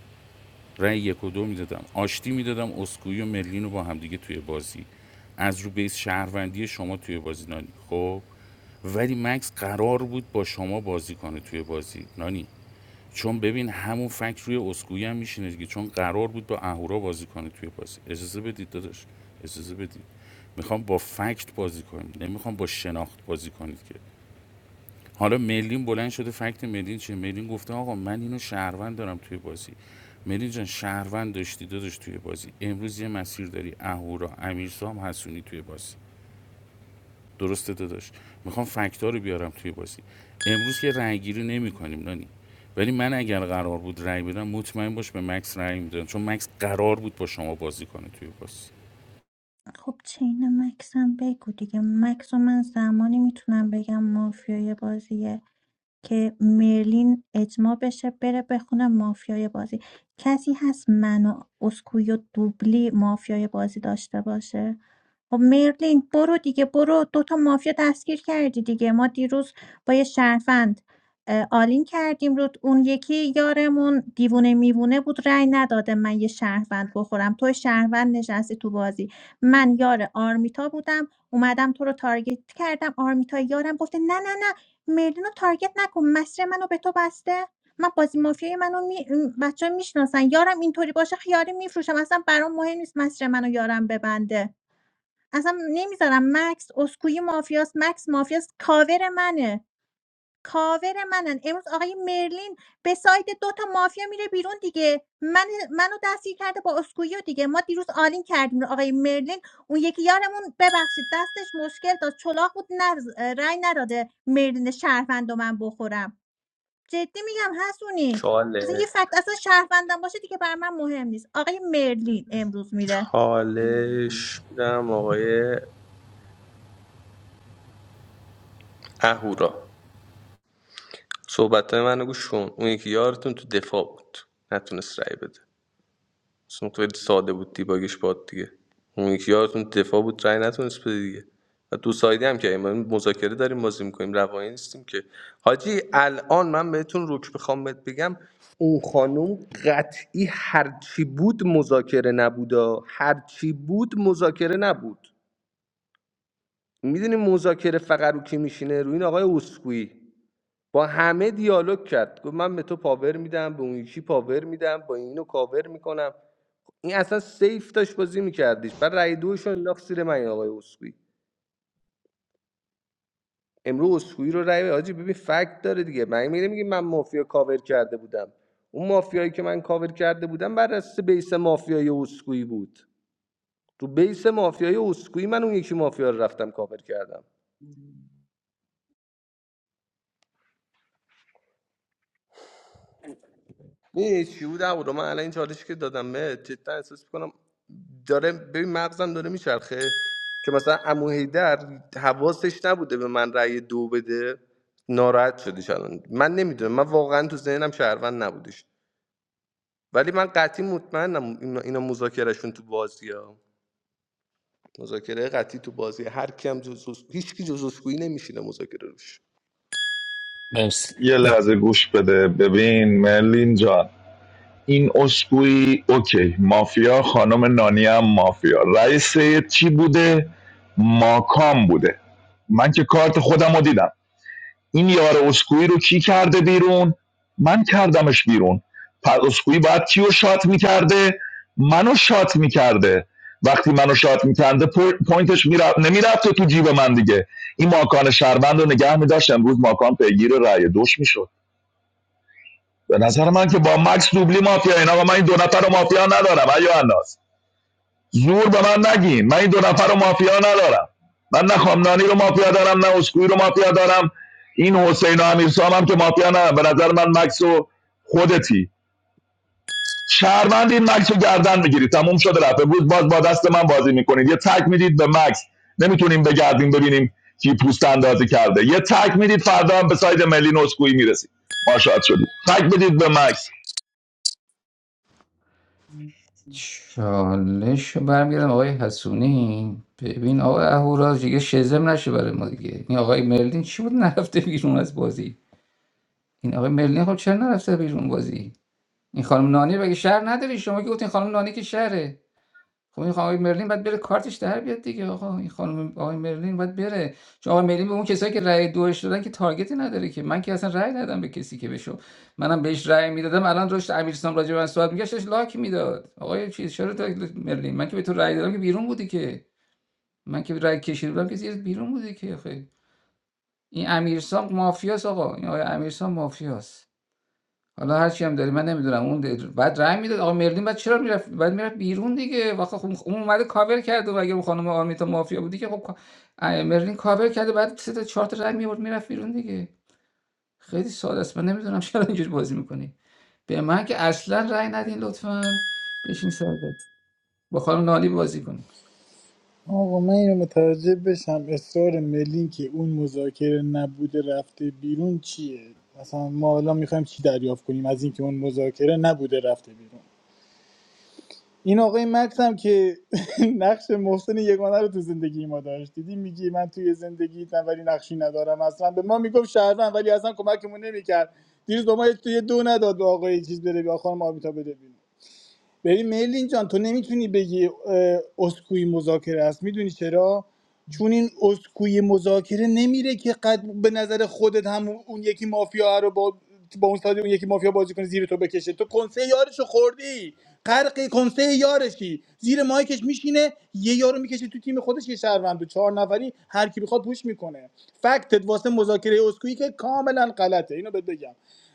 [SPEAKER 16] رأی یک و دو میدادم آشتی میدادم اسکوئی و مرلین رو با همدیگه توی بازی از رو بیس شهروندی شما توی بازی نانی خب ولی مکس قرار بود با شما بازی کنه توی بازی نانی چون ببین همون فکت روی اسکوئی هم میشینه دیگه چون قرار بود با اهورا بازی کنه توی بازی اجازه بدید داداش اجازه بدید میخوام با فکت بازی کنیم نمیخوام با شناخت بازی کنید که حالا ملین بلند شده فکت ملین چه ملین گفته آقا من اینو شهروند دارم توی بازی ملین جان شهروند داشتی داداش توی بازی امروز یه مسیر داری اهورا امیرسام حسونی توی بازی درسته داداش میخوام فکتا رو بیارم توی بازی امروز که رأی گیری نمی کنیم نانی ولی من اگر قرار بود رأی بدم مطمئن باش به مکس رأی میدم چون مکس قرار بود با شما بازی کنه توی بازی
[SPEAKER 1] خب چین مکسم بگو دیگه مکس رو من زمانی میتونم بگم مافیای بازیه که مرلین اجماع بشه بره بخونه مافیای بازی کسی هست من و اسکویو دوبلی مافیای بازی داشته باشه خب مرلین برو دیگه برو دوتا مافیا دستگیر کردی دیگه ما دیروز با یه شرفند اه، آلین کردیم رو اون یکی یارمون دیوونه میوونه بود رأی نداده من یه شهروند بخورم تو شهروند نشستی تو بازی من یار آرمیتا بودم اومدم تو رو تارگت کردم آرمیتا یارم گفته نه نه نه مردینو تارگت نکن مسیر منو به تو بسته من بازی مافیای منو می... بچه میشناسن یارم اینطوری باشه خیاری میفروشم اصلا برام مهم نیست مسیر منو یارم ببنده اصلا نمیذارم مکس اسکوی مافیاست. مکس مافیاست. کاور منه کاور منن امروز آقای مرلین به سایت دو تا مافیا میره بیرون دیگه من منو دستگیر کرده با اسکویو دیگه ما دیروز آلین کردیم آقای مرلین اون یکی یارمون ببخشید دستش مشکل داشت چلاق بود نز... رای نداده مرلین شهروند و من بخورم جدی میگم حسونی اصلا یه فکت اصلا شهروندم باشه دیگه بر من مهم نیست آقای مرلین امروز میره
[SPEAKER 2] چالش میدم آقای اهورا صحبت های منو گوش کن اون یکی یارتون تو دفاع بود نتونست رأی بده اصلا اون خیلی ساده بود دیباگش باد دیگه اون یکی یارتون دفاع بود رأی نتونست بده دیگه و دو سایدی هم که ما مذاکره داریم بازی میکنیم روانی نیستیم که حاجی الان من بهتون روک بخوام بهت بگم اون خانم قطعی هرچی بود مذاکره نبودا هرچی بود مذاکره نبود میدونی مذاکره فقط رو کی میشینه روی این آقای اسکویی با همه دیالوگ کرد گفت من به تو پاور میدم به اون یکی پاور میدم با اینو کاور میکنم این اصلا سیف داشت بازی میکردش بعد رأی دوش رو انداخت زیر من این آقای اسکوئی امروز اسکوئی رو رأی حاجی ببین فکت داره دیگه من میگم میگه من مافیا کاور کرده بودم اون مافیایی که من کاور کرده بودم بر اساس بیس مافیای اسکوئی بود تو بیس مافیای اسکوئی من اون یکی مافیا رو رفتم کاور کردم می‌دونی چی بود و من الان این چالشی که دادم به جدا احساس میکنم داره ببین مغزم داره میچرخه که مثلا عمو حیدر حواسش نبوده به من رأی دو بده ناراحت شدش الان من نمیدونم من واقعا تو ذهنم شهروند نبودش ولی من قطعی مطمئنم اینا اینا مذاکرهشون تو بازی ها مذاکره قطعی تو بازی هر کیم جزوس هیچ کی جزوسگویی نمیشینه مذاکره روش
[SPEAKER 7] مرسی
[SPEAKER 15] یه لحظه گوش بده ببین مرلین جان این اسکوئی اوکی مافیا خانم نانی هم مافیا رئیس چی بوده ماکام بوده من که کارت خودم رو دیدم این یار اسکوئی رو کی کرده بیرون من کردمش بیرون پس اسکوئی باید کیو شات میکرده منو شات میکرده وقتی منو شات میکرده پوینتش میرفت نمیرفته تو جیب من دیگه این ماکان شهروند رو نگه میداشت امروز ماکان پیگیر رأی دوش میشد به نظر من که با مکس دوبلی مافیا این آقا من این دو نفر رو مافیا ندارم ایو انداز زور به من نگین من این دو نفر رو مافیا ندارم من نه خامنانی رو مافیا دارم نه اسکوئی رو مافیا دارم این حسین و امیرسام هم که مافیا ندارم به نظر من مکس و خودتی شهروند این مکس رو گردن میگیرید تموم شده رفت بود باز با دست من بازی میکنید یه تک میدید به مکس نمیتونیم بگردیم ببینیم کی پوست اندازی کرده یه تک میدید فردا هم به ساید ملی نسکویی میرسید ماشاءالله شدید تک بدید به مکس
[SPEAKER 12] چالش رو برمیگردم آقای حسونی ببین آقای اهورا دیگه شزم نشه برای ما دیگه این آقای مرلین چی بود نرفته بیرون از بازی این آقای مرلین خب چرا نرفته بیرون بازی این خانم نانی بگه شهر نداری شما که گفتین خانم نانی که شهره خب این آقای مرلین باید بره کارتش در بیاد دیگه آقا این خانم آقای مرلین باید بره چون آقای مرلین به اون کسایی که رأی دوش دادن که تارگتی نداره که من که اصلا رأی ندادم به کسی که بشه منم بهش رأی میدادم الان داشت امیرسام راجع به من صحبت میگشت داشت لاک میداد آقای چیز چرا تا مرلین من که به تو رأی دادم که بیرون بودی که من که رأی کشیده بودم که بیرون بودی که خیلی این امیرسام مافیاس آقا این آقای امیرسام مافیاس حالا هر چی هم داری من نمیدونم اون د- بعد رای میداد آقا مردین بعد چرا میرفت بعد میرفت بیرون دیگه واخه خب اون اومده کاور کرده و اگه اون خانم آرمیتا مافیا بودی که خب کا- اه، مردین کاور کرده بعد سه تا چهار تا رنگ میورد میرفت بیرون دیگه خیلی ساده است من نمیدونم چرا اینجوری بازی میکنی به من که اصلا رای ندین لطفا بشین ساده با خانم نالی بازی کنی
[SPEAKER 6] آقا من اینو متوجه بشم اصرار ملین که اون مذاکره نبوده رفته بیرون چیه مثلا ما الان میخوایم چی دریافت کنیم از اینکه اون مذاکره نبوده رفته بیرون این آقای مکس هم که نقش محسن یگانه رو تو زندگی ما داشت دیدی میگی من توی زندگی ولی نقشی ندارم اصلا به ما میگفت شهروند ولی اصلا کمکمون نمیکرد دیروز با ما توی دو نداد به آقای چیز بره بیا خانم آبیتا بره بیرون. ببین میلین جان تو نمیتونی بگی اه، اسکوئی مذاکره است میدونی چرا چون این اسکوئی مذاکره نمیره که قد به نظر خودت هم اون یکی مافیا رو با با اون ساده اون یکی مافیا بازی کنه زیر تو بکشه تو کنسه یارشو خوردی غرق کنسه یارشی زیر مایکش میشینه یه یارو میکشه تو تیم خودش یه شهروند و چهار نفری هر کی بخواد پوش میکنه فکتت واسه مذاکره اسکوئی که کاملا غلطه اینو بهت بگم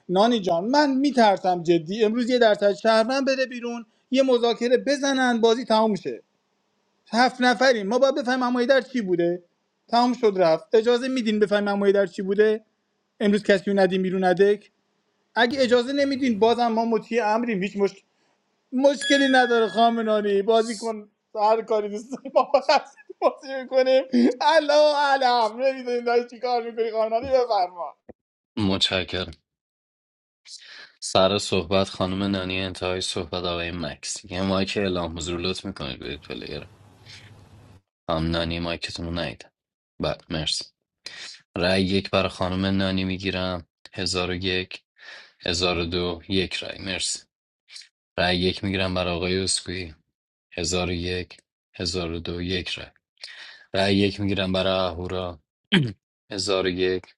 [SPEAKER 6] نانی جان من میترسم جدی امروز یه درصد شهروند بره بیرون یه مذاکره بزنن بازی تمام میشه هفت نفریم ما باید بفهمیم عمویی در چی بوده تمام شد رفت اجازه میدین بفهمیم عمویی در چی بوده امروز کسی رو ندیم بیرون ندک اگه اجازه نمیدین بازم ما مطیع امریم هیچ مشک... مشکلی نداره خامنانی بازی کن هر کاری دوست داری ما با دست بازی میکنیم الله علم نمیدونیم داری چی کار میکنی خامنانی بفرما
[SPEAKER 7] متشکرم سر صحبت خانم نانی انتهای صحبت آقای مکس یه مایک اعلام حضور لطف میکنید برید پلیر خانم نانی مایکتون رو نایید بله مرسی رأی یک برای خانم نانی میگیرم هزار و یک هزار و دو یک رأی مرسی رأی یک میگیرم برای آقای اسکوئی هزار و یک هزار و دو یک رأی رأی یک میگیرم برای اهورا هزار و یک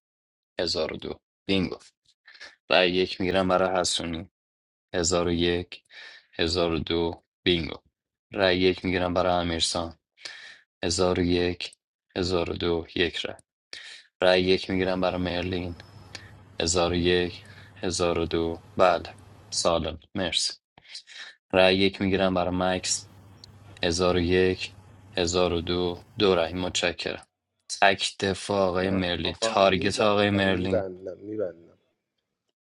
[SPEAKER 7] هزار و دو بینگو رأی یک میگیرم برای حسونی هزار و یک هزار و دو بینگو رأی یک میگیرم برای امیرسان هزار و یک هزار و دو یک رأی رأی یک میگیرم برای مرلین هزار و یک هزار و دو بله سالم مرسی رأی یک میگیرم برای مکس هزار و یک هزار و دو دو رأی متشکرم تک دفاع آقای
[SPEAKER 2] نه
[SPEAKER 7] مرلین
[SPEAKER 2] آقا
[SPEAKER 7] تارگت آقای
[SPEAKER 2] میبندم
[SPEAKER 7] مرلین
[SPEAKER 2] میبندم میبندم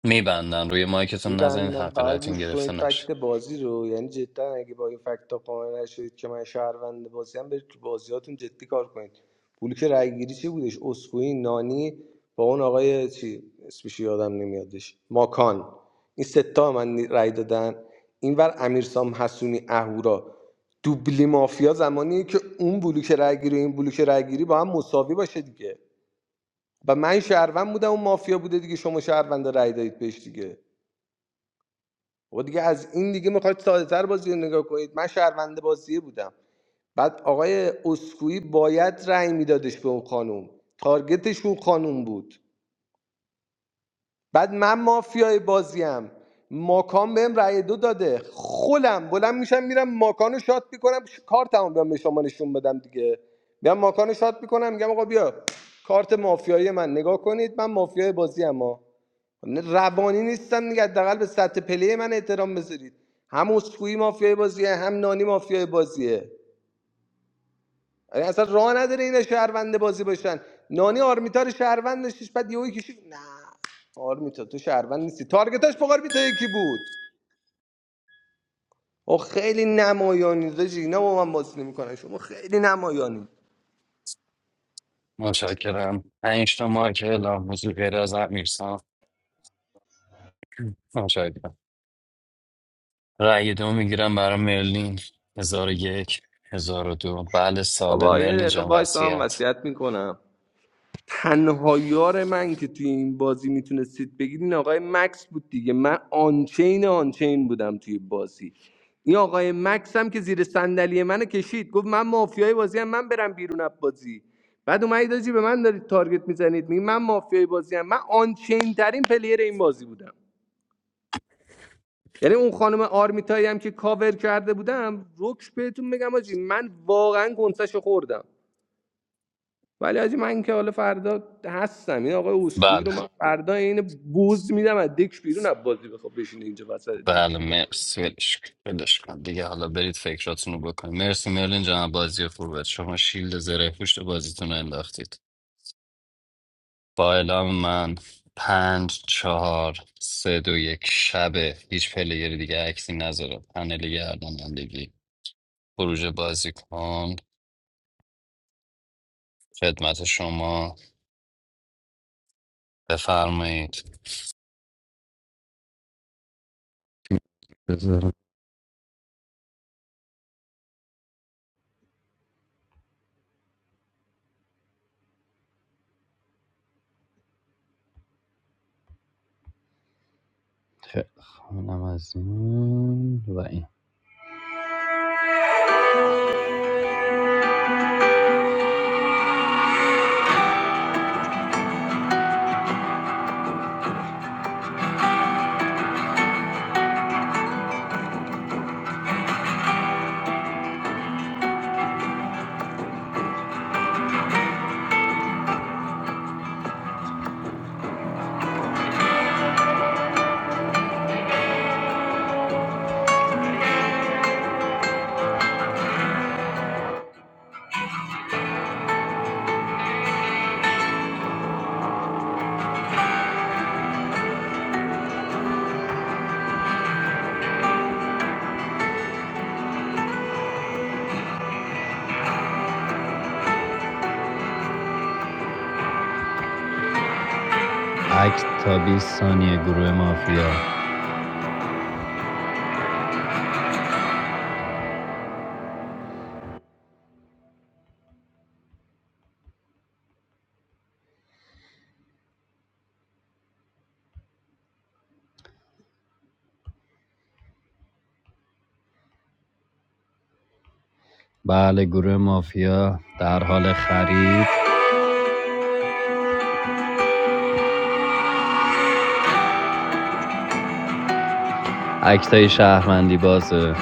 [SPEAKER 7] میبندن روی مایکتون نزنید
[SPEAKER 2] میبندم
[SPEAKER 7] حق
[SPEAKER 2] فقط
[SPEAKER 7] رأیتون
[SPEAKER 2] گوش
[SPEAKER 7] گرفته
[SPEAKER 2] کنید
[SPEAKER 7] نشه
[SPEAKER 2] فکت بازی رو یعنی جدا اگه با این فکت قانع نشدید که من شهروند بازی هم برید تو بازیاتون جدی کار کنید پولی که رای گیری چی بودش اسکوئی نانی با اون آقای چی اسمش یادم نمیادش ماکان این ستا به من رای دادن اینور امیرسام حسونی اهورا دوبلی مافیا زمانیه که اون بلوک رگگیری و این بلوک رگگیری با هم مساوی باشه دیگه و من شهروند بودم اون مافیا بوده دیگه شما شهروند رای دادید بهش دیگه و دیگه از این دیگه میخواید ساده تر بازی رو نگاه کنید من شهرونده بازیه بودم بعد آقای اسکویی باید رأی میدادش به اون خانوم تارگتش اون خانوم بود بعد من مافیای بازیم ماکان بهم رأی دو داده خولم بلند میشم میرم ماکانو شات میکنم کار تمام بیام به شما نشون بدم دیگه بیام ماکانو شات میکنم میگم آقا بیا کارت مافیایی من نگاه کنید من مافیای بازیم. ام روانی نیستن دیگه حداقل به سطح پلی من احترام بذارید هم اسکوئی مافیای بازیه هم نانی مافیای بازیه یعنی اصلا راه نداره اینا شهروند بازی باشن نانی آرمیتا رو شهروند داشتش بعد یهو کشید نه آرمیتا تو شهروند نیستی تارگتاش با آرمیتا یکی بود او خیلی نمایانی داشت اینا با من بازی نمیکنن شما خیلی نمایانی
[SPEAKER 7] متشکرم پنج تا مایک اعلام حضور غیر از امیرسان متشکرم رأی دو میگیرم برای مرلین هزار و یک هزار و دو بله سالم
[SPEAKER 2] بابا یه
[SPEAKER 7] مرلین
[SPEAKER 2] دقیقه
[SPEAKER 7] جان
[SPEAKER 2] وایس هم
[SPEAKER 7] وصیت
[SPEAKER 2] وصیت میکنم تنها یار من که توی این بازی میتونستید بگید این آقای مکس بود دیگه من آنچین آنچین بودم توی بازی این آقای مکس هم که زیر صندلی منو کشید گفت من مافیای بازی هم من برم بیرون از بازی بعد اومدید آجی به من دارید تارگت میزنید میگی من مافیای بازی هم من آنچین ترین پلیر این بازی بودم یعنی اون خانم آرمیتایی هم که کاور کرده بودم روکش بهتون میگم آجی من واقعا گنسش خوردم ولی حاجی من که حالا فردا هستم این آقای اسکوئی
[SPEAKER 7] بله
[SPEAKER 2] رو من فردا عین بز میدم از دک بیرون از بازی بخواب بشینه اینجا وسط دک
[SPEAKER 7] بله مرسی ولش کن ولش کن دیگه حالا برید فکراتونو بکنید مرسی مرلین جناب بازی خوبت شما شیلد زره پوشت بازیتون رو انداختید با اعلام من پنج چهار سه دو یک شبه هیچ پلیری دیگه عکسی نذاره پنل گردانندگی خروج بازی کن خدمت شما بفرمایید بذارم که خانم از این و این عکس تا 20 ثانیه گروه مافیا بله گروه مافیا در حال خرید اکتای شهروندی بازه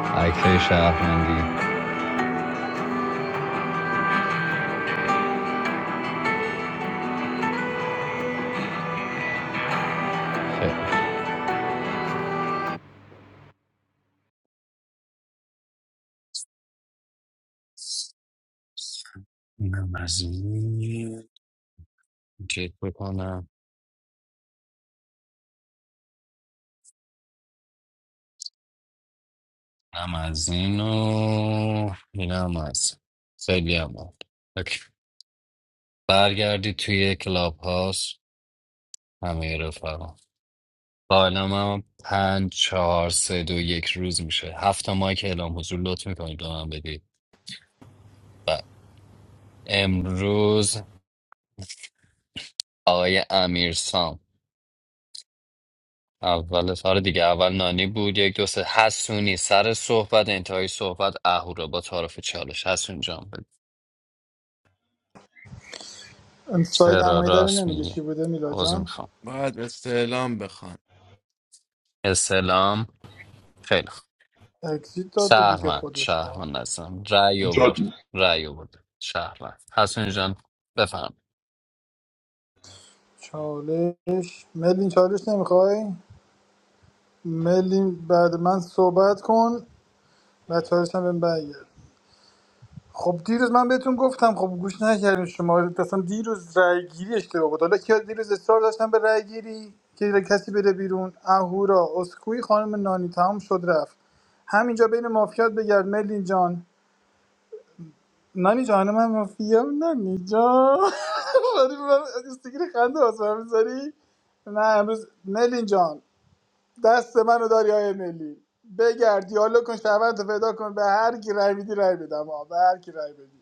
[SPEAKER 7] اکتای شهروندی خیلی اینم از این چک بکنم اینم از این و اینم از خیلی هم عالی. اوکی. برگردی توی کلاب هاست همه رفقا با نام هم پنج چهار سه دو یک روز میشه هفت ماه که اعلام حضور لطف میکنید به من بدید و امروز آقای امیرسام اول سال دیگه اول نانی بود یک دو سه حسونی سر صحبت انتهای صحبت اهورا با تعارف چالش حسون جان بگو.
[SPEAKER 6] ساید
[SPEAKER 7] چرا
[SPEAKER 6] عمویی رو
[SPEAKER 7] راست
[SPEAKER 6] نمیگه
[SPEAKER 7] میگی
[SPEAKER 6] چی بوده میلا
[SPEAKER 7] عوض
[SPEAKER 6] جان
[SPEAKER 7] میخوام
[SPEAKER 17] باید استعلام بخوان
[SPEAKER 7] اسلام خیلی خوب
[SPEAKER 6] اکسیت داده دیگه
[SPEAKER 7] شهروند
[SPEAKER 6] خودش
[SPEAKER 7] شهروند هستم رأی آورد رأی آورد شهروند حسون جان بفهم
[SPEAKER 6] چالش ملین چالش نمیخوای ملین بعد من صحبت کن و چالش هم بهم برگرد خب دیروز من بهتون گفتم خب گوش نکردین شما اصلا دیروز رای گیری اشتباه بود حالا کیا دیروز اصرار داشتن به رای گیری که کسی بره بیرون اهورا اسکوئی خانم نانی تمام شد رفت همینجا بین مافیات بگرد ملین جان نانی جان من مافیام نانی جان ولی من استیکر خنده واسه من می‌ذاری؟ نه امروز ملین جان دست منو داری آیه ملی بگرد دیالوگ کن شهروند رو پیدا کن به هر کی رای بدی رای بدم آه. به هر کی رای بدی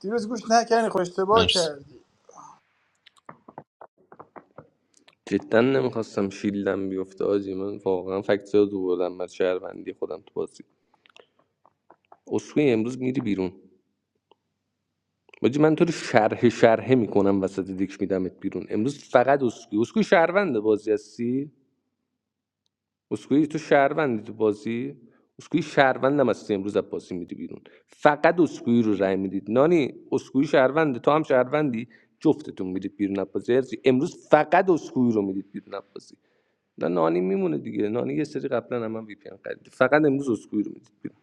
[SPEAKER 6] دیروز گوش نکنی خوش اشتباه
[SPEAKER 7] مرسی
[SPEAKER 6] کردی
[SPEAKER 2] جدا نمیخواستم شیلدم بیفته حاجی من واقعا فکت زیاد بردم از شهروندی خودم تو بازی اسکوئی امروز میری بیرون حاجی من تو رو شرح شرحه میکنم وسط دک میدمت بیرون امروز فقط اسکوئی اسکوئی شهرونده بازی هستی اسکوئی تو شهروندی تو بازی اسکوئی شهروندم هستی امروز از بازی میدی بیرون فقط اسکوئی رو رای میدید نانی اسکوئی شهرونده تو هم شهروندی جفتتون میدید بیرون از بازی امروز فقط اسکوئی رو میدید بیرون از بازی نه نانی میمونه دیگه نانی یه سری قبلا هم من وی پی ان خرید فقط امروز اسکوئی رو میدید بیرون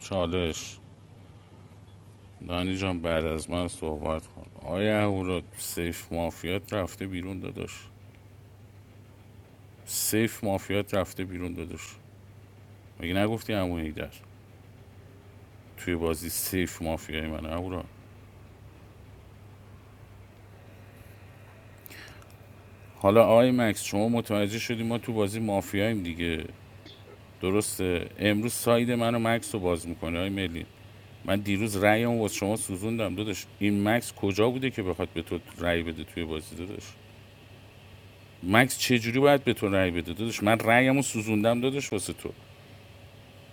[SPEAKER 16] چالش نانی جان بعد از من صحبت کن آیا او اهورا سیف مافیات رفته بیرون داداش سیف مافیات رفته بیرون داداش مگه نگفتی عمو در توی بازی سیف مافیای من اهورا حالا آقای مکس شما متوجه شدی ما تو بازی مافیاییم دیگه درسته امروز ساید منو مکس رو باز میکنه های ملی من دیروز رأیم واسه شما سوزوندم داداش این مکس کجا بوده که بخواد به تو رأی بده توی بازی داداش مکس چجوری باید به تو رأی بده داداش من رأیم رو سوزوندم داداش واسه تو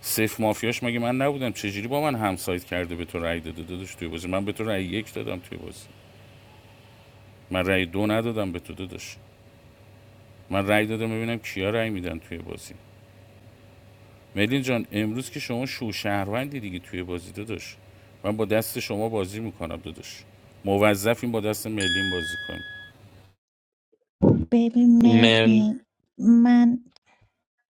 [SPEAKER 16] سیف مافیاش مگه من نبودم چجوری با من همسایت کرده به تو رأی داده داداش توی بازی من به تو رأی یک دادم توی بازی من رأی دو ندادم به تو داداش من رأی دادم ببینم کیا رأی میدن توی بازی ملین جان امروز که شما شوشهروندی دیگه توی بازی داداش من با دست شما بازی میکنم داداش موظفیم با دست ملین بازی کنیم
[SPEAKER 1] ببین
[SPEAKER 7] مل
[SPEAKER 1] مرلین من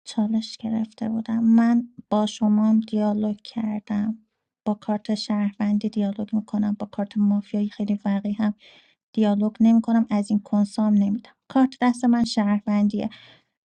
[SPEAKER 1] چالش گرفته بودم من با شما هم دیالوگ کردم با کارت شهروندی دیالوگ میکنم با کارت مافیایی خیلی وقی هم دیالوگ نمیکنم از این کنسام نمیدم کارت دست من شهروندیه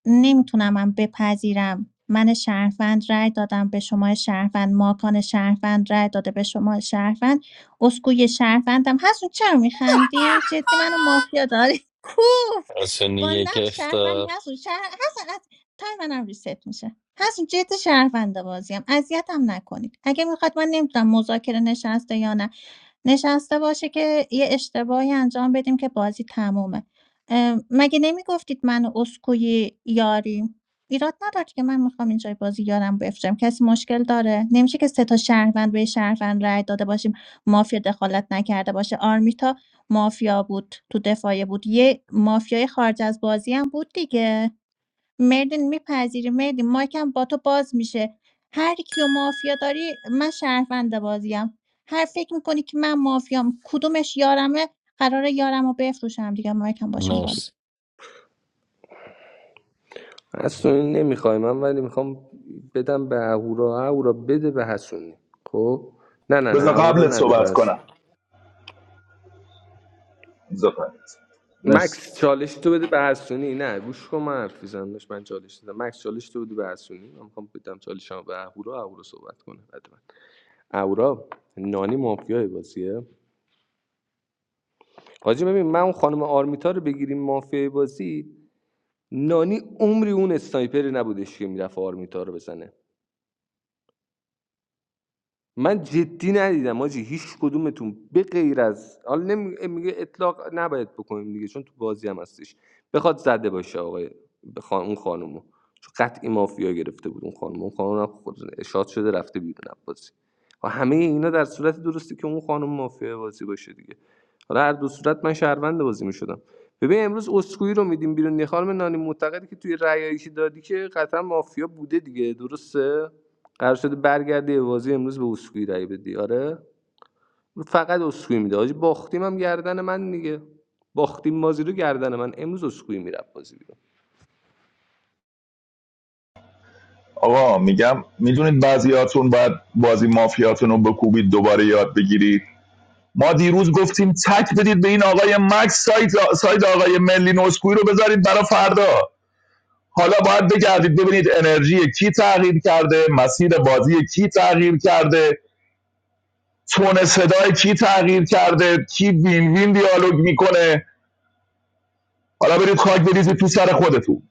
[SPEAKER 1] نمیتونم من بپذیرم من شهروند رای دادم به شما شهروند ماکان شهروند رای داده به شما شهروند اسکوی شهروندم هستون چرا میخندی جدی منو مافیا داری کو
[SPEAKER 7] حسونی
[SPEAKER 1] با
[SPEAKER 7] یک
[SPEAKER 1] نقش شهروند
[SPEAKER 7] اختار
[SPEAKER 1] هستون شهر... حسن از تای منم ریست میشه هستون جد شهرونده بازیم اذیتم نکنید اگه میخواد من نمیدونم مذاکره نشسته یا نه نشسته باشه که یه اشتباهی انجام بدیم که بازی تمومه ام، مگه نمیگفتید من و اسکوی یاریم ایراد نداره که من میخوام اینجای بازی یارم بفرم کسی مشکل داره نمیشه که سه تا شهروند به یه شهروند رای داده باشیم مافیا دخالت نکرده باشه آرمیتا مافیا بود تو دفاعیه بود یه مافیای خارج از بازی هم بود دیگه مردین میپذیری مردین مایکم با تو باز میشه هر کیو مافیا داری من شهروند بازیم هر فکر میکنی که من مافیام کدومش یارمه قراره یارم رو بفروشم دیگه مایکم باشون باز
[SPEAKER 7] مرسی
[SPEAKER 2] حسونی نمیخوای من ولی میخوام بدم به اهورا اهورا بده به حسونی خب نه نه نه
[SPEAKER 15] بذار
[SPEAKER 2] اهورا
[SPEAKER 15] قبلت
[SPEAKER 2] نده
[SPEAKER 15] صحبت
[SPEAKER 2] بس
[SPEAKER 15] کنم بذار قبلت. مرسی
[SPEAKER 2] مکس چالش تو بده به حسونی نه گوش کن من حرف میزنم من چالش دادم مکس چالش تو بده به حسونی من میخوام بدم چالشم به اهورا اهورا صحبت کنه بعد من اهورا نانی مافیای بازیه حاجی ببین من اون خانم آرمیتا رو بگیریم مافیای بازی نانی عمری اون اسنایپری نبودش که میرفت آرمیتا رو بزنه من جدی ندیدم آجی هیچ کدومتون به غیر از حالا نمی- میگه اطلاق نباید بکنیم دیگه چون تو بازی هم هستش بخواد زده باشه آقای به خان... اون خانومو چون قطعی مافیا گرفته بود اون خانم اون خانم هم خود شاد شده رفته بیرون از بازی و همه اینا در صورت درستی که اون خانم مافیا بازی باشه دیگه حالا هر دو صورت من شهروند بازی میشدم ببین امروز اسکوئی رو میدیم بیرون یه خانم نانی معتقدی که توی رأیایی که دادی که قطعا مافیا بوده دیگه درسته قرار شده برگردی به بازی امروز به اسکوئی رای بدی آره فقط اسکوئی میده آجی باختیم هم گردن من دیگه باختیم مازی رو گردن من امروز اسکوئی میره بازی بیرون
[SPEAKER 15] آقا میگم میدونید بعضیاتون باید بازی مافیاتون رو بکوبید دوباره یاد بگیرید ما دیروز گفتیم تک بدید به این آقای مکس سایت, سایت آقای ملی نسکوی رو بذارید برا فردا حالا باید بگردید ببینید انرژی کی تغییر کرده مسیر بازی کی تغییر کرده تون صدای کی تغییر کرده کی وین وین دیالوگ میکنه حالا برید خاک بریزید تو سر خودتون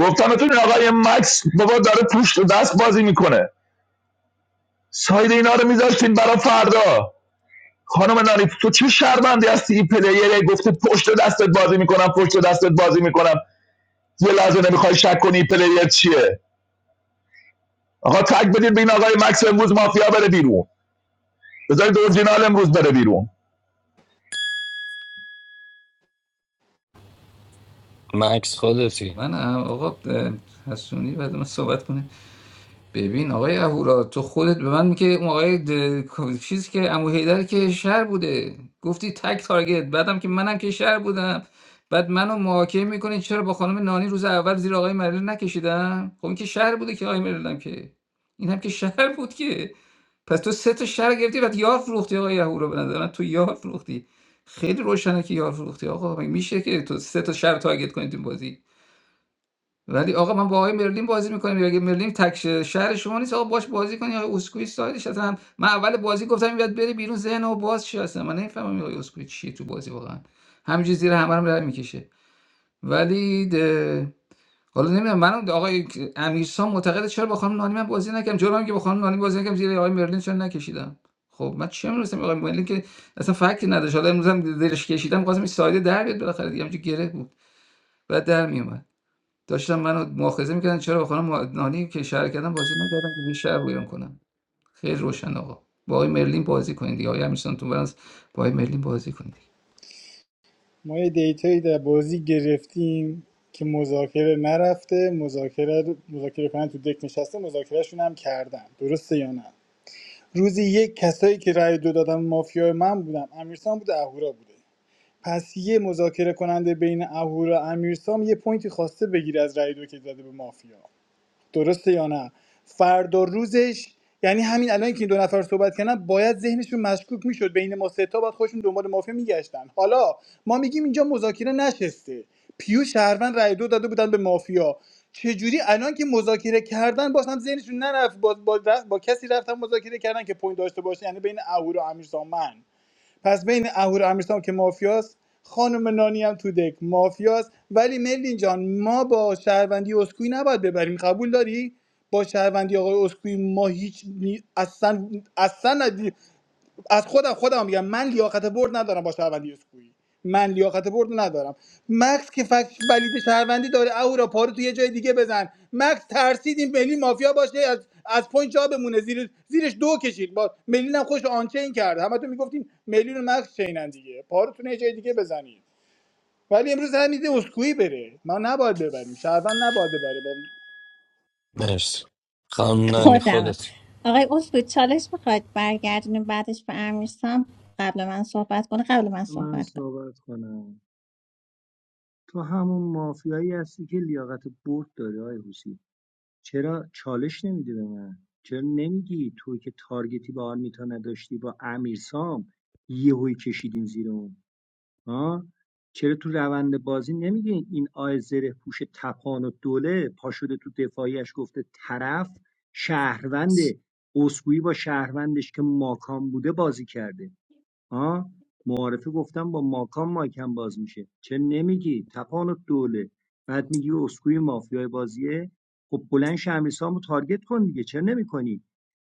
[SPEAKER 15] گفتم بتون آقای مکس بابا داره پوشت و دست بازی میکنه ساید اینا رو میذاشتین برای فردا خانم نانی تو چه شرمنده هستی این پلیر گفته پشت دستت بازی میکنم پشت دستت بازی میکنم یه لحظه نمیخوای شک کنی پلیر چیه آقا تک بدید به این آقای مکس امروز مافیا بره بیرون بذارید اورجینال امروز بره بیرون
[SPEAKER 7] مکس خودتی
[SPEAKER 12] من هم آقا اه، حسونی بعد من صحبت کنه ببین آقای اهورا تو خودت به من میگه اون آقای د- چیز که عمو حیدر که شهر بوده گفتی تک تارگت بعدم که منم که شهر بودم بعد منو محاکمه میکنی چرا با خانم نانی روز اول زیر آقای مریل نکشیدم خب این که شهر بوده که آقای مریلم که این هم که شهر بود که پس تو سه تا شهر گرفتی بعد یار فروختی آقای اهورا به نظر من تو یار فروختی خیلی روشنه که یار فروختی آقا مگه میشه که تو سه تا شهر تارگت کنی تو این بازی ولی آقا من با آقای مرلین بازی میکنم اگه مرلین تک شهر شما نیست آقا باش بازی کنی آقای اسکوئی سایدش اصلا من اول بازی گفتم این باید بری بیرون ذهن و باز چی اصلا من نمیفهمم آقای اسکوئی چیه تو بازی واقعا همینجوری زیر همه رو رد میکشه ولی ده... حالا نمیدونم من آقای امیرسان معتقده چرا با خانم نانی من بازی نکردم جرم که با خانم نانی بازی نکردم زیر آقای مرلین چرا نکشیدم خب من چه میرسم آقای مرلین که اصلا فکتی نداشت حالا امروز هم دلش کشیدم خواستم این سایده در بیاد بالاخره دیگه همینجوری گره بود بعد در میومد داشتن منو مؤاخذه میکردن چرا با خانم نانی که شهر کردم بازی نکردن که یه شهر بویان کنم خیلی روشن آقا با آقای مرلین بازی کنید دیگه آقای امیرسانتون برنس با آقای مرلین بازی کنید
[SPEAKER 6] ما یه دیتایی در بازی گرفتیم که مذاکره نرفته مذاکره مذاکره کنن تو دک نشسته مذاکرهشون هم کردن درسته یا نه روزی یک کسایی که رای دو دادن مافیا من بودم امیرسام بوده اهورا بوده پس یه مذاکره کننده بین اهورا امیرسام یه پوینتی خواسته بگیره از رای دو که داده به مافیا درسته یا نه فردا روزش یعنی همین الان که این دو نفر صحبت کردن باید ذهنشون مشکوک میشد بین ما سه تا باید خودشون دنبال مافیا میگشتن حالا ما میگیم اینجا مذاکره نشسته پیو شهروند رای دو داده بودن به مافیا چجوری الان که مذاکره کردن باز هم ذهنشون نرفت با, با, با با کسی رفتن مذاکره کردن که پوینت داشته باشه یعنی بین اهورا و امیر سامن پس بین اهور امیرسام که مافیاست خانم نانی هم تو دک مافیاست ولی ملین جان ما با شهروندی اسکوی نباید ببریم قبول داری با شهروندی آقای اسکوئی ما هیچ نی... اصلا اصلا ندی- از خودم خودم میگم من لیاقت برد ندارم با شهروندی اسکوئی من لیاقت برد ندارم مکس که فکت ولید شهروندی داره اهورا پارو تو یه جای دیگه بزن مکس ترسید این ملی مافیا باشه از از پوینت جا بمونه زیر زیرش دو کشید با ملی هم خوش آنچین کرد همتون میگفتین ملی رو مکس چینن دیگه پارتون یه جای دیگه بزنید ولی امروز هم میده اسکوئی بره ما نباید ببریم شهروند نباید ببره با
[SPEAKER 7] مرسی خانم نانی
[SPEAKER 1] خودمم
[SPEAKER 7] خودتی
[SPEAKER 1] آقای اسکو چالش میخواید برگردونیم بعدش به امیرسام قبل من صحبت کنه قبل من
[SPEAKER 13] من
[SPEAKER 1] صحبت
[SPEAKER 13] صحبت کنم تو همون مافیایی هستی که لیاقت برد داری آقای حسین. چرا چالش نمیدی به من چرا نمیگی تو که تارگتی با آرمیتا نداشتی با امیرسام یهویی کشیدین زیر اون ها چرا تو روند بازی نمیگی این آی زره پوش تپان و دوله پا شده تو دفاعیش گفته طرف شهروند اسکویی با شهروندش که ماکان بوده بازی کرده آ، معارفه گفتم با ماکان مایکم باز میشه چه نمیگی تپانت دوله بعد میگی اسکوی مافیای بازیه خب بلند شه امیرسامو تارگت کن دیگه چه نمیکنی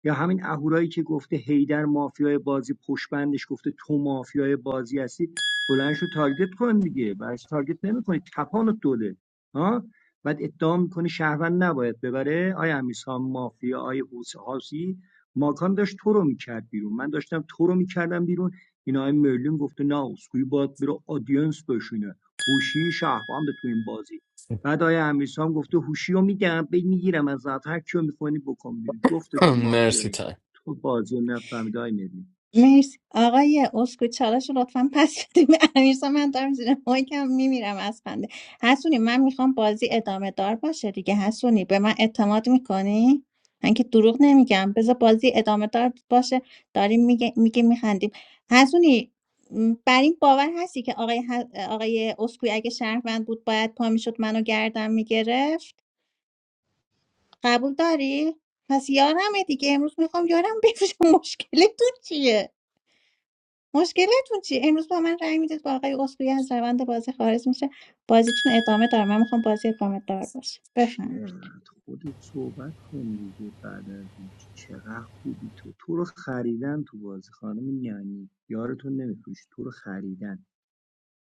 [SPEAKER 13] یا همین اهورایی که گفته هیدر مافیای بازی پشت بندش گفته تو مافیای بازی هستی بلند شو تارگت کن دیگه برش تارگت نمیکنی تپانت دوله ها بعد ادعا میکنی شهروند نباید ببره آیا امیرسام مافیا آیا حوسی ماکان داشت تو رو میکرد بیرون من داشتم تو رو میکردم بیرون این آقای مرلین گفته نه اسکوئی باید بره آدینس بشینه هوشی شهروند تو این بازی بعد آقای امیرسام هم گفته هوشی رو میگم بی میگیرم از ذات، هر کیو میکنی بکن بیرون جفتتون
[SPEAKER 7] مرسی
[SPEAKER 13] مافیایی
[SPEAKER 7] تایم
[SPEAKER 13] تو بازی نفهمیده آقای مرلین
[SPEAKER 1] مرسی آقای اسکو چالش رو لطفا پس بدیم به امیرسا من دارم زیر مایکم میمیرم از خنده حسونی من میخوام بازی ادامه دار باشه دیگه حسونی به من اعتماد میکنی من که دروغ نمیگم بذار بازی ادامه دار باشه داریم میگه میگه میخندیم حسونی م، بر این باور هستی که آقای, ح- آقای اسکوی اگه شهروند بود باید پا میشد منو گردم میگرفت قبول داری؟ پس یارمه دیگه امروز میخوام یارم بفروشم مشکلتون چیه؟ مشکلتون چی امروز با من رأی میدید با آقای اسکوئی از روند بازی خارج میشه بازیتون ادامه داره من میخوام بازی ادامه دار باشه بفهمید
[SPEAKER 13] چقدر خودت صحبت کن دیگه بعد از این چقدر خوبی تو تو رو خریدن تو بازی خانم یعنی یارتون نمیفروش تو رو خریدن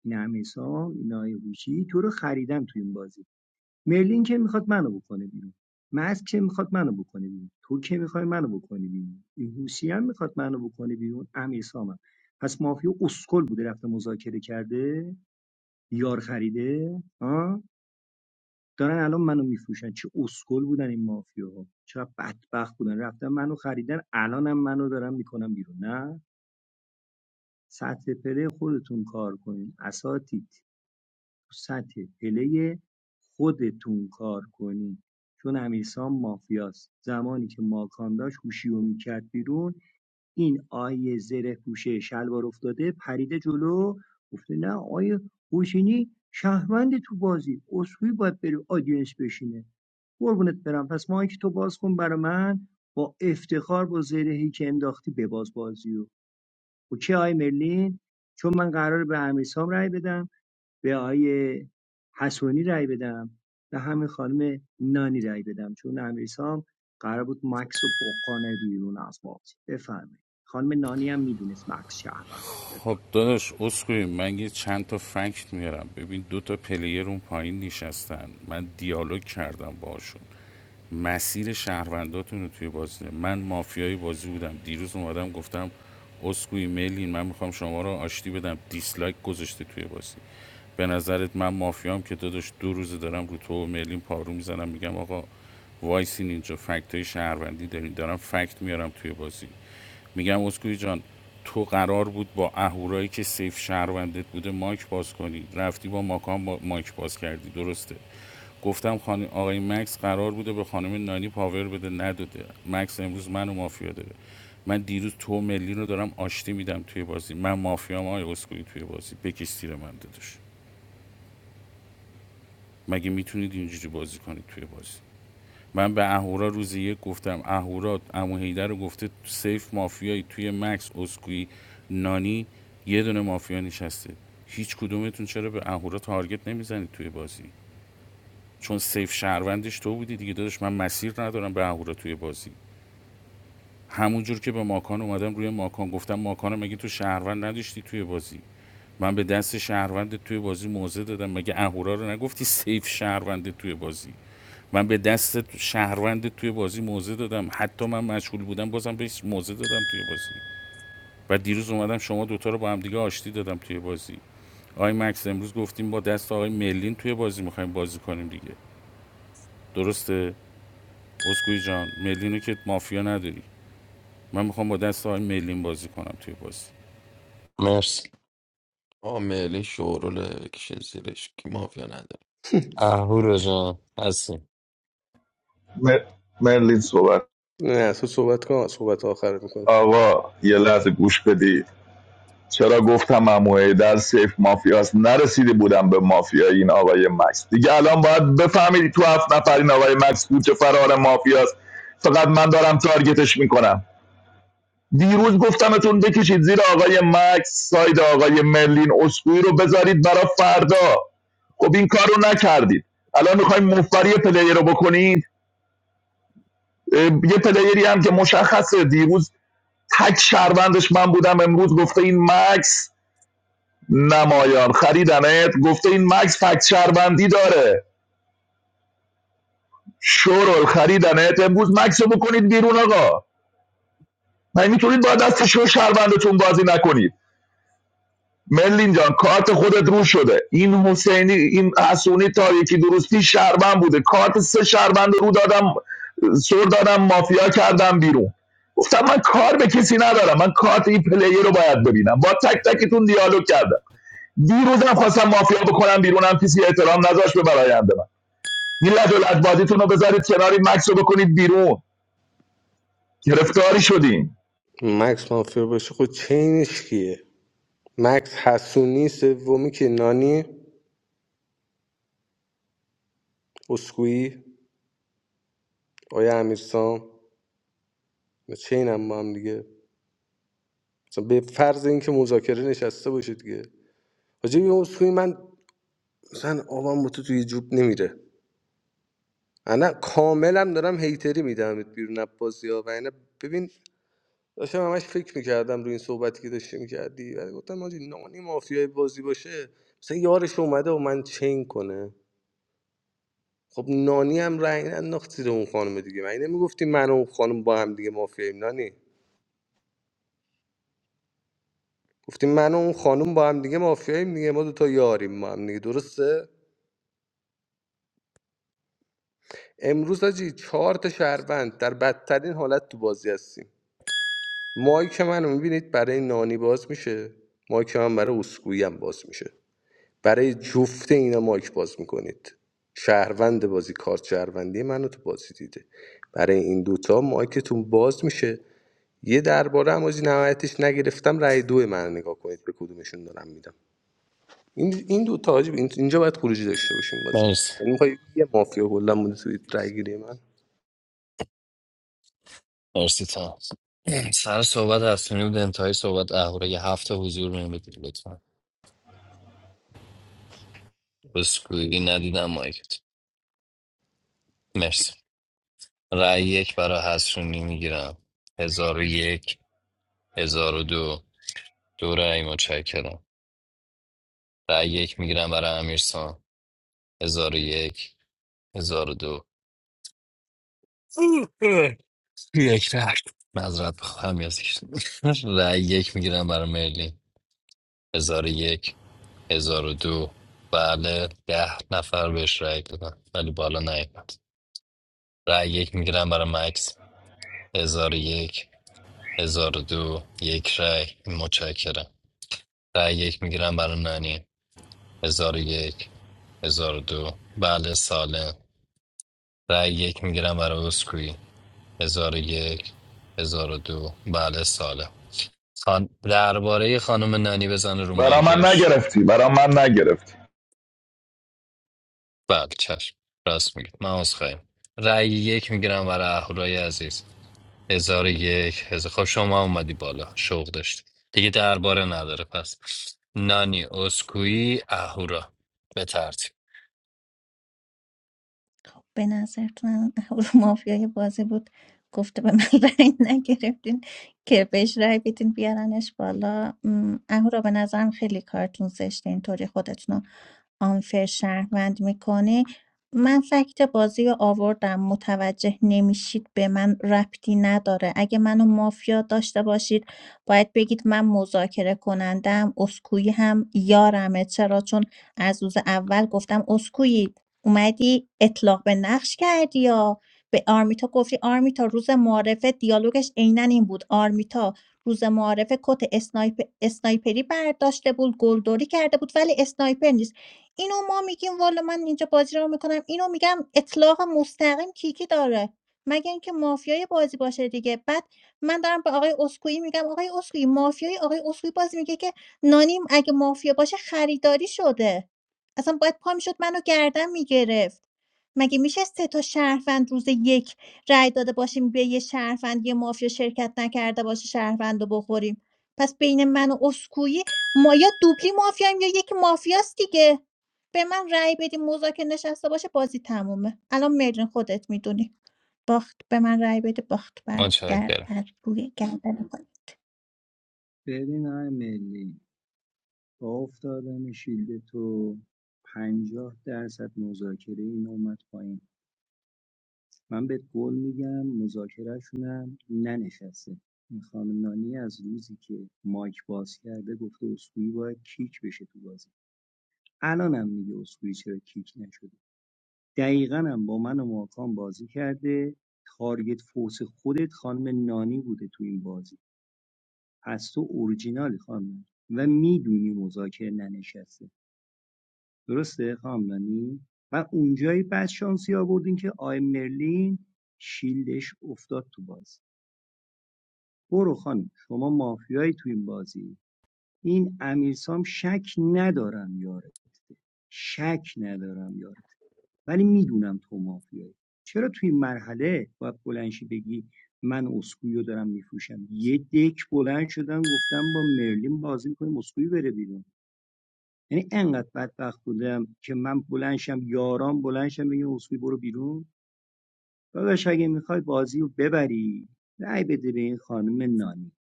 [SPEAKER 13] این امیرسام این آقای هوشی تو رو خریدن تو این بازی مرلین که میخواد منو بکنه بیرون ماسک که میخواد منو بکنه بیرون تو که میخوای منو بکنه بیرون این هوشی هم میخواد منو بکنه بیرون امیر سامم پس مافیا اسکل بوده رفته مذاکره کرده یار خریده ها دارن الان منو میفروشن چه اسکل بودن این مافیاها، ها چقدر بدبخت بودن رفتن منو خریدن الانم منو دارن میکنن بیرون نه سطح پله خودتون کار کنین اساتید سطح پله خودتون کار کنین چون امیرسام مافیاست زمانی که ماکان داشت هوشیو میکرد بیرون این آیه زره پوشه شلوار افتاده پریده جلو گفته نه آیه حسینی شهروند تو بازی اصولی باید بری آدینس بشینه قربونت برم پس مایک تو باز کن برا من با افتخار با زرهی که انداختی بباز بازیو. رو اوکی آی مرلین چون من قراره به امیرسام رای بدم به آقای حسونی رای بدم به همین خانم نانی رای بدم چون امیرسام قرار بود مکس رو بکنه بیرون از بازی بفرمایید خانم نانی هم میدونست مکس شهرونده
[SPEAKER 16] خب
[SPEAKER 13] بفرمایید
[SPEAKER 16] داداش اسکوئی من یه چند تا فکت میارم ببین دو تا پلیر اون پایین نشستن من دیالوگ کردم باشون مسیر شهرونداتون رو توی بازی ده. من مافیای بازی بودم دیروز اومدم گفتم اسکوی میلین من میخوام شما رو آشتی بدم دیسلایک گذاشته توی بازی به نظرت من مافیام که داداش دو روز دارم رو تو و میلین پارو میزنم میگم آقا وایسین اینجا فکت های شهروندی دارین دارم فکت میارم توی بازی میگم اسکوئی جان تو قرار بود با اهورایی که سیف شهروندت بوده مایک باز کنی رفتی با ماکان با مایک باز کردی درسته گفتم خان... آقای مکس قرار بوده به خانم نانی پاور بده نداده مکس امروز منو مافیا داره من دیروز تو ملی رو دارم آشتی میدم توی بازی من مافیام آقای اسکوئی توی بازی بکش تیر من دادش مگه میتونید اینجوری بازی کنید توی بازی من به اهورا روز یک گفتم اهورا امو هیدر رو گفته سیف مافیایی توی مکس اسکوئی نانی یه دونه مافیا نشسته هیچ کدومتون چرا به اهورا تارگت نمیزنید توی بازی چون سیف شهروندش تو بودی دیگه داداش من مسیر ندارم به اهورا توی بازی همونجور که به ماکان اومدم روی ماکان گفتم ماکان مگه تو شهروند نداشتی توی بازی من به دست شهروند توی بازی موضع دادم مگه اهورا رو نگفتی سیف شهروند توی بازی من به دست شهروند توی بازی موزه دادم حتی من مشغول بودم بازم بهش موزه دادم توی بازی و دیروز اومدم شما دوتا رو با هم دیگه آشتی دادم توی بازی آقای مکس امروز گفتیم با دست آقای ملین توی بازی میخوایم بازی کنیم دیگه درسته اسکوی جان ملین رو که مافیا نداری من میخوام با دست آقای ملین بازی کنم توی بازی
[SPEAKER 7] مرسی
[SPEAKER 17] آقا میلی شورول بکشین زیرش که مافیا نداره
[SPEAKER 7] اهورا جان هستی
[SPEAKER 15] م- مرلین صحبت
[SPEAKER 2] نه تو صحبت کن صحبت آخر میکنم
[SPEAKER 15] آقا یه لحظه گوش بدید چرا گفتم عمویی در سیف مافیاست نرسیده بودم به مافیای این آقای مکس دیگه الان باید بفهمید تو هفت نفر این آقای مکس بود چه فرار مافیاست فقط من دارم تارگتش میکنم دیروز گفتمتون بکشید زیر آقای مکس ساید آقای مرلین اسکوئی رو بذارید برای فردا خب این کار رو نکردید الان میخوایم مفبری پلیر رو بکنید یه پلیری هم که مشخصه دیروز تک شهروندش من بودم امروز گفته این مکس نمایان خریدنت گفته این مکس فکت شهروندی داره شورل خریدنت امروز مکس رو بکنید بیرون آقا من میتونید با دست شو شهروندتون بازی نکنید ملین جان کارت خودت رو شده این حسینی این حسونی تا یکی درستی شهروند بوده کارت سه شهروند رو دادم سر دادم مافیا کردم بیرون گفتم من کار به کسی ندارم من کارت این پلیر رو باید ببینم با تک تکتون دیالوگ کردم دیروزم خواستم مافیا بکنم بیرونم کسی احترام نذاشت به براینده من این لدل رو بذارید کناری مکس رو بکنید بیرون گرفتاری شدیم
[SPEAKER 2] چینش کیه مکس حسونی سومی که نانی اسکویی آیا امیرسام چین هم با هم دیگه مثلا به فرض اینکه مذاکره نشسته باشید دیگه حاجی این اسکویی من مثلا آره. انا کاملا دارم هیتری میدمت بیرون از بازی ها و اینا ببین داشتم همش فکر میکردم روی این صحبتی که داشتی میکردی و گفتم آجی نانی مافیای بازی باشه مثلا یارش اومده و من چین کنه خب نانی هم رنگ انداخت زیر اون خانم دیگه من نمیگفتی من و اون خانم با هم دیگه مافیاییم نانی گفتیم من و اون خانم با هم دیگه مافیاییم دیگه ما دوتا یاریم ما هم دیگه درسته امروز آجی چهار تا شهروند در بدترین حالت تو بازی هستیم مایک منو میبینید برای نانی باز میشه مایک من برای اسکویی هم باز میشه برای جفت اینا مایک باز میکنید شهروند بازی کارت شهروندی منو تو بازی دیده برای این دوتا مایکتون باز میشه یه درباره هم از نهایتش نگرفتم رای دو من نگاه کنید به کدومشون دارم میدم این این دو تا حاجی، اینجا باید خروجی داشته باشیم بازی
[SPEAKER 7] مرسی
[SPEAKER 2] یعنی میخوای یه مافیا کلا بوده توی رأی گیری من
[SPEAKER 7] مرسی تا سر صحبت هستونی بود انتهای صحبت اهورا یه هفته حضور بهم بدید لطفا بسکویی ندیدم مایکت مرسی رأی یک برای حسونی میگیرم هزار و یک هزار و دو دو رأی متشکرم رأی یک میگیرم برای امیرسان هزار و یک هزار و دو یک رأی مذرت بخواهم یاسر. رأی یک میگیرم برای مرلین هزار و یک هزار و دو بله ده نفر بهش رأی دادن ولی بالا نیومد رأی یک میگیرم برای مکس هزار و یک هزار و دو یک رأی متشکرم رأی یک میگیرم برای نانی هزار و یک هزار و دو بله سالم رأی یک میگیرم برای اسکوی هزار و یک هزار و دو بله سالم خان... درباره خانم نانی بزن رو
[SPEAKER 15] برا من
[SPEAKER 7] مایکش
[SPEAKER 15] نگرفتی برا من نگرفتی
[SPEAKER 7] بله چشم راست میگه من از خواهیم رأی یک میگیرم برای اهورای عزیز هزار و یک هزار خب شما اومدی بالا شوق داشتی دیگه درباره نداره پس نانی اسکویی اهورا به ترتیب
[SPEAKER 1] خب به نظرتون رو مافیای بازی بود گفته به من رأی نگرفتین که بهش رأی بدین بیارنش بالا م، اهورا به نظرم خیلی کارتون زشته اینطوری خودتون آنفر شهروند میکنه من فکت بازی رو آوردم متوجه نمیشید به من ربطی نداره اگه منو مافیا داشته باشید باید بگید من مذاکره کنندم اسکویی هم یارمه چرا چون از روز اول گفتم اسکویی اومدی اطلاق به نقش کردی یا به آرمیتا گفتی آرمیتا روز معارفه دیالوگش عینا این بود آرمیتا روز معارفه کت اسنایپ... اسنایپری برداشته بود گلدوری کرده بود ولی اسنایپر نیست اینو ما میگیم والا من اینجا بازی رو میکنم اینو میگم اطلاق مستقیم کیکی داره مگه اینکه مافیای بازی باشه دیگه بعد من دارم به آقای اسکوئی میگم آقای اسکوئی مافیای آقای اسکوئی بازی میگه که نانیم اگه مافیا باشه خریداری شده اصلا باید پا میشد منو گردن میگرفت مگه میشه سه تا شهروند روز یک رای داده باشیم به یه شهروند یه مافیا شرکت نکرده باشه شهروند رو بخوریم پس بین من و اسکویی ما یا دوبلی مافیایم یا یک مافیاست دیگه به من رأی بدی مذاکره نشسته باشه بازی تمومه الان مرجان خودت میدونی باخت به من رأی بده باخت بر, گر...
[SPEAKER 7] متشکرم
[SPEAKER 1] بر روی گردن خود
[SPEAKER 13] ببین های ملی با افتادن شیلد تو پنجاه درصد مذاکره این اومد پایین من بهت قول میگم مذاکرهشونم ننشسته این خانم نانی از روزی که مایک باز کرده گفته اسکوئی باید کیک بشه تو بازی الانم میگه اسکوئی چرا کیک نشده دقیقاً هم با من و ماکان بازی کرده تارگت فورس خودت خانم نانی بوده تو این بازی پس تو اورجینالی خانم نانی. و میدونی مذاکره ننشسته درسته خانم نانی و اونجایی بعد شانسی آوردین که آی مرلین شیلدش افتاد تو بازی برو خانم شما مافیایی تو این بازی این امیرسام شک ندارم یاره شک ندارم یاره ولی میدونم تو مافیایی چرا توی این مرحله باید بلنشی بگی من اسکویو دارم میفروشم یه دک بلند شدم گفتم با مرلین بازی میکنیم اسکویو بره بیرون یعنی انقدر بدبخت بودم که من بلنشم یاران بلنشم بگیم اسکویو برو بیرون داداش اگه میخوای بازی رو ببری رأی بده به این خانم نانی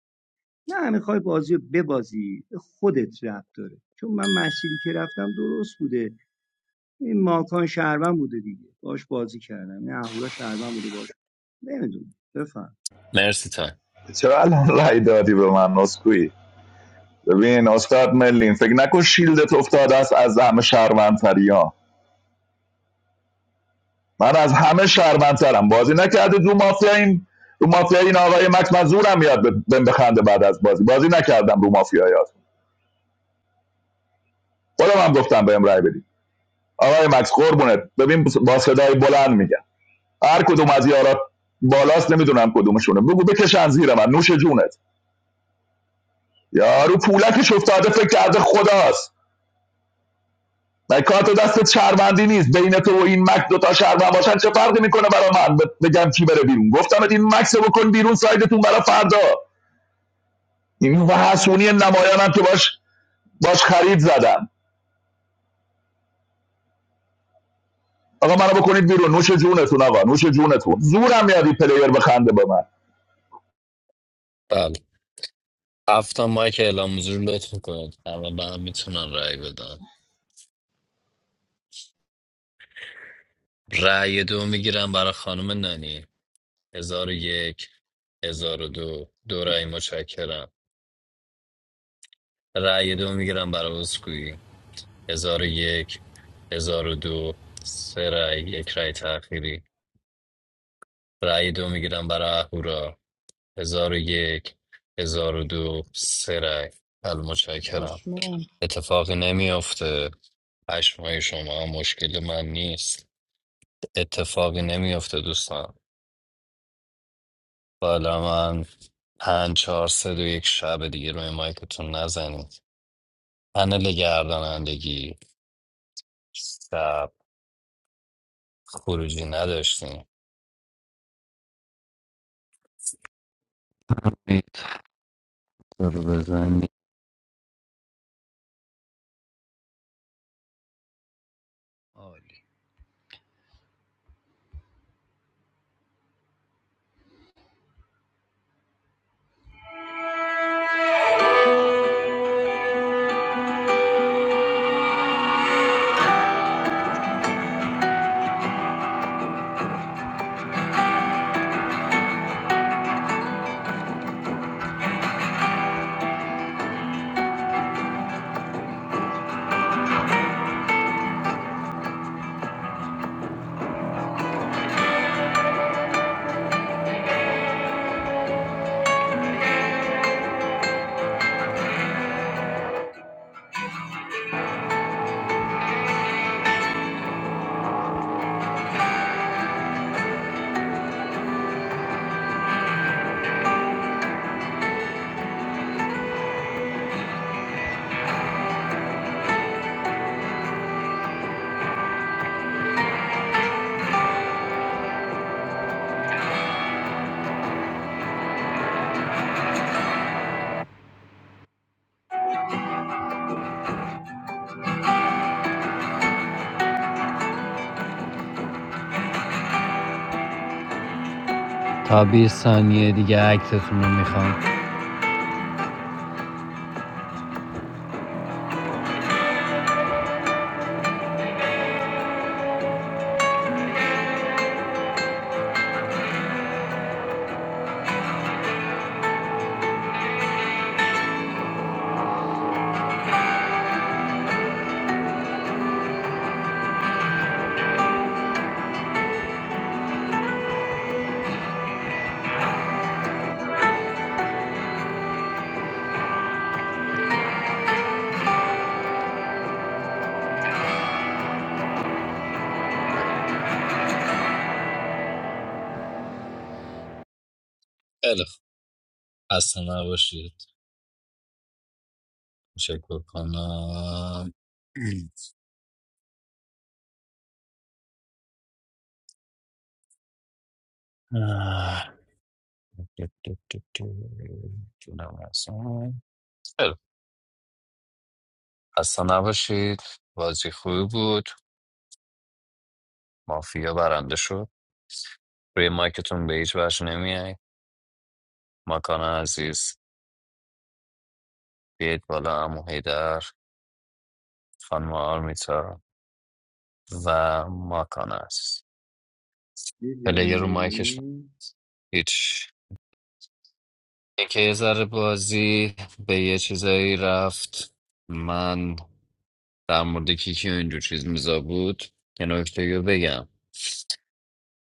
[SPEAKER 13] نه میخوای بازی رو ببازی خودت رفت داره چون من مسیری که رفتم درست بوده این ماکان شهروند بوده دیگه باش بازی کردم نه اهورا شهروند بوده باش نمیدونم بفهم
[SPEAKER 7] مرسی تا
[SPEAKER 15] چرا الان رای دادی به من نسکویی ببین استاد ملین فکر نکن شیلدت افتاده است از همه شهروندتری ها من از همه شهروندترم بازی نکردید رو مافیا این رو مافیا این آقای مکس من زورم یاد بهم بخنده بعد از بازی بازی نکردم رو مافیا یاد خودم هم گفتم بهم رای بدید آقای مکس قربونت ببین با صدای بلند میگم هر کدوم از یارا بالاست نمیدونم کدومشونه بگو بکشن زیر من نوش جونت یارو پولکش افتاده فکر کرده خداست من کارت دستت شهروندی نیست بین تو و این مک دوتا شهروند باشن چه فرقی میکنه برای من ب- بگم کی بره بیرون گفتم این مکس رو بکن بیرون سایدتون برای فردا این و حسونی نمایانم که باش باش خرید زدم آقا منو بکنید بیرون نوش جونتون آقا نوش جونتون زورم میاد این پلیر بخنده به من
[SPEAKER 7] بله هفتا مایک اعلام حضور لطف کنید اما به هم میتونم رأی بدم رأی دو میگیرم برای خانم نانی هزار و یک هزار و دو دو رأی متشکرم رأی دو میگیرم برای اسکویی هزار و یک هزار و دو سه رای یک رای تأخیری رای دو میگیرم برای اهورا هزار و یک هزار و دو سه رای بله متشکرم
[SPEAKER 6] چشمام.
[SPEAKER 7] اتفاقی نمیافته پشمای شما مشکل من نیست اتفاقی نمیافته دوستان بالا من پنج چهار سه دو یک شب دیگه روی مایکتون نزنید پنل گردانندگی شب خروجی نداشتیم رو بزنید عالی. تا 20 ثانیه دیگه عکستون رو میخوام خیلی خوب خسته نباشید تشکر کنم آه. جونم هستم. خیلی خوب. خسته نباشید بازی خوبی بود مافیا برنده شد روی مایکتون به هیچ وجه نمیای ماکان عزیز بیاید بالا امو هیدر خانم آرمیتا و ماکان عزیز
[SPEAKER 13] دیدم
[SPEAKER 7] پلیر رو مایکش
[SPEAKER 13] مرلین
[SPEAKER 7] هیچ اینکه یه ذره بازی به یه چیزایی رفت من در مورد کیکی و اینجور چیز میزا بود یه نکته رو بگم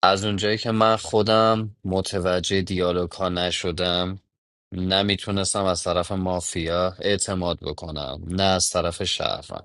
[SPEAKER 7] از اونجایی که من خودم متوجه دیالوگ ها نشدم نمیتونستم از طرف مافیا اعتماد بکنم نه از طرف شهر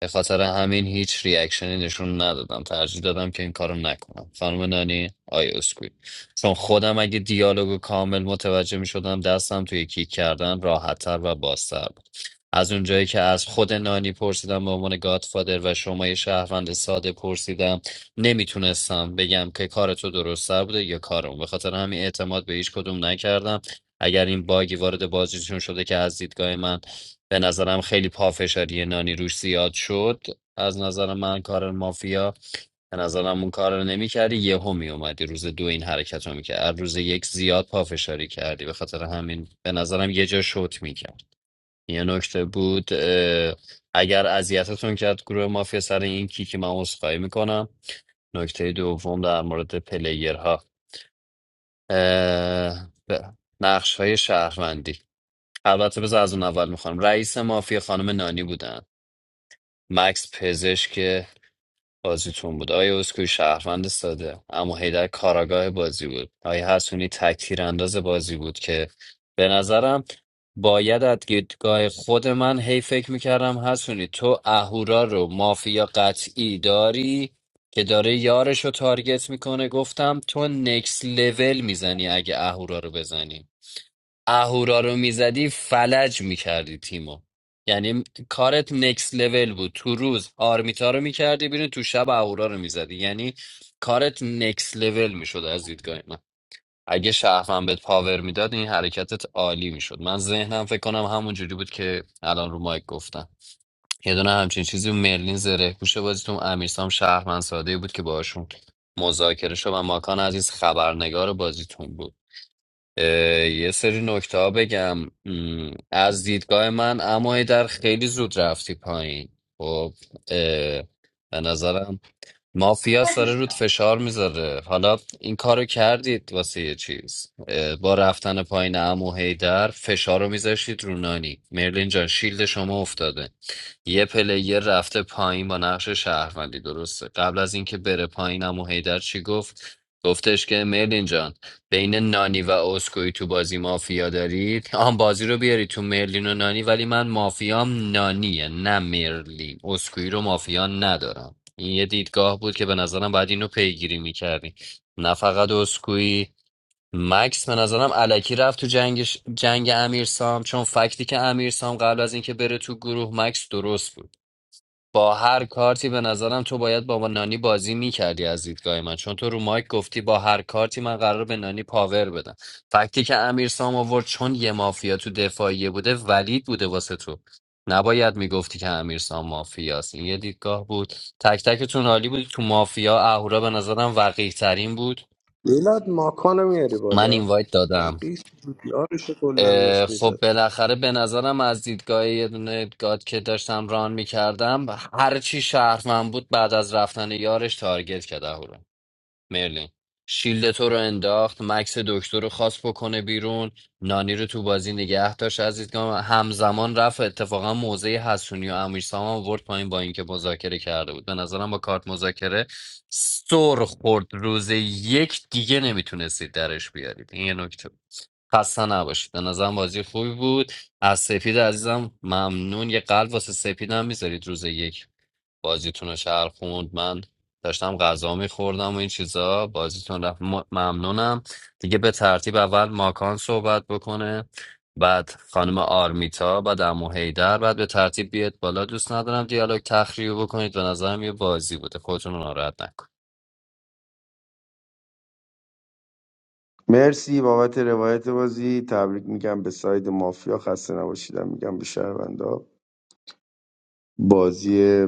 [SPEAKER 7] به خاطر همین هیچ ریاکشنی نشون ندادم ترجیح دادم که این کارو نکنم خانم نانی آی اسکوئی چون خودم اگه دیالوگو کامل متوجه می شدم دستم توی کیک کردن راحتتر و بازتر بود از اونجایی که از خود نانی پرسیدم به عنوان گادفادر و شما یه شهروند ساده پرسیدم نمیتونستم بگم که کار تو درستتر بوده یا کارم به خاطر همین اعتماد به هیچ کدوم نکردم اگر این باگی وارد بازیشون شده که از دیدگاه من به نظرم خیلی پافشاری نانی روش زیاد شد از نظر من کار مافیا به نظرم اون کار رو نمیکردی یهو میومدی روز دو این حرکت رو میکرد از روز یک زیاد پافشاری کردی به خاطر همین به نظرم یه جا شوت میکرد یه نکته بود اه، اگر اذیتتون کرد گروه مافیا سر این کیک من عذرخواهی میکنم نکته دوم در مورد پلیرها اه، ب- نقش های شهروندی البته بذار از اون اول میخوام رئیس مافیا خانم نانی بودن مکس پزشک بازیتون بود آیا اسکوی شهروند ساده اما هیدر کاراگاه بازی بود آیا حسونی تکتیر انداز بازی بود که به نظرم باید از دیدگاه خود من هی فکر میکردم حسونی تو اهورا رو مافیا قطعی داری که داره یارش رو تارگت میکنه گفتم تو نکس لول میزنی اگه اهورا رو بزنی اهورا رو میزدی فلج میکردی تیمو یعنی کارت نکس لول بود تو روز آرمیتا رو میکردی بیرون تو شب اهورا رو میزدی یعنی کارت نکس لول میشد از دیدگاه من اگه شهرم بهت پاور میداد این حرکتت عالی میشد من ذهنم فکر کنم همون جوری بود که الان رو مایک گفتم یه دونه همچین چیزی بود. مرلین زره پوش بازیتون امیرسام شهرمن ساده بود که باشون مذاکره شد و ماکان عزیز خبرنگار بازیتون بود اه، یه سری نکته ها بگم م، از دیدگاه من اما در خیلی زود رفتی پایین خب اه، به نظرم مافیاس داره رود فشار میذاره حالا این کارو کردید واسه یه چیز اه، با رفتن پایین عمو هیدر فشار رو میذاشتید رو نانی مرلین جان شیلد شما افتاده یه پلیر رفته پایین با نقش شهروندی درسته قبل از اینکه بره پایین عمو هیدر چی گفت گفتش که مرلین جان بین نانی و اسکوئی تو بازی مافیا دارید آن بازی رو بیاری تو مرلین و نانی ولی من مافیام نانیه نه مرلین اسکوئی رو مافیا ندارم این یه دیدگاه بود که به نظرم باید اینو پیگیری میکردی نه فقط اسکوئی مکس به نظرم الکی رفت تو جنگش جنگ امیرسام چون فکتی که امیرسام سام قبل از اینکه بره تو گروه مکس درست بود با هر کارتی به نظرم تو باید با نانی بازی میکردی از دیدگاه من چون تو رو مایک گفتی با هر کارتی من قرار به نانی پاور بدم فکتی که امیر سام آورد چون یه مافیا تو دفاعیه بوده ولید بوده واسه تو نباید میگفتی که امیر سام مافیاست این یه دیدگاه بود تک تکتون عالی بود تو مافیا اهورا به نظرم وقیه ترین بود
[SPEAKER 2] میلاد ماکانو میاری
[SPEAKER 7] من
[SPEAKER 2] بالا
[SPEAKER 7] اینوایت دادم
[SPEAKER 2] بقیه یارش کلا
[SPEAKER 7] اه،
[SPEAKER 2] داشت
[SPEAKER 7] خب
[SPEAKER 2] میزد
[SPEAKER 7] بالاخره به نظرم از دیدگاه یه دونه گاد که داشتم ران میکردم هر چی شهرمن بود بعد از رفتن یارش تارگت کرده رو مرلین شیلد تو رو انداخت مکس دکتر رو خواست بکنه بیرون نانی رو تو بازی نگه داشت از دیدگاه من. همزمان رفت اتفاقا موزه حسونی و امیر سام هم ورد پایین با اینکه مذاکره کرده بود به نظرم با کارت مذاکره سر خورد روز یک دیگه نمیتونستید درش بیارید این یه نکته بود. خسته نباشید به نظرم بازی خوبی بود از سپید عزیزم ممنون یه قلب واسه سپید هم میذارید روز یک بازیتون رو شهر خوند من داشتم غذا میخوردم و این چیزا بازیتون رفت م- ممنونم دیگه به ترتیب اول ماکان صحبت بکنه بعد خانم آرمیتا بعد امو هیدر بعد به ترتیب بیاد بالا دوست ندارم دیالوگ تخریب بکنید به نظرم یه بازی بوده خودتون رو ناراحت نکن
[SPEAKER 14] مرسی بابت روایت بازی تبریک میگم به ساید مافیا خسته نباشیدم میگم به شهروندا بازی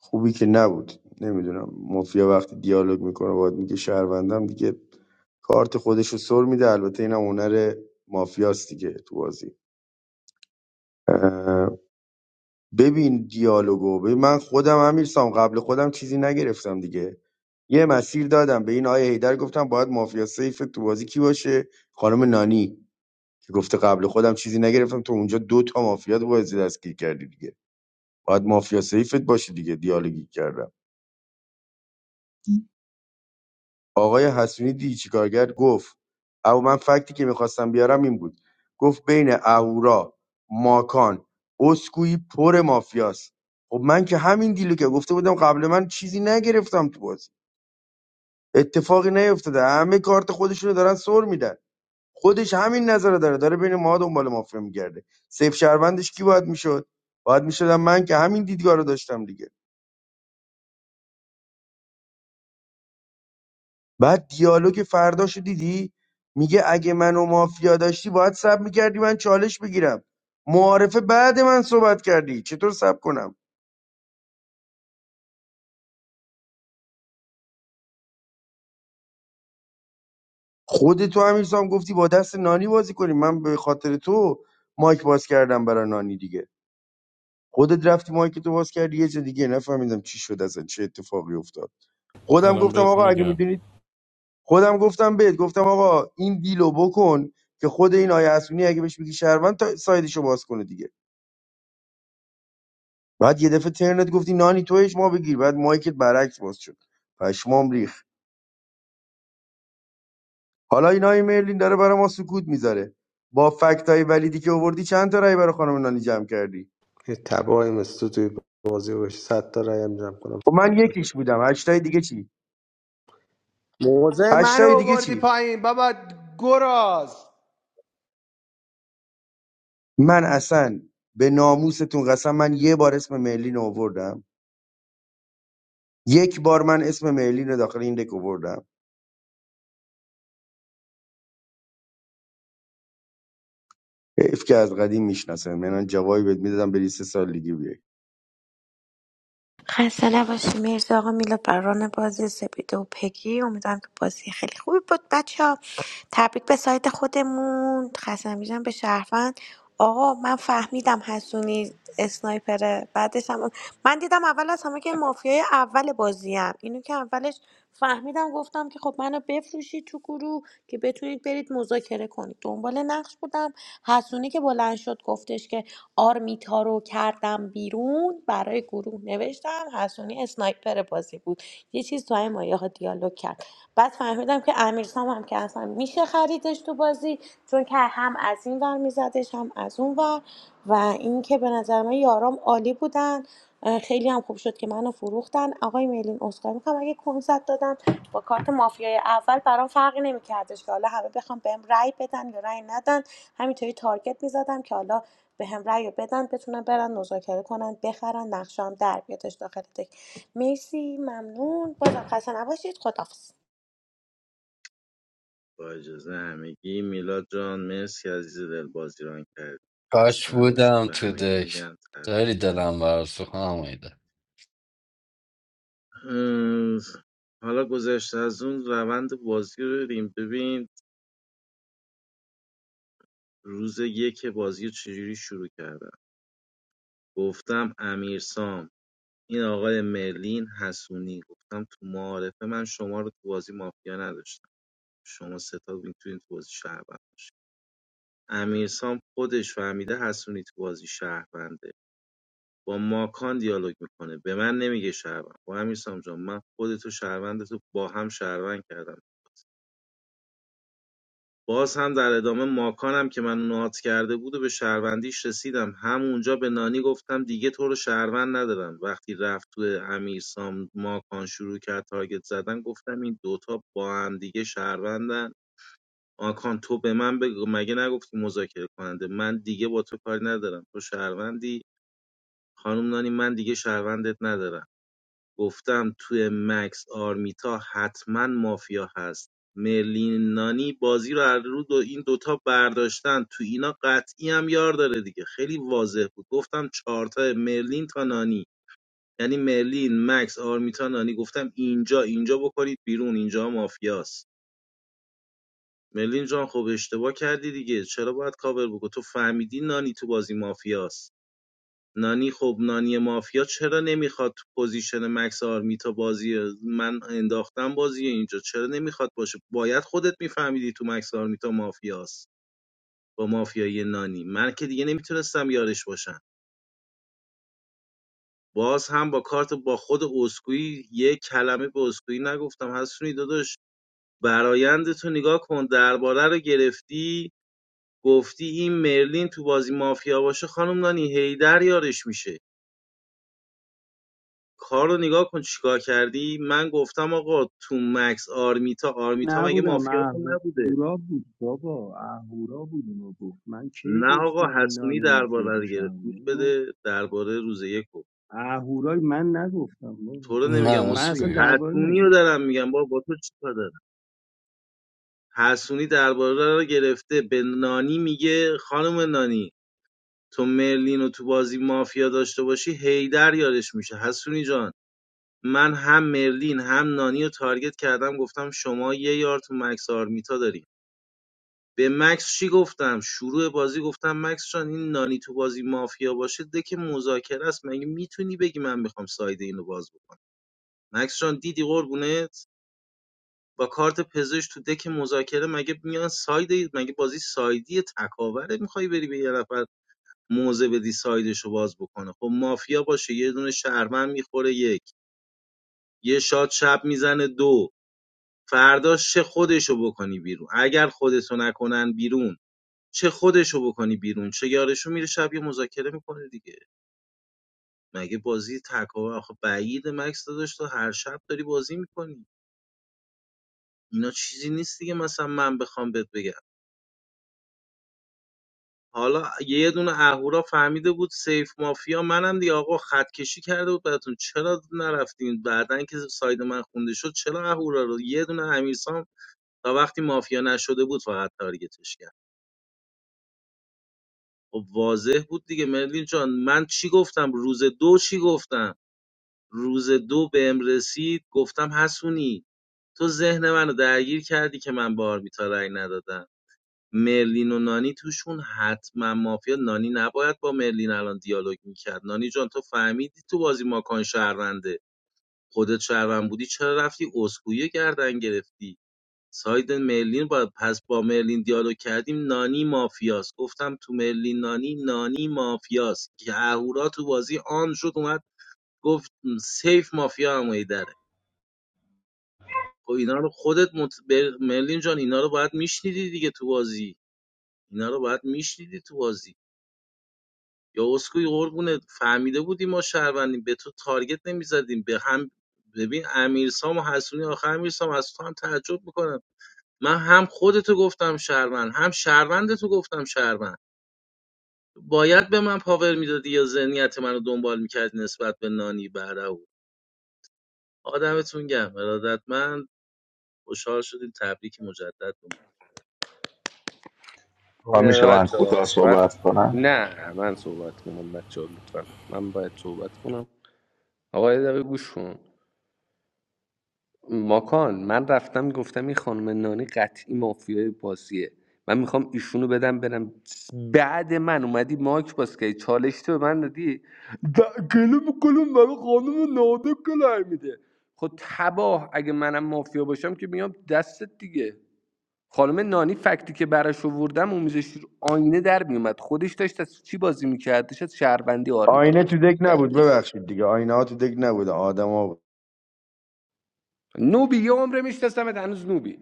[SPEAKER 14] خوبی که نبود نمیدونم مافیا وقتی دیالوگ میکنه باید میگه شهروندم دیگه کارت خودش رو سر میده البته اینم هنر مافیاست دیگه تو بازی اه، ببین دیالوگو ببین من خودم امیر سام قبل خودم چیزی نگرفتم دیگه یه مسیر دادم به این آیه هیدر گفتم باید مافیا سیف تو بازی کی باشه خانم نانی که گفته قبل خودم چیزی نگرفتم تو اونجا دو تا مافیا تو بازی دستگیر کردی دیگه باید مافیا سیفت باشه دیگه دیالوگی کردم آقای حسونی دی چیکار کرد گفت او من فکتی که میخواستم بیارم این بود گفت بین اهورا ماکان اسکوئی پر مافیاست خب من که همین دیلو که گفته بودم قبل من چیزی نگرفتم تو بازی اتفاقی نیفتاده همه کارت خودشونو دارن سر میدن خودش همین نظر داره داره بین ما دنبال مافیا میگرده سیف شهروندش کی باید میشد باید میشدم من که همین دیدگاه رو داشتم دیگه بعد دیالوگ فرداشو دیدی میگه اگه منو مافیا داشتی باید سب میکردی من چالش بگیرم معارفه بعد من صحبت کردی چطور سب کنم خود تو همین سام گفتی با دست نانی بازی کنیم من به خاطر تو مایک باز کردم برای نانی دیگه خودت رفتی مایک تو باز کردی یه جا دیگه نفهمیدم چی شد اصلا چه اتفاقی افتاد خودم
[SPEAKER 16] الان
[SPEAKER 14] گفتم
[SPEAKER 16] بهت
[SPEAKER 14] آقا اگه
[SPEAKER 16] میگم
[SPEAKER 14] میدونید خودم گفتم بهت گفتم آقا این دیلو بکن که خود این آیه اسونی اگه بهش میگی شهروند تا سایدشو باز کنه دیگه بعد یه دفعه ترنت گفتی نانی تو ما بگیر بعد مایکت برعکس باز شد پشمام ریخ حالا این آیه مرلین داره برای ما سکوت میذاره با فکت های ولیدی که آوردی چند تا رای برای خانم نانی جمع کردی
[SPEAKER 2] یه تباهی مثل تو توی بازی باشه صد تا رأی هم جمع کنم
[SPEAKER 14] خب من یکیش بودم هشتای دیگه چی
[SPEAKER 2] موزه منو رو
[SPEAKER 14] هشتای دیگه
[SPEAKER 2] آوردی
[SPEAKER 14] چی
[SPEAKER 2] پایین بابا گراز
[SPEAKER 14] من اصلا به ناموستون قسم من یه بار اسم مرلین رو آوردم یک بار من اسم مرلین رو داخل این دک آوردم حیف که از قدیم میشناسه من جوابی بهت میدادم بری سه سال دیگه بیای
[SPEAKER 10] خسته نباشین مرسی آقا میلاد بر بازی سپیده و پگی امیدوارم که بازی خیلی خوبی بود بچه ها تبریک به سایت خودمون خسته نمیشم به شهروند آقا من فهمیدم حسونی اسنایپره بعدش هم من دیدم اول از همه که مافیای اول بازی هم. اینو که اولش فهمیدم گفتم که خب منو بفروشید تو گروه که بتونید برید مذاکره کنید دنبال نقش بودم حسونی که بلند شد گفتش که آرمیتا رو کردم بیرون برای گروه نوشتم حسونی اسنایپر بازی بود یه چیز تو این مایه ها دیالوگ کرد بعد فهمیدم که امیرسام هم که اصلا میشه خریدش تو بازی چون که هم از این ور میزدش هم از اون ور و اینکه به نظر من یارام عالی بودن خیلی هم خوب شد که منو فروختن آقای میلین اسکار میکنم اگه کنسرت دادم با کارت مافیای اول برام فرقی نمیکردش که حالا همه بخوام بهم رای بدن یا رأی ندن همینطوری تارگت میزدم که حالا به هم رأی رو بدن بتونن برن مذاکره کنن بخرن نقشه هم در بیادش داخل تک مرسی ممنون بازم خسته نباشید خداحافظ
[SPEAKER 4] با اجازه همگی میلاد جان مرسی عزیز دل بازی ران کرد
[SPEAKER 7] کاش
[SPEAKER 4] خسته نباشید
[SPEAKER 7] بودم
[SPEAKER 4] به
[SPEAKER 7] تو
[SPEAKER 4] همگی
[SPEAKER 7] دک
[SPEAKER 4] میگم تبریک
[SPEAKER 7] داری
[SPEAKER 4] میگم
[SPEAKER 7] دلم برات سوخت
[SPEAKER 4] ام، حالا گذشته از اون روند بازی رو بریم ببین روز یک بازی رو چجوری شروع کردم گفتم امیرسام این آقای مرلین حسونی گفتم تو معارفه من شما رو تو بازی مافیا نداشتم شما ستا میتونید تو بازی شهروند باشید امیرسام خودش فهمیده حسونی تو بازی شهرونده با ماکان دیالوگ میکنه به من نمیگه شهروند با امیرسام جان من خودتو شهروندتو با هم شهروند کردم باز هم در ادامه ماکانم که من نات کرده بود و به شهروندیش رسیدم همونجا به نانی گفتم دیگه تو رو شهروند ندارم وقتی رفت تو امیرسام ماکان شروع کرد تارگت زدن گفتم این دوتا با هم دیگه شهروندن آکان تو به من بگو مگه نگفتی مذاکره کننده من دیگه با تو کاری ندارم تو شهروندی خانم نانی من دیگه شهروندت ندارم گفتم توی مکس آرمیتا حتما مافیا هست مرلین نانی بازی رو از رو دو این دوتا برداشتن تو اینا قطعی هم یار داره دیگه خیلی واضح بود گفتم چهارتا مرلین تا نانی یعنی مرلین مکس آرمیتا نانی گفتم اینجا اینجا بکنید بیرون اینجا مافیاست ملین جان خب اشتباه کردی دیگه چرا باید کاور بگو تو فهمیدی نانی تو بازی مافیاست نانی خب نانی مافیا چرا نمیخواد تو پوزیشن مکس آرمیتا بازی من انداختم بازی اینجا چرا نمیخواد باشه باید خودت میفهمیدی تو مکس آرمیتا مافیاست با مافیای نانی من که دیگه نمیتونستم یارش باشم باز هم با کارت با خود اسکوئی یه کلمه به اسکوئی نگفتم حسونی داداش برایند تو نگاه کن درباره رو گرفتی گفتی این مرلین تو بازی مافیا باشه خانم نانی هیدر یارش میشه کار رو نگاه کن چیکار کردی من گفتم آقا تو مکس آرمیتا آرمیتا مگه
[SPEAKER 13] نبودم
[SPEAKER 4] مافیاتون نبوده
[SPEAKER 13] اهورا بود بابا اهورا بود اونو گفت من کی
[SPEAKER 4] نه آقا
[SPEAKER 13] گفتم این
[SPEAKER 4] حسونی
[SPEAKER 13] نان مافیا
[SPEAKER 4] درباره رو
[SPEAKER 13] باشه
[SPEAKER 4] گرفت
[SPEAKER 13] اهورا
[SPEAKER 4] گوش
[SPEAKER 13] اونو
[SPEAKER 4] بده درباره روز یک رو.
[SPEAKER 13] اهورا من نگفتم بابا
[SPEAKER 4] تو رو نمیگم
[SPEAKER 7] نه
[SPEAKER 13] من
[SPEAKER 4] اسکوئی
[SPEAKER 13] اصلا درباره
[SPEAKER 4] حسونی رو
[SPEAKER 13] نگیره
[SPEAKER 4] دارم میگم با با تو چیکار دارم حسونی درباره رو گرفته به نانی میگه خانم نانی تو مرلین رو تو بازی مافیا داشته باشی هیدر یارش میشه حسونی جان من هم مرلین هم نانی رو تارگت کردم گفتم شما یه یار تو مکس آرمیتا داری به مکس چی گفتم شروع بازی گفتم مکس جان این نانی تو بازی مافیا باشه دک مذاکره است مگه میتونی بگی من میخوام ساید اینو باز بکنم مکس جان دیدی قربونت با کارت پزشک تو دک مذاکره مگه میان ساید مگه بازی سایدی تکاوره میخوای بری به یه نفر موزه بدی سایدشو باز بکنه خب مافیا باشه یه دونه شهرمن میخوره یک یه شاد شب میزنه دو فرداش چه خودشو بکنی بیرون اگر خودتو نکنن بیرون چه خودشو بکنی بیرون چه یارشو میره شب یه مذاکره میکنه دیگه مگه بازی تکاور آخه بعید مکس داداش تو هر شب داری بازی میکنی اینا چیزی نیست دیگه مثلا من بخوام بهت بگم حالا یه دونه اهورا فهمیده بود سیف مافیا منم دیگه آقا خط کشی کرده بود براتون چرا نرفتین بعدن که ساید من خونده شد چرا اهورا رو یه دونه امیرسام تا وقتی مافیا نشده بود فقط تارگتش کرد خب واضح بود دیگه مرلین جان من چی گفتم روز دو چی گفتم روز دو بهم رسید گفتم حسونی تو ذهن منو درگیر کردی که من به آرمیتا رأی ندادم مرلین و نانی توشون حتما مافیا نانی نباید با مرلین الان دیالوگ میکرد نانی جان تو فهمیدی تو بازی ماکان شهرونده خودت شهروند بودی چرا رفتی اسکویه گردن گرفتی ساید مرلین با پس با مرلین دیالوگ کردیم نانی مافیاست گفتم تو مرلین نانی نانی مافیاست که اهورا تو بازی آن شد اومد گفت م، سیف مافیا هم داره خب اینا رو خودت مت... بر- مرلین جان اینا رو باید میشنیدی دیگه تو بازی اینا رو باید میشنیدی تو بازی یا اسکوی قربونه فهمیده بودی ما شهروندیم به تو تارگت نمیزدیم به هم ببین امیرسام و حسونی آخر امیرسام از تو هم تعجب میکنن من هم خودتو گفتم شهروند هم شهروندتو گفتم شهروند باید به من پاور میدادی یا ذهنیت منو دنبال میکردی نسبت به نانی بعد او آدمتون گم ارادتمند خوشحال شدیم تبریک مجدد
[SPEAKER 2] یه
[SPEAKER 15] آقا میشه
[SPEAKER 2] دقیقه
[SPEAKER 15] من
[SPEAKER 2] بچه ها،
[SPEAKER 15] کوتاه
[SPEAKER 2] بعد
[SPEAKER 15] صحبت کنم
[SPEAKER 2] نه من صحبت کنم بچه ها لطفا من باید صحبت کنم آقا یه دقیقه گوش کن ماکان من رفتم گفتم این خانم نانی قطعی مافیای بازیه من میخوام ایشونو بدم برم بعد من اومدی ماک باز کردی چالش تو به من دادی د- گلوم گلوم برای خانم نانی کلای میده خب تباه اگه منم مافیا باشم که میام دستت دیگه خانم نانی فکتی که براش آوردم اون آینه در میومد خودش داشت از چی بازی میکرد داشت از شهروندی آرمیتا
[SPEAKER 14] آینه
[SPEAKER 2] بازی
[SPEAKER 14] تو دک
[SPEAKER 2] میکرد
[SPEAKER 14] نبود ببخشید دیگه آینه ها تو دک نبود آدم ها بود.
[SPEAKER 2] نوبی یه عمره میشناسمت هنوز نوبی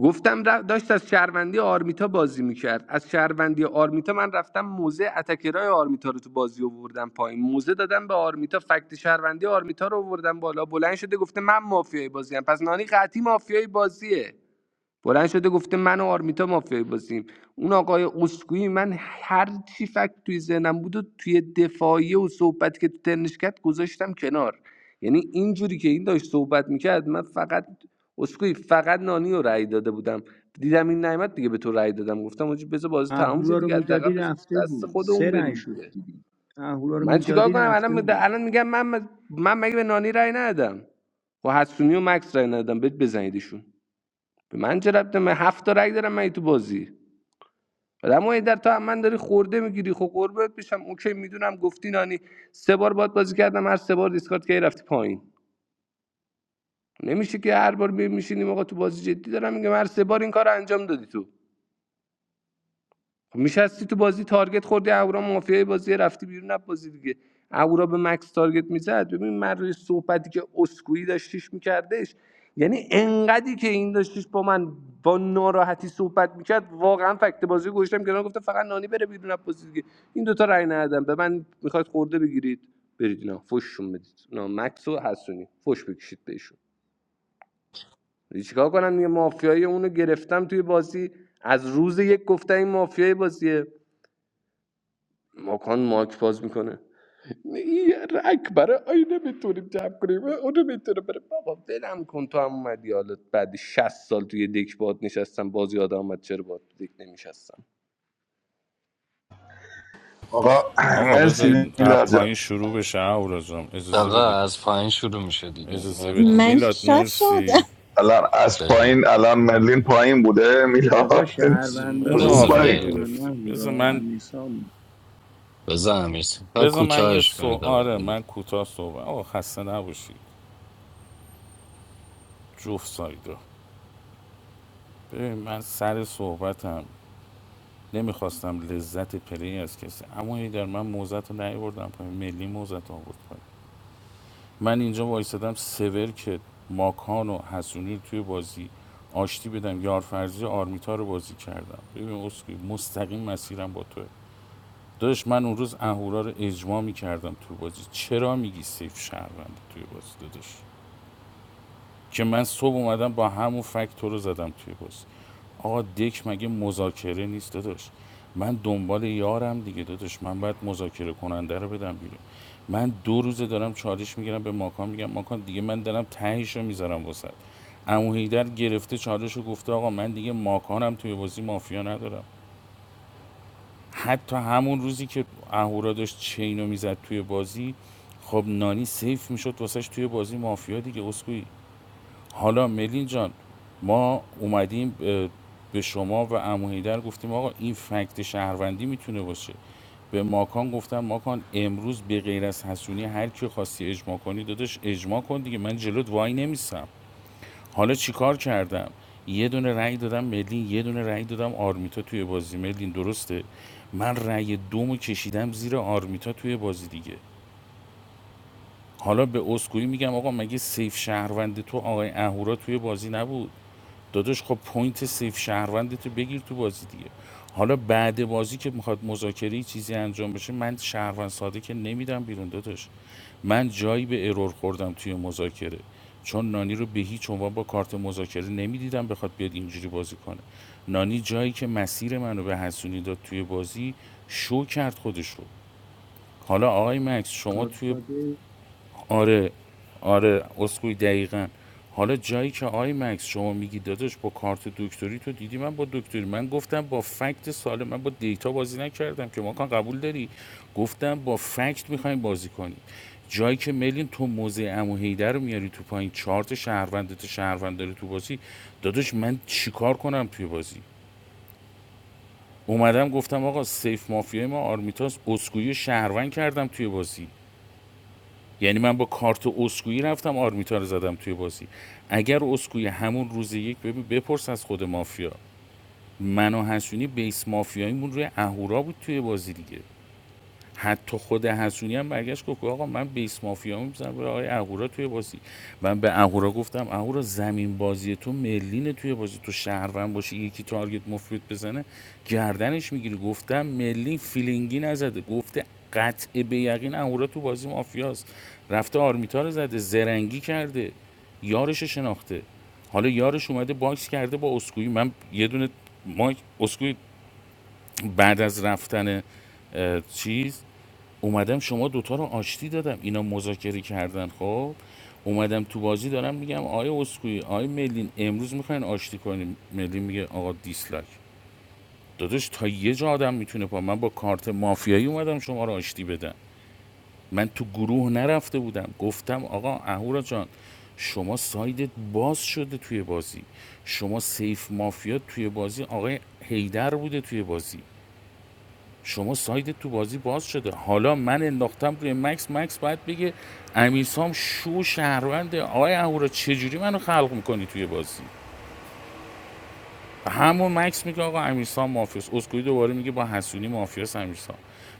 [SPEAKER 2] گفتم ر- داشت از شهروندی آرمیتا بازی میکرد از شهروندی آرمیتا من رفتم موزه اتکرای آرمیتا رو تو بازی آوردم پایین موزه دادم به آرمیتا فکت شهروندی آرمیتا رو آوردم بالا بلند شده گفته من مافیای بازیم پس نانی قطعی مافیای بازیه بلند شده گفته من و آرمیتا مافیای بازیم اون آقای اسکوئی من هر چی فکت توی ذهنم بود و توی دفاعیه و صحبتی که تو ترنش کرد گذاشتم کنار یعنی اینجوری که این داشت صحبت میکرد من فقط اسکوئی فقط نانی رو رأی داده بودم دیدم این نعمت دیگه به تو رأی دادم گفتم آجی بذار بازی تمام شه
[SPEAKER 13] اهورا رو
[SPEAKER 2] دیگه حداقل
[SPEAKER 13] میدادی
[SPEAKER 2] بذار
[SPEAKER 13] رفته
[SPEAKER 2] دست
[SPEAKER 13] بود
[SPEAKER 2] خودمون
[SPEAKER 13] سه رنگ
[SPEAKER 2] بریم
[SPEAKER 13] شد
[SPEAKER 2] دیگه
[SPEAKER 13] دیگه اهورا رو
[SPEAKER 2] من چیکار
[SPEAKER 13] میدادی
[SPEAKER 2] کنم
[SPEAKER 13] رفته
[SPEAKER 2] الان
[SPEAKER 13] بود
[SPEAKER 2] الان میگم من من مگه به نانی رأی ندادم خب حسونی و مکس رأی ندادم بهت بزنیدشون به من چه ربطه من هفت تا رگ دارم من این تو بازی بعد اما در تو هم من داری خورده میگیری خب قربت بشم اوکی میدونم گفتی نانی سه بار باید بازی کردم هر سه بار دیسکارد کردی رفتی پایین نمیشه که هر بار می- میشینیم آقا تو بازی جدی دارم میگم هر سه بار این کار انجام دادی تو خب میشستی تو بازی تارگت خوردی اهورا مافیای بازی رفتی بیرون از بازی دیگه اهورا به مکس تارگت میزد ببین من روی صحبتی که اسکوئی داشتیش میکردش یعنی انقدری که این داشتیش با من با ناراحتی صحبت میکرد واقعا فکت بازی گوشتم که گفته فقط نانی بره بیرون از بازی دیگه این دوتا رای ندادم به من میخواید خورده بگیرید برید اینا فوششون بدید نه مکس و حسونی فوش بکشید بهشون یعنی چیکار کنم دیگه مافیای اونو گرفتم توی بازی از روز یک گفته این مافیای بازیه ماکان ماک باز میکنه یه رک برای آینه میتونیم جمع کنیم اونو میتونه بره بابا ولم کن تو هم اومدی حالت بعد 60 سال توی دک باد نشستم باز یادم آمد چرا باد تو دک نمیشستم
[SPEAKER 15] آقا
[SPEAKER 16] آقا
[SPEAKER 15] مرسی
[SPEAKER 16] بذارید از
[SPEAKER 15] میلاد جان.
[SPEAKER 16] پایین شروع بشه اورا اجازه
[SPEAKER 7] آقا
[SPEAKER 16] بدید
[SPEAKER 7] از پایین شروع میشه دیگه
[SPEAKER 16] اجازه بدید
[SPEAKER 7] مرلین
[SPEAKER 1] من
[SPEAKER 7] گفت
[SPEAKER 16] میلاد
[SPEAKER 1] شاد شد
[SPEAKER 16] مرسی
[SPEAKER 15] الان از
[SPEAKER 7] بزن
[SPEAKER 15] پایین الان مرلین پایین بوده
[SPEAKER 13] بابا
[SPEAKER 15] میلاد
[SPEAKER 13] شهرونده
[SPEAKER 16] اونو
[SPEAKER 15] کدوم
[SPEAKER 7] بزن
[SPEAKER 13] صحبت
[SPEAKER 16] آفر
[SPEAKER 15] پایین
[SPEAKER 7] مرلین
[SPEAKER 13] کنن
[SPEAKER 16] گرفتی بذار
[SPEAKER 13] اهورا
[SPEAKER 16] من
[SPEAKER 13] امیسامو
[SPEAKER 7] بزن امیر و
[SPEAKER 16] بذار من یه
[SPEAKER 7] کوتاهش
[SPEAKER 16] سو
[SPEAKER 7] کنید آقا
[SPEAKER 16] آره
[SPEAKER 7] ولی
[SPEAKER 16] من کوتاه صحبت آقا خسته نباشید جفت سایدا ببین من سر صحبتم نمیخواستم لذت پلی از کسی اما این در من موزت رو نیاوردم پایین ملی موزت رو آورد پایین من اینجا وایستدم سور که ماکان و حسونی رو توی بازی آشتی بدم یارفرزی آرمیتا رو بازی کردم ببین اسکی مستقیم مسیرم با توه داشت من اون روز اهورا رو اجماع میکردم توی بازی چرا میگی سیف شهرونده توی بازی داداش که من صبح اومدم با همون فکت رو زدم توی پست آقا دک مگه مذاکره نیست داداش من دنبال یارم دیگه داداش من باید مذاکره کننده رو بدم بیرون من دو روزه دارم چالش میگیرم به ماکان میگم ماکان دیگه من دارم تهش رو میذارم وسط امو هیدر گرفته چالش رو گفته آقا من دیگه ماکانم توی بازی مافیا ندارم حتی همون روزی که اهورا داشت چینو میزد توی بازی خب نانی سیف میشد واسش توی بازی مافیا دیگه اسکوئی حالا ملین جان ما اومدیم به شما و عمو حیدر گفتیم آقا این فکت شهروندی میتونه باشه به ماکان گفتم ماکان امروز به غیر از حسونی هر کی خواستی اجماع کنی داداش اجماع کن دیگه من جلوت وای نمیسم حالا چیکار کردم یه دونه رأی دادم ملین یه دونه رأی دادم آرمیتا توی بازی ملین درسته من رأی دومو کشیدم زیر آرمیتا توی بازی دیگه حالا به اسکوئی میگم آقا مگه سیف شهروند تو آقای اهورا توی بازی نبود داداش خب پوینت سیف شهروند تو بگیر تو بازی دیگه حالا بعد بازی که میخواد مذاکره چیزی انجام بشه من شهروند ساده که نمیدم بیرون داداش من جایی به ارور خوردم توی مذاکره چون نانی رو به هیچ عنوان با کارت مذاکره نمیدیدم بخواد بیاد اینجوری بازی کنه نانی جایی که مسیر منو به حسونی داد توی بازی شو کرد خودش رو حالا آقای مکس شما توی
[SPEAKER 13] گادفادر
[SPEAKER 16] آره آره اسکوی دقیقا حالا جایی که آی مکس شما میگی داداش با کارت دکتری تو دیدی من با دکتری من گفتم با فکت سالم من با دیتا بازی نکردم که ما کان قبول داری گفتم با فکت میخوایم بازی کنیم جایی که ملین تو موزه امو هیدر رو میاری تو پایین چارت شهروندت شهروند داری تو بازی داداش من چیکار کنم توی بازی اومدم گفتم آقا سیف مافیای ما آرمیتاس اسکویی رو شهروند کردم توی بازی یعنی من با کارت اسکویی رفتم آرمیتا رو زدم توی بازی اگر اسکویی همون روز یک ببین بپرس از خود مافیا من و حسونی بیس مافیاییمون روی اهورا بود توی بازی دیگه حتی خود حسونی هم برگشت گفت آقا من بیس مافیا میزنم به آقای اهورا توی بازی من به اهورا گفتم اهورا زمین بازی تو ملینه توی بازی تو شهروند باشی یکی تارگت مفید بزنه گردنش میگیری گفتم ملین فیلینگی نزده گفته قطع به یقین اهورا تو بازی مافیاست رفته آرمیتا رو زده زرنگی کرده یارش شناخته حالا یارش اومده باکس کرده با اسکوئی من یه دونه ما اسکوئی بعد از رفتن چیز اومدم شما دوتا رو آشتی دادم اینا مذاکره کردن خب اومدم تو بازی دارم میگم آیا اسکوئی آیا ملین امروز میخواین آشتی کنیم ملین میگه آقا دیسلایک داداش تا یه جا آدم میتونه پا من با کارت مافیایی اومدم شما رو آشتی بدم من تو گروه نرفته بودم گفتم آقا اهورا جان شما سایدت باز شده توی بازی شما سیف مافیا توی بازی آقای هیدر بوده توی بازی شما ساید تو بازی باز شده حالا من انداختم روی مکس مکس باید بگه امیرسام شو شهروند آقای اهورا چجوری منو خلق میکنی توی بازی همون مکس میگه آقا امیرسام مافیاس اسکوئی دوباره میگه با حسونی مافیاس امیرسام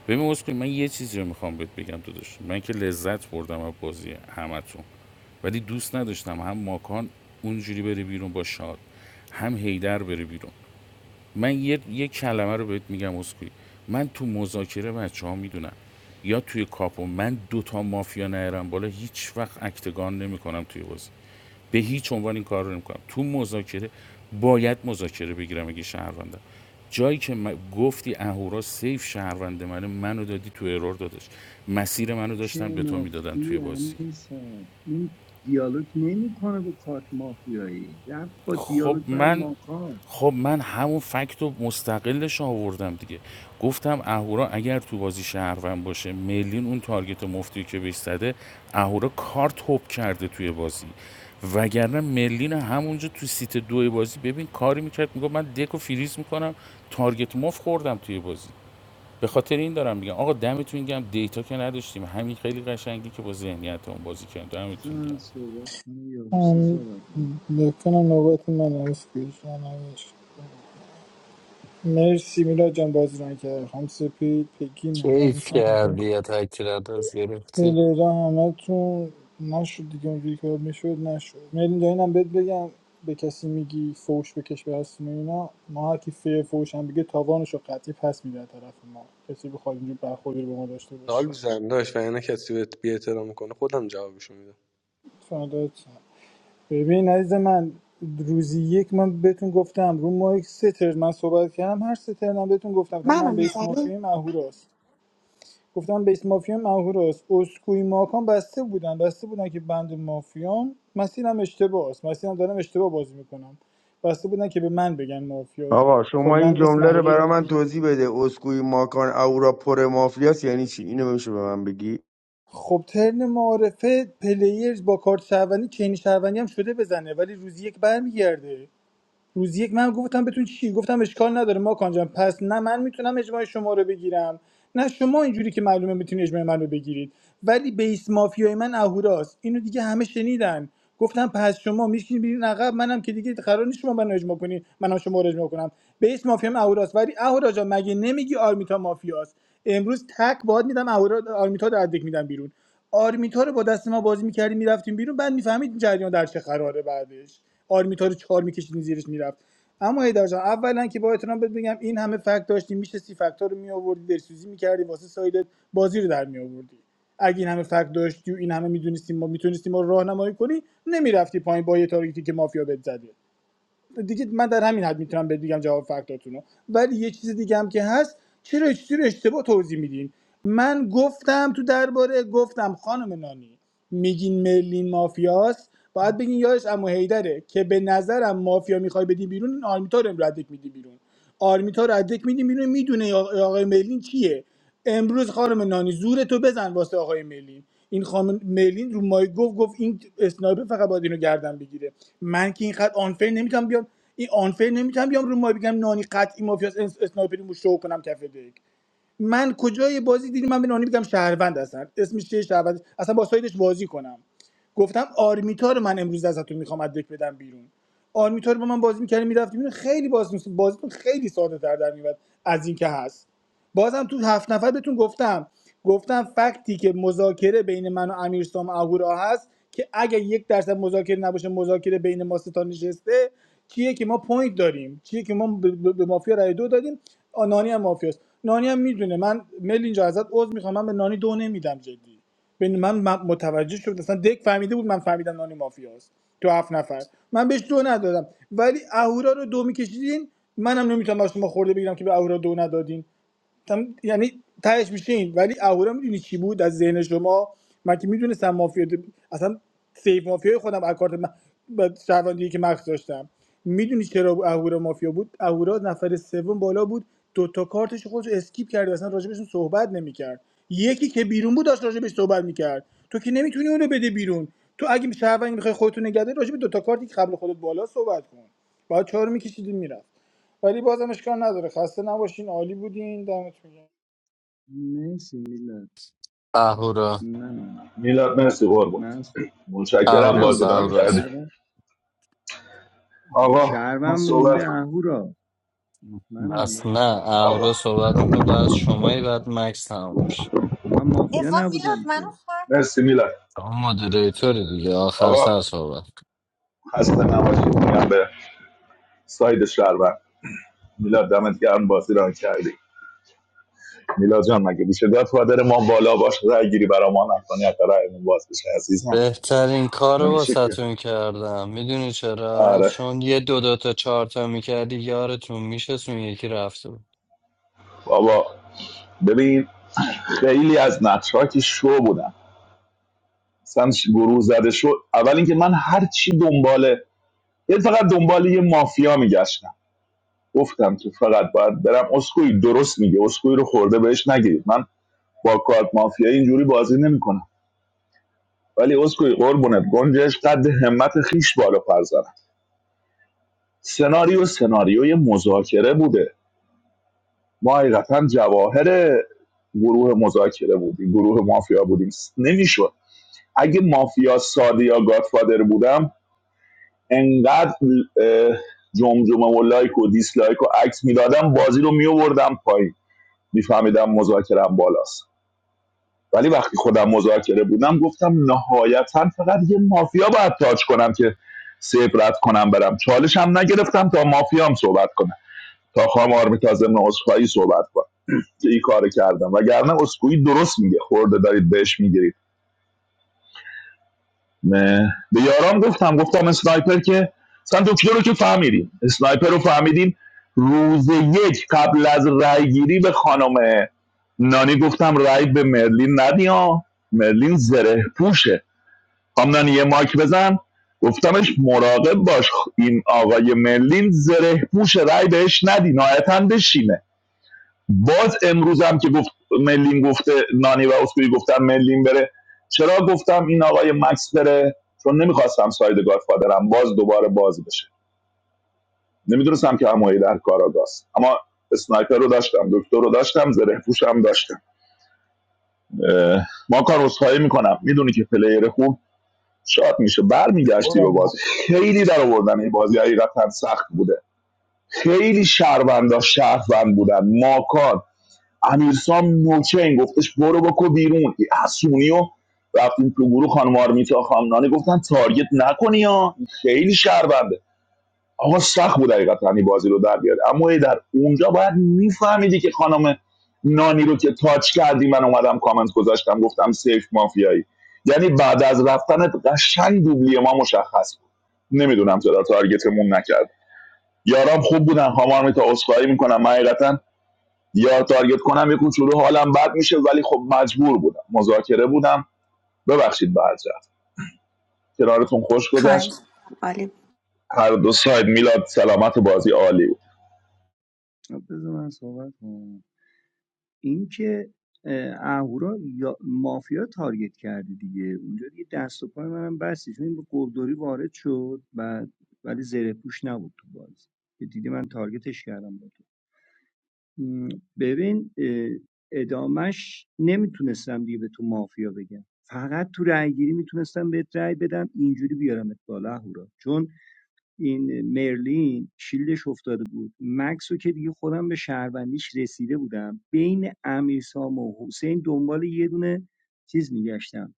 [SPEAKER 16] ببین اسکوئی من یه چیزی رو میخوام بهت بگم تو داشت من که لذت بردم از بازی همتون ولی دوست نداشتم هم ماکان اونجوری بره بیرون با شاد هم هیدر بره بیرون من یه, یه کلمه رو بهت میگم اسکوئی من تو مذاکره بچه ها میدونم یا توی کاپو من دوتا مافیا نهرم بالا هیچ وقت اکتگان نمیکنم توی بازی به هیچ عنوان این کار رو نمیکنم تو مذاکره باید مذاکره بگیرم اگه شهروندم جایی که گفتی اهورا سیف شهروند منه منو دادی تو ارور دادش مسیر منو داشتن به تو میدادن توی
[SPEAKER 13] شناختی
[SPEAKER 16] بازی
[SPEAKER 13] امیرسام این دیالوگ نمیکنه با کارت مافیایی رفت با
[SPEAKER 16] خب
[SPEAKER 13] دیالوگ برای
[SPEAKER 16] من
[SPEAKER 13] ماکان
[SPEAKER 16] خب من همون فکت رو مستقلش آوردم دیگه گفتم اهورا اگر تو بازی شهروند باشه میلین اون تارگت مفتی که بهش زده اهورا کارت هوب کرده توی بازی وگرنه میلین همونجا تو سیت دو بازی ببین کاری میکرد میگفت من دک و فریز میکنم تارگت مف خوردم توی بازی به خاطر این دارم میگم آقا دمتون گم دیتا که نداشتیم همین خیلی قشنگی که با ذهنیت اون بازی کردیم دمتون
[SPEAKER 13] مثلا
[SPEAKER 16] گرم
[SPEAKER 13] صحبت کنه یا حسی
[SPEAKER 6] ام،
[SPEAKER 13] صحبت کنه
[SPEAKER 6] یکنم نوبت من هست پیش من هست. مرسی میلا جان بازی رنگ کرد هم سپید پگی ننه
[SPEAKER 7] کیف
[SPEAKER 6] همیشه
[SPEAKER 7] کردی یا تکرات از گرفتی
[SPEAKER 6] تلرا همه تون نشد دیگه اونجوری که باید میشد نشد مرین جان اینم بهت بگم به کسی میگی فوش بکش به هستون و اینا ما هر کی فیر فوش هم بگه تاوانش رو قطعی پس میده از طرف ما کسی بخواد اینجور برخوردی رو به ما داشته باشه
[SPEAKER 2] سال میزنم داشت و اینه کسی بهت بی احترام میکنه خودم جوابشو میدم
[SPEAKER 6] فردات ببین عزیز من روزی یک من بهتون گفتم رو مایک سه ترن من صحبت کردم هر سه ترن من بهتون گفتم گفتم
[SPEAKER 10] منو
[SPEAKER 6] من بیس
[SPEAKER 10] میزنی
[SPEAKER 6] مافیایم اهوراست گفتم بیس مافیا منهور است اسکوئی ماکان بسته بودن بسته بودن که بند مافیام مسیرم اشتباه است مسیرم دارم اشتباه بازی میکنم بسته بودن که به من بگن مافیا
[SPEAKER 14] آقا شما این
[SPEAKER 6] کلا اسم
[SPEAKER 14] جمله رو
[SPEAKER 6] مهورا رو
[SPEAKER 14] برا من توضیح بده اسکوی ماکان اورا پر مافیاس یعنی چی اینو میشه به من بگی
[SPEAKER 6] خب ترن معارفه پلیرز با کارت شهروندی چین شهروندی هم شده بزنه ولی روزی یک برمیگرده روز یک من گفتم بتون چی گفتم اشکال نداره ما جان پس نه من میتونم اجماع شما رو بگیرم نه شما اینجوری که معلومه میتونید اجماع من رو بگیرید ولی بیس مافیای من اهوراست اینو دیگه همه شنیدن گفتم پس شما میشین بیرین عقب منم که دیگه قرار نیست شما منو اجماع کنی منم شما رو اجماع کنم بیس مافیام من اهوراست ولی اهورا جان مگه نمیگی آرمیتا مافیاست امروز تک باد میدم اهورا آرمیتا رو از دک میدم بیرون آرمیتا رو با دست ما بازی میکردیم می‌رفتیم بیرون بعد میفهمید جریان در چه قراره بعدش آرمیتا رو چهار میکشیدین زیرش می‌رفت، اما هیدر جان اولا که با احترام بهت بگم این همه فکت داشتیم میشستی فکتا رو میآوردی درسوزی می‌کردی واسه سایدت بازی رو در می‌آوردی. اگه این همه فکت داشتی و این همه میدونستیم ما میتونستیم ما رو راهنمایی کنی نمی‌رفتی پایین با یه تارگتی که مافیا بهت زده دیگه من در همین حد میتونم بهت بگم جواب فکتاتونو ولی یه چیز دیگه هم که هست چرا یه چیزی رو اشتباه توضیح میدین من گفتم تو درباره گفتم خانم نانی میگین مرلین مافیاست باید بگین یادش امو هیدره که به نظرم مافیا میخوای بدی بیرون این آرمیتا رو امرو ادک میدی بیرون آرمیتا رو ادک میدی بیرون میدونه آقای مرلین چیه امروز خانم نانی زور تو بزن واسه آقای ملین این خانم ملین رو مای گفت گفت این اسنایپر فقط باید اینو گردن بگیره من که این خط آنفر نمیتونم بیام این آنفر نمیتونم بیام رو مای بگم نانی قطعی مافیا اسنایپریمو شو کنم کف دک من کجای بازی دیدی من به نانی بگم شهروند هستن اسمش چیه شهروند اصلا با سایدش بازی کنم گفتم آرمیتا رو من امروز ازتون میخوام از دک بدم بیرون آرمیتا رو با من بازی میکردیم میرفتیم خیلی بازی بازیتون خیلی ساده تر در میاد از این که هست بازم تو هفت نفر بهتون گفتم گفتم فکتی که مذاکره بین من و امیرسام اهورا هست که اگه یک درصد مذاکره نباشه مذاکره بین ما سه تا نشسته چیه که ما پوینت داریم چیه که ما به به- به مافیا رای دو دادیم آ، نانی هم مافیاست نانی هم میدونه من مل اینجا ازت عذر میخوام من به نانی دو نمیدم جدی ببین من من متوجه شدم اصلا دک فهمیده بود من فهمیدم نانی مافیاست تو هفت نفر من بهش دو ندادم ولی اهورا رو دو میکشیدین منم نمیتونم از شما خورده بگیرم که به اهورا دو ندادین تم- یعنی تهش میشین ولی اهورا میدونی چی بود از ذهن شما من که میدونستم مافیا د- اصلا سیف مافیای خودم از کارت من- با شهروندی که مخص داشتم میدونی چرا اهورا مافیا بود اهورا نفر سوم بالا بود دو تا کارتش خودش رو اسکیپ کرد و اصلا راجبشون صحبت نمیکرد یکی که بیرون بود داشت راجبش صحبت میکرد تو که نمیتونی اونو بده بیرون تو اگه شهروند میخوای خودتون نگه داری راجب دو تا کارتی که قبل خودت بالا صحبت کن باید چهار میکشیدی میرفت ولی بازم اشکال نداره خسته نباشین عالی بودین دمتون گرم
[SPEAKER 13] مرسی میلاد
[SPEAKER 7] اهورا
[SPEAKER 13] منم
[SPEAKER 15] میلاد مرسی قربان
[SPEAKER 13] من س-
[SPEAKER 15] متشکرم
[SPEAKER 13] منم
[SPEAKER 7] اهوراس
[SPEAKER 15] بازیدان
[SPEAKER 13] بابا
[SPEAKER 7] اهوراس
[SPEAKER 15] کردی
[SPEAKER 13] شهروند بابا
[SPEAKER 15] آقا من
[SPEAKER 13] شهروند
[SPEAKER 15] صحبت
[SPEAKER 13] مونده
[SPEAKER 15] کنم
[SPEAKER 13] اهورا منم
[SPEAKER 7] اصلا
[SPEAKER 13] بابا
[SPEAKER 7] نه
[SPEAKER 15] آقا
[SPEAKER 7] اهورا صحبت میکنه بعد شمایی بعد مکس تمام میشه
[SPEAKER 13] من مافیا
[SPEAKER 1] ایوان میلاد
[SPEAKER 13] نبودم
[SPEAKER 1] منو
[SPEAKER 13] که
[SPEAKER 1] خواهد
[SPEAKER 15] مرسی میلاد
[SPEAKER 7] شما مدریتوری دیگه آخر
[SPEAKER 15] آقا
[SPEAKER 7] سر صحبت
[SPEAKER 15] خسته نباشید میگم به ساید شهروند میلاد دمت گرم بازیدان کردی میلاد جان مگه میشه گاد فادر ما بالا باش رای گیری برا ما نکنی حتی رایمون باز بشه عزیزم
[SPEAKER 7] بهترین کار رو
[SPEAKER 15] نمیشه که
[SPEAKER 7] واسهتون کردم میدونی چرا
[SPEAKER 15] آره
[SPEAKER 7] چون یه دو دو تا چهار تا میکردی یارتون میشه اون یکی رفته بود
[SPEAKER 15] بابا ببین خیلی از نقشها که شو بودن اصلا گروه زده شد اول اینکه من هر چی دنباله، یه فقط دنبال یه مافیا میگشتم گفتم که فقط باید برم اسکوئی درست میگه اسکوئی رو خورده بهش نگیرید من با کارت مافیا اینجوری بازی نمیکنم ولی اسکوئی قربونت گنجش قد همت خیش بالا پر زنم سناریو سناریوی مذاکره بوده ما حقیقتا جواهر گروه مذاکره بودیم گروه مافیا بودیم نمیشد اگه مافیا ساده یا گادفادر بودم انقدر اه، جمجمه و لایک و دیسلایک و عکس میدادم بازی رو میوردم پایین میفهمیدم مذاکرم بالاست ولی وقتی خودم مذاکره بودم گفتم نهایتا فقط یه مافیا باید تاچ کنم که سیبرت رد کنم برم چالش هم نگرفتم تا مافیام صحبت کنم تا خام آرمیتا ضمن عذرخواهی صحبت کنم که این کار کردم وگرنه اسکوئی درست میگه خورده دارید بهش میگیرید نه به یارام گفتم گفتم اسنایپر که مثلا دکتر رو که فهمیدیم اسنایپر رو فهمیدیم روز یک قبل از رای گیری به خانم نانی گفتم رای به مرلین ندیا. ها مرلین زره پوشه خانم نانی یه ماک بزن گفتمش مراقب باش این آقای مرلین زره پوشه رای بهش ندی نهایتا بشینه. باز امروز هم که گفت ملین گفته نانی و اسکوئی گفتم ملیم بره چرا گفتم این آقای مکس بره چون نمیخواستم ساید گادفادرم باز دوباره باز بشه نمیدونستم که همایی در کاراگاست اما اسنایپر رو داشتم دکتر رو داشتم زره پوشم داشتم اه، ما کار رسخایی میکنم میدونی که پلیر خوب شاد میشه برمیگشتی
[SPEAKER 2] برم
[SPEAKER 15] به
[SPEAKER 2] ما
[SPEAKER 15] بازی خیلی در آوردن این بازی حقیقتا سخت بوده خیلی شهروندها شهروند بودن ماکان امیرسام نوچین گفتش برو بکو بیرون حسونی و رفتیم تو گروه خانم آرمیتا خانم نانی گفتن تارگت نکنی یا خیلی شربنده آقا سخت بود حقیقتا این بازی رو در بیاره اما در اونجا باید میفهمیدی که خانم نانی رو که تاچ کردی من اومدم کامنت گذاشتم گفتم سیف مافیایی یعنی بعد از رفتن قشنگ دوبلی ما مشخص بود نمیدونم چرا تارگتمون نکرد یارام خوب بودن خانم آرمیتا عذرخواهی میکنم من حقیقتا یا تارگت کنم یه کوچولو حالم بد میشه ولی خب مجبور بودم مذاکره بودم ببخشید به هر جهت کنارتون خوش گذشت
[SPEAKER 10] آره
[SPEAKER 15] هر دو ساید میلاد سلامت بازی عالی بود
[SPEAKER 13] خب، بذار من صحبت کنم اینکه اه، اهورا یا مافیا تارگت کرده دیگه اونجا دیگه دست و پای منم بستی چون این با گلدوری وارد شد و ولی زره پوش نبود تو بازی که دیدی من تارگتش کردم با تو م، ببین اه، ادامش نمیتونستم دیگه به تو مافیا بگم فقط تو رأیگیری میتونستم بهت رأی بدم اینجوری بیارمت بالا اهورا چون این مرلین شیلدش افتاده بود مکس که دیگه خودم به شهروندیش رسیده بودم بین امیرسام و حسین دنبال یه دونه چیز میگشتم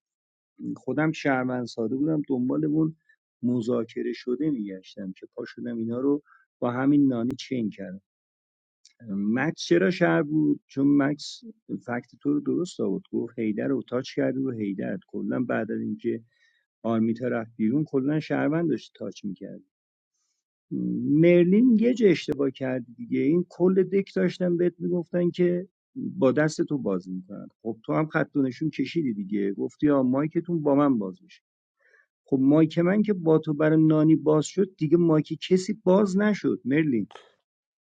[SPEAKER 13] خودم شهروند ساده بودم دنبال اون مذاکره شده میگشتم که پا شدم اینا رو با همین نانی چین کردم مکس چرا شهر بود چون مکس فکت تو رو درست آورد گفت هیدر رو تاچ کرد رو هیدر کلا بعد از اینکه آرمیتا رفت بیرون کلا شهروند داشت تاچ میکرد مرلین یه جا اشتباه کرد دیگه این کل دک داشتن بهت میگفتن که با دست تو باز میکنن خب تو هم خط و نشون کشیدی دیگه گفتی آ مایکتون با من باز میشه خب مایک من که با تو برای نانی باز شد دیگه مایک کسی باز نشد مرلین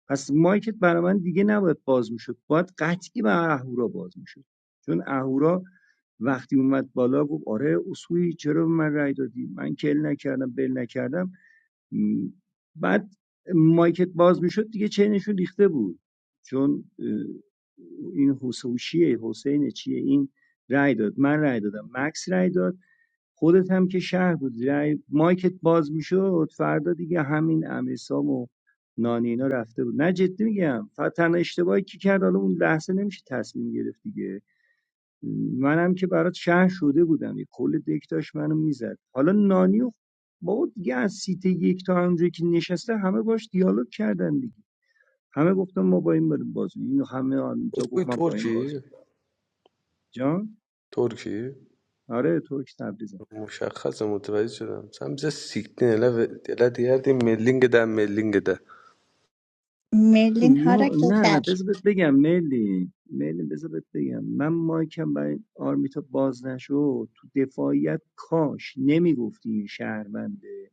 [SPEAKER 13] پس مایکت برای من دیگه نباید باز میشد باید قطعی به اهورا باز میشد چون اهورا وقتی اومد بالا گفت آره اصولی چرا به من رأی دادی من کل نکردم بل نکردم بعد مایکت باز میشد دیگه چینشون ریخته بود چون اه، این حسوشیه حسین چیه این رای داد من رای دادم مکس رای داد خودت هم که شهر بود رای مایکت باز میشد فردا دیگه همین امیرسام و نانی اینا رفته بود نه جدی میگم فقط تنها اشتباهی که کرد حالا اون لحظه نمیشه تصمیم گرفت دیگه منم که برات شهر شده بودم یه کل دک داشت منو میزد حالا نانی و بابا دیگه از سیت یک تا همونجایی که نشسته همه باش دیالوگ کردن دیگه همه گفتن ما با این بریم بازی اینو همه تا
[SPEAKER 2] اسکوی
[SPEAKER 13] گفت من با این بازی
[SPEAKER 2] ترکی
[SPEAKER 13] می‌کنم. جان
[SPEAKER 2] ترکی
[SPEAKER 13] آره تو که تبریزم
[SPEAKER 2] مشخص متوجه شدم سمز سیکنه لده دی ملینگ ده ملینگ ده
[SPEAKER 1] مرلین
[SPEAKER 13] یا
[SPEAKER 1] حرکت
[SPEAKER 13] نه نه
[SPEAKER 1] در
[SPEAKER 13] بذار بهت بگم ملی ملی بذار بهت بگم من مایکم برای آرمیتا باز نشد تو دفاعیت کاش نمیگفتی این شهرونده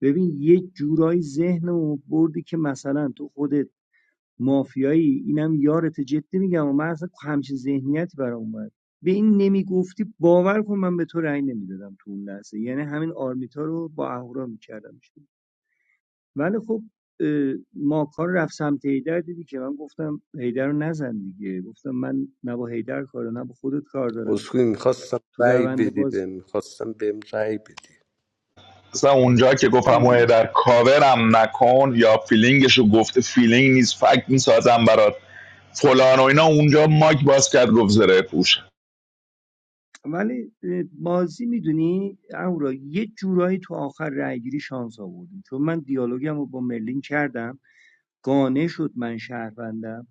[SPEAKER 13] ببین یه جورایی ذهنمو بردی که مثلا تو خودت مافیایی اینم یارت جدی میگم و من اصلا همچین ذهنیتی برام اومد به این نمیگفتی باور کن من به تو رأی نمیدادم تو اون لحظه یعنی همین آرمیتا رو با اهورا میکردم ولی خب ما کار رفت سمت هیدر دیدی که من گفتم هیدر رو نزن دیگه گفتم من نه با هیدر کار دارم نه با خودت کار دارم
[SPEAKER 2] اسکوی میخواستم
[SPEAKER 13] تو
[SPEAKER 2] رای
[SPEAKER 13] روند
[SPEAKER 2] بدی
[SPEAKER 13] باز
[SPEAKER 2] بهم میخواستم بهم رای بدی
[SPEAKER 15] اصلا اونجا که گفتم اوه در کاورم نکن یا فیلینگشو گفته فیلینگ نیست فکت میسازم برات فلان و اینا اونجا ماک باز کرد گفت زره پوش
[SPEAKER 13] ولی اه، بازی میدونی اهورا یه جورایی تو آخر رأیگیری شانس آوردیم چون من دیالوگم رو با مرلین کردم قانع شد من شهروندم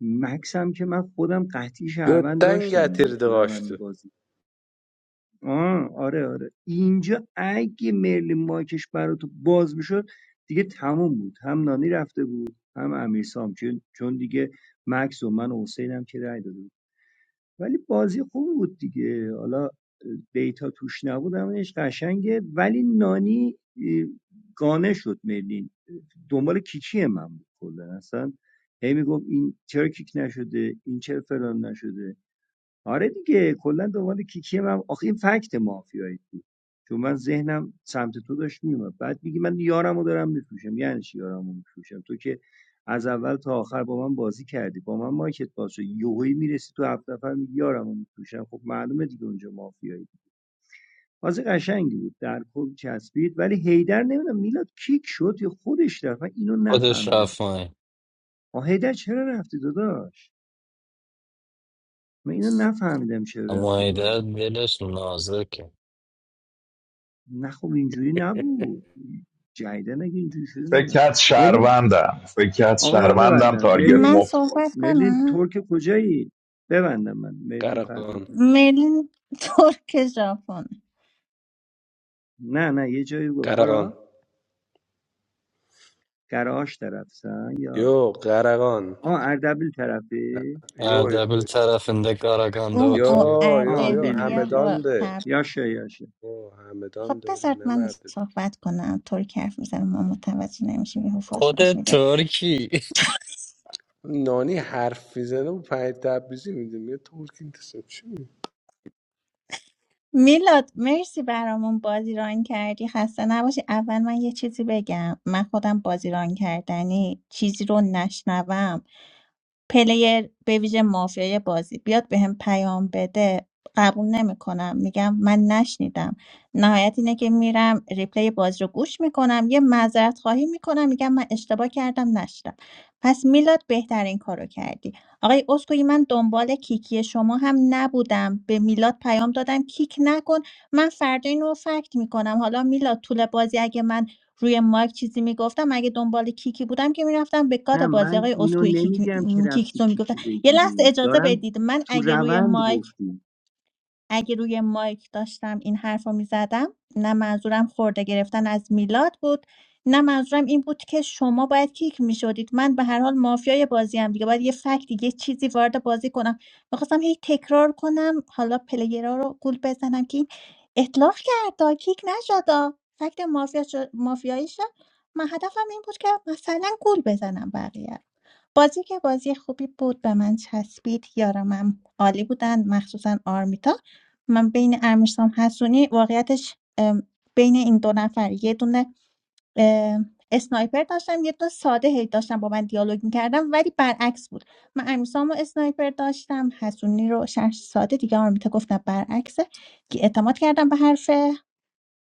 [SPEAKER 13] مکسم که من خودم قطعی شهروند
[SPEAKER 2] Götden
[SPEAKER 13] داشتم دیگه
[SPEAKER 2] getirdi
[SPEAKER 13] تو روند
[SPEAKER 2] kaçtı.
[SPEAKER 13] بازی آه آره آره اینجا اگه مرلین مایکش برات باز میشد دیگه تموم بود هم نانی رفته بود هم امیرسام چون چون دیگه مکس و من و حسینم که رای داده ولی بازی خوب بود دیگه حالا دیتا توش نبود همونش قشنگه ولی نانی گانه شد مرلین دنبال کیکی من بود کلا اصلا هی میگفت این چرا کیک نشده این چرا فلان نشده آره دیگه کلا به عنوان کیکی من آخه این فکت مافیایی بود چون من ذهنم سمت تو داشت میومد بعد میگی من یارمو دارم میفروشم یعنی چی یارمو میفروشم تو که از اول تا آخر با من بازی کردی با من مارکت باز شد یهویی میرسی تو هفت نفر میگی یارمو میفروشم خب معلومه دیگه اونجا مافیایی بازی قشنگی بود در کل چسبید ولی هیدر نمیدونم میلاد کیک شد یا خودش رفت من اینو
[SPEAKER 7] خودش
[SPEAKER 13] نفهمیدم
[SPEAKER 7] رفت ماهی
[SPEAKER 13] آ هیدر چرا رفتی داداش من اینو نفهمیدم چرا
[SPEAKER 7] اما
[SPEAKER 13] رفتی پایین
[SPEAKER 7] ایده دلش نازکه
[SPEAKER 13] نه خب اینجوری نبود جدیدن اگه اینجوری شده
[SPEAKER 15] فکر
[SPEAKER 13] نه
[SPEAKER 15] کرد
[SPEAKER 13] مرلین
[SPEAKER 15] شهروندم فکر کرد
[SPEAKER 13] آقا من
[SPEAKER 15] شهروندم
[SPEAKER 13] ببندم
[SPEAKER 15] تارگت
[SPEAKER 13] مرلین
[SPEAKER 1] من
[SPEAKER 15] مفت کن.
[SPEAKER 1] صحبت
[SPEAKER 13] مرلین
[SPEAKER 1] کنم
[SPEAKER 13] ترک کجایی ببندم من مرلین فردا
[SPEAKER 2] Karakan.
[SPEAKER 13] بودم
[SPEAKER 1] مرلین ترک ژاپن
[SPEAKER 13] نه نه یه جایی گفت
[SPEAKER 2] Karakan.
[SPEAKER 13] هارا گراش طرفسن یا
[SPEAKER 2] Yo Karakan.
[SPEAKER 13] آ اردبیل طرفه
[SPEAKER 2] Yo yo
[SPEAKER 7] اردبیل طرفinde Karaganda
[SPEAKER 1] او
[SPEAKER 2] yo
[SPEAKER 1] او
[SPEAKER 7] oturuyor
[SPEAKER 13] آ
[SPEAKER 2] yo yo
[SPEAKER 13] بیلدن
[SPEAKER 1] اردبیلیا
[SPEAKER 13] بیلدن
[SPEAKER 1] با
[SPEAKER 2] Hamedan'dı.
[SPEAKER 1] تب
[SPEAKER 13] یاشه یاشه
[SPEAKER 2] O
[SPEAKER 1] خب
[SPEAKER 2] Hamedan'dı oğlum
[SPEAKER 1] بذارت
[SPEAKER 2] ne
[SPEAKER 1] من
[SPEAKER 2] merdi.
[SPEAKER 1] صحبت کنم ترک حرف میزنم ما متوجه نمیشیم یهو فوش
[SPEAKER 7] خود
[SPEAKER 1] ماش می‌ده.
[SPEAKER 7] ترکی
[SPEAKER 2] Nani harf میزنه و پنج تبریزی میده میگه ترک این تسم چی می‌گی؟
[SPEAKER 1] میلاد مرسی برامون بازی ران کردی خسته نباشی اول من یه چیزی بگم من خودم بازی ران کردنی چیزی رو نشنوم پلیر بویژه مافیای بازی بیاد بهم پیام بده قبول نمیکنم میگم من نشنیدم نهایت اینه که میرم ریپلی بازی رو گوش میکنم یه معذرت خواهی میکنم میگم من اشتباه کردم نشدم پس میلاد بهترین کارو کردی آقای اسکوئی من دنبال کیکی شما هم نبودم به میلاد پیام دادم کیک نکن من فردا اینو فکت میکنم حالا میلاد طول بازی اگه من روی مایک چیزی میگفتم اگه دنبال کیکی بودم که میرفتم به
[SPEAKER 13] نه
[SPEAKER 1] گاد بازی
[SPEAKER 13] من
[SPEAKER 1] آقای
[SPEAKER 13] اینو
[SPEAKER 1] اسکوئی کیک
[SPEAKER 13] نمیگم که رفتی
[SPEAKER 1] کیکتون میگفتم
[SPEAKER 13] کیکی
[SPEAKER 1] یه لحظه
[SPEAKER 13] بگیری
[SPEAKER 1] اجازه
[SPEAKER 13] دارم
[SPEAKER 1] بدید من
[SPEAKER 13] تو
[SPEAKER 1] اگه روی
[SPEAKER 13] روند
[SPEAKER 1] مایک
[SPEAKER 13] گفتیم
[SPEAKER 1] اگه روی مایک داشتم این حرف رو میزدم نه منظورم خورده گرفتن از میلاد بود نه منظورم این بود که شما باید کیک میشدید من به هر حال مافیای بازی هم دیگه باید یه فکتی یه چیزی وارد بازی کنم میخواستم هی تکرار کنم حالا پلیرها رو گول بزنم که این اطلاق کردا کیک نشدا فکت مافیا شد- مافیایی شد من هدفم این بود که مثلا گول بزنم بقیه رو. بازی که بازی خوبی بود به من چسبید یارمم عالی بودن مخصوصا آرمیتا من بین امیرسام حسونی واقعیتش ام، بین این دو نفر یه دونه ام، اسنایپر داشتم یه دونه ساده هی داشتم با من دیالوگ میکردم ولی برعکس بود من امیرسام و اسنایپر داشتم حسونی رو شهر ساده دیگه آرمیتا گفتم برعکسه که اعتماد کردم به حرف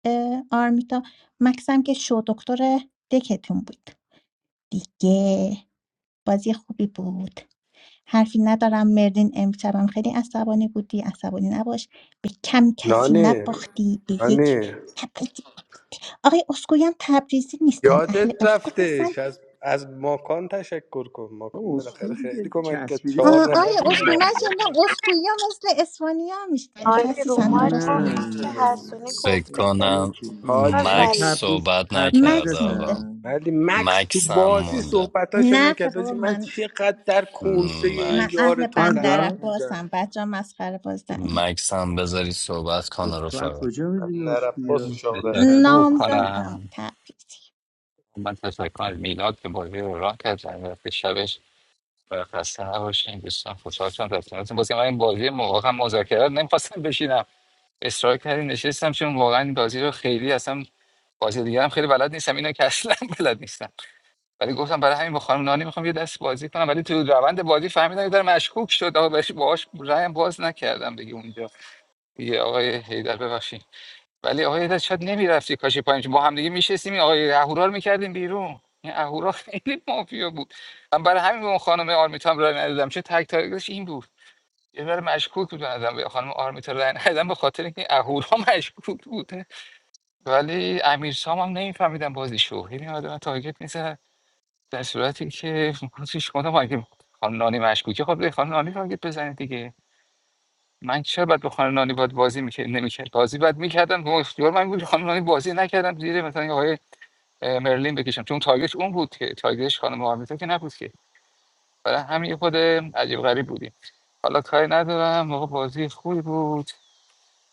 [SPEAKER 1] اه، آرمیتا مکسم که شو دکتر دکتون بود دیگه بازی خوبی بود حرفی ندارم مرلین امشبم خیلی عصبانی بودی عصبانی نباش به کم کسی
[SPEAKER 2] نانی
[SPEAKER 1] نباختی به یک
[SPEAKER 2] نانی
[SPEAKER 1] تبریزی آقای اسکویی هم تبریزی نیستن
[SPEAKER 2] یادت
[SPEAKER 1] اهل اسکو هستن
[SPEAKER 2] رفتش از از ماکان تشکر کن ماکان
[SPEAKER 13] آه،
[SPEAKER 2] بالاخره
[SPEAKER 13] اصول
[SPEAKER 2] خیلی
[SPEAKER 13] دیگه
[SPEAKER 2] کمک کرد
[SPEAKER 13] چسبیده به
[SPEAKER 2] چهار
[SPEAKER 1] آه،
[SPEAKER 2] نفر
[SPEAKER 1] آقای
[SPEAKER 2] تو
[SPEAKER 13] تبریز
[SPEAKER 1] اسکویی من
[SPEAKER 13] دیگه.
[SPEAKER 2] مافیا
[SPEAKER 1] شنیدم
[SPEAKER 2] بود
[SPEAKER 1] اسکویی ها مثل اسپانیا میشه
[SPEAKER 10] آره رو
[SPEAKER 1] خسیسن
[SPEAKER 10] مایک
[SPEAKER 1] درسته
[SPEAKER 13] نه
[SPEAKER 1] اینم
[SPEAKER 10] گفت که
[SPEAKER 13] نه
[SPEAKER 10] حسونی
[SPEAKER 7] فکر
[SPEAKER 10] گفته که
[SPEAKER 7] کنم
[SPEAKER 13] جوکی
[SPEAKER 10] اونا
[SPEAKER 13] مثلا
[SPEAKER 7] مکس
[SPEAKER 10] زده
[SPEAKER 2] حاجی
[SPEAKER 13] تبریز
[SPEAKER 7] صحبت
[SPEAKER 13] تبریز
[SPEAKER 7] نکرده
[SPEAKER 1] مکس مونده
[SPEAKER 7] آقا
[SPEAKER 13] هستن
[SPEAKER 2] ولی مکس تو
[SPEAKER 7] مکس هم
[SPEAKER 2] بازی
[SPEAKER 7] مونده
[SPEAKER 2] صحبتاش
[SPEAKER 1] نه خب
[SPEAKER 2] نکرد
[SPEAKER 1] بابا
[SPEAKER 2] آجی من
[SPEAKER 1] من
[SPEAKER 2] چقدر در کنسه این
[SPEAKER 1] من
[SPEAKER 7] مکس
[SPEAKER 2] یار
[SPEAKER 1] اهل
[SPEAKER 2] تو
[SPEAKER 1] بندر
[SPEAKER 2] غرق
[SPEAKER 13] هردا
[SPEAKER 2] بودم
[SPEAKER 1] عباسم بچه مسخره بازدم
[SPEAKER 7] مکس هم بذاری صحبت
[SPEAKER 13] خب
[SPEAKER 7] کنه
[SPEAKER 13] تو از
[SPEAKER 7] رفقا
[SPEAKER 13] کجا میدونی
[SPEAKER 2] نرفت
[SPEAKER 13] اسکویا
[SPEAKER 2] پاسو
[SPEAKER 12] دیگه.
[SPEAKER 13] او
[SPEAKER 2] شاوره
[SPEAKER 12] تشکر
[SPEAKER 13] تبریزی
[SPEAKER 1] نام
[SPEAKER 13] سعید
[SPEAKER 1] زدم
[SPEAKER 12] کنم
[SPEAKER 1] تبریزی
[SPEAKER 12] من تشکر از میلاد که بازی رو راه کرد وقت شبش و خسته نباشین دوستان خوشحال شدم در کنارتون بازی من این بازی م- واقعا مذاکره رو نمیخواستم بشینم اصرار کردی نشستم چون واقعا این بازی رو خیلی اصلا بازی دیگه هم خیلی بلد نیستم اینو که اصلا بلد نیستم ولی گفتم برای همین با خانم نانی میخوام یه دست بازی کنم ولی تو روند بازی فهمیدم یه ذره مشکوک شد آقا بهش باهاش رایم باز نکردم دیگه اونجا دیگه آقای حیدر ببخشید ولی آقای حیدر شاید نمیرفتی کاشی پایین با هم دیگه میشستیم این آقای اهورا رو میکردیم بیرون این اهورا خیلی مافیا بود من برای همین به اون خانم آرمیتا هم رای ندادم چه تک تاریخش این بود یه ذره مشکوک بود بنظرم به خانم آرمیتا رای ندادم به خاطر اینکه اهورا مشکوک بود ولی امیر سام هم نمیفهمیدم بازیشو یعنی آدم تارگت نیست در صورتی که ما چیش کنم اگه خانم نانی مشکوکه خب به خانم نانی تارگت بزنید دیگه من چرا باید به خانم نانی باید بازی میکرد نمیکرد بازی باید میکردم با اختیار من بود خانم نانی بازی نکردم زیر مثلا یه آقای اه، مرلین بکشم چون تارگت اون بود که تارگتش خانم آرمیتا که نبود که برای همین یه خود عجیب غریب بودیم حالا کاری ندارم موقع بازی خوبی بود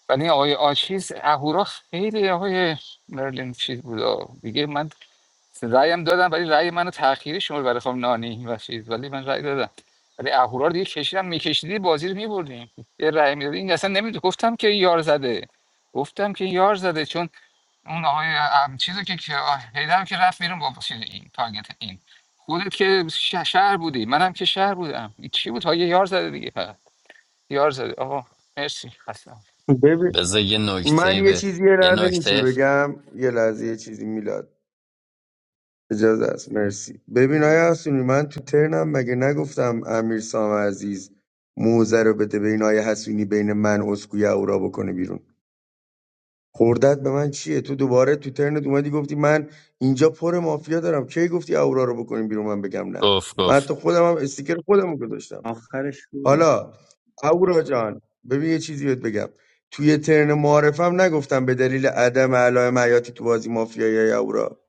[SPEAKER 12] ولی این آقای آچیز اهورا خیلی آقای مرلین چیز بود آه. دیگه من رأیم دادم ولی رأی منو تأخیری شما برای خانم نانی و چیز ولی من رأی دادم ولی اهورا رو دیگه کشیدم میکشیدی بازی رو میبردیم یه رأی میدادی این اصلا نمیدونم گفتم که این یار زده گفتم که این یار زده چون اون آقای ام، چیزو که که- آه، حیدر که رفت بیرون با چیز این تارگت این خودت که ش- شهر بودی منم که شهر بودم این چی بود ها یه یار زده دیگه فقط. یار زده آقا مرسی خستم
[SPEAKER 14] ببین
[SPEAKER 7] بذار یه
[SPEAKER 14] من
[SPEAKER 7] نکته
[SPEAKER 14] یه
[SPEAKER 7] به
[SPEAKER 14] چیزی یه
[SPEAKER 7] یه
[SPEAKER 14] لحظه میشه
[SPEAKER 7] نکته
[SPEAKER 14] بگم یه لحظه یه چیزی میلاد اجازه است مرسی ببین آیا حسونی من تو ترنم مگه نگفتم امیر سام عزیز موزه رو بده به این آیه حسونی بین من اسکوی اورا بکنه بیرون خوردت به من چیه تو دوباره تو ترنت اومدی گفتی من اینجا پر مافیا دارم کی گفتی اورا رو بکنیم بیرون من بگم نه
[SPEAKER 7] گفت
[SPEAKER 14] من
[SPEAKER 7] گفت
[SPEAKER 14] حتی خودم هم استیکر خودم رو گذاشتم
[SPEAKER 13] آخرش گفت
[SPEAKER 14] حالا اورا جان ببین یه چیزی بهت بگم توی ترن معارفم نگفتم به دلیل عدم علائم حیاتی تو بازی مافیایی های اورا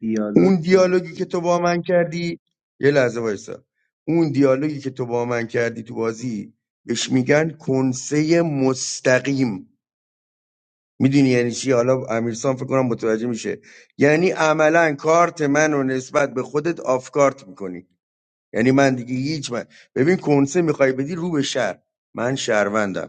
[SPEAKER 13] دیالوگ
[SPEAKER 14] اون دیالوگی که تو
[SPEAKER 13] کردی
[SPEAKER 14] با من کردی یه لحظه وایسا اون دیالوگی که تو با من کردی تو بازی بهش میگن کنسه مستقیم میدونی یعنی چی حالا امیرسان فکر کنم متوجه میشه یعنی عملا کارت من رو نسبت به خودت آف کارت میکنی یعنی من دیگه هیچ من ببین کنسه میخوای بدی رو به شهر من شهروندم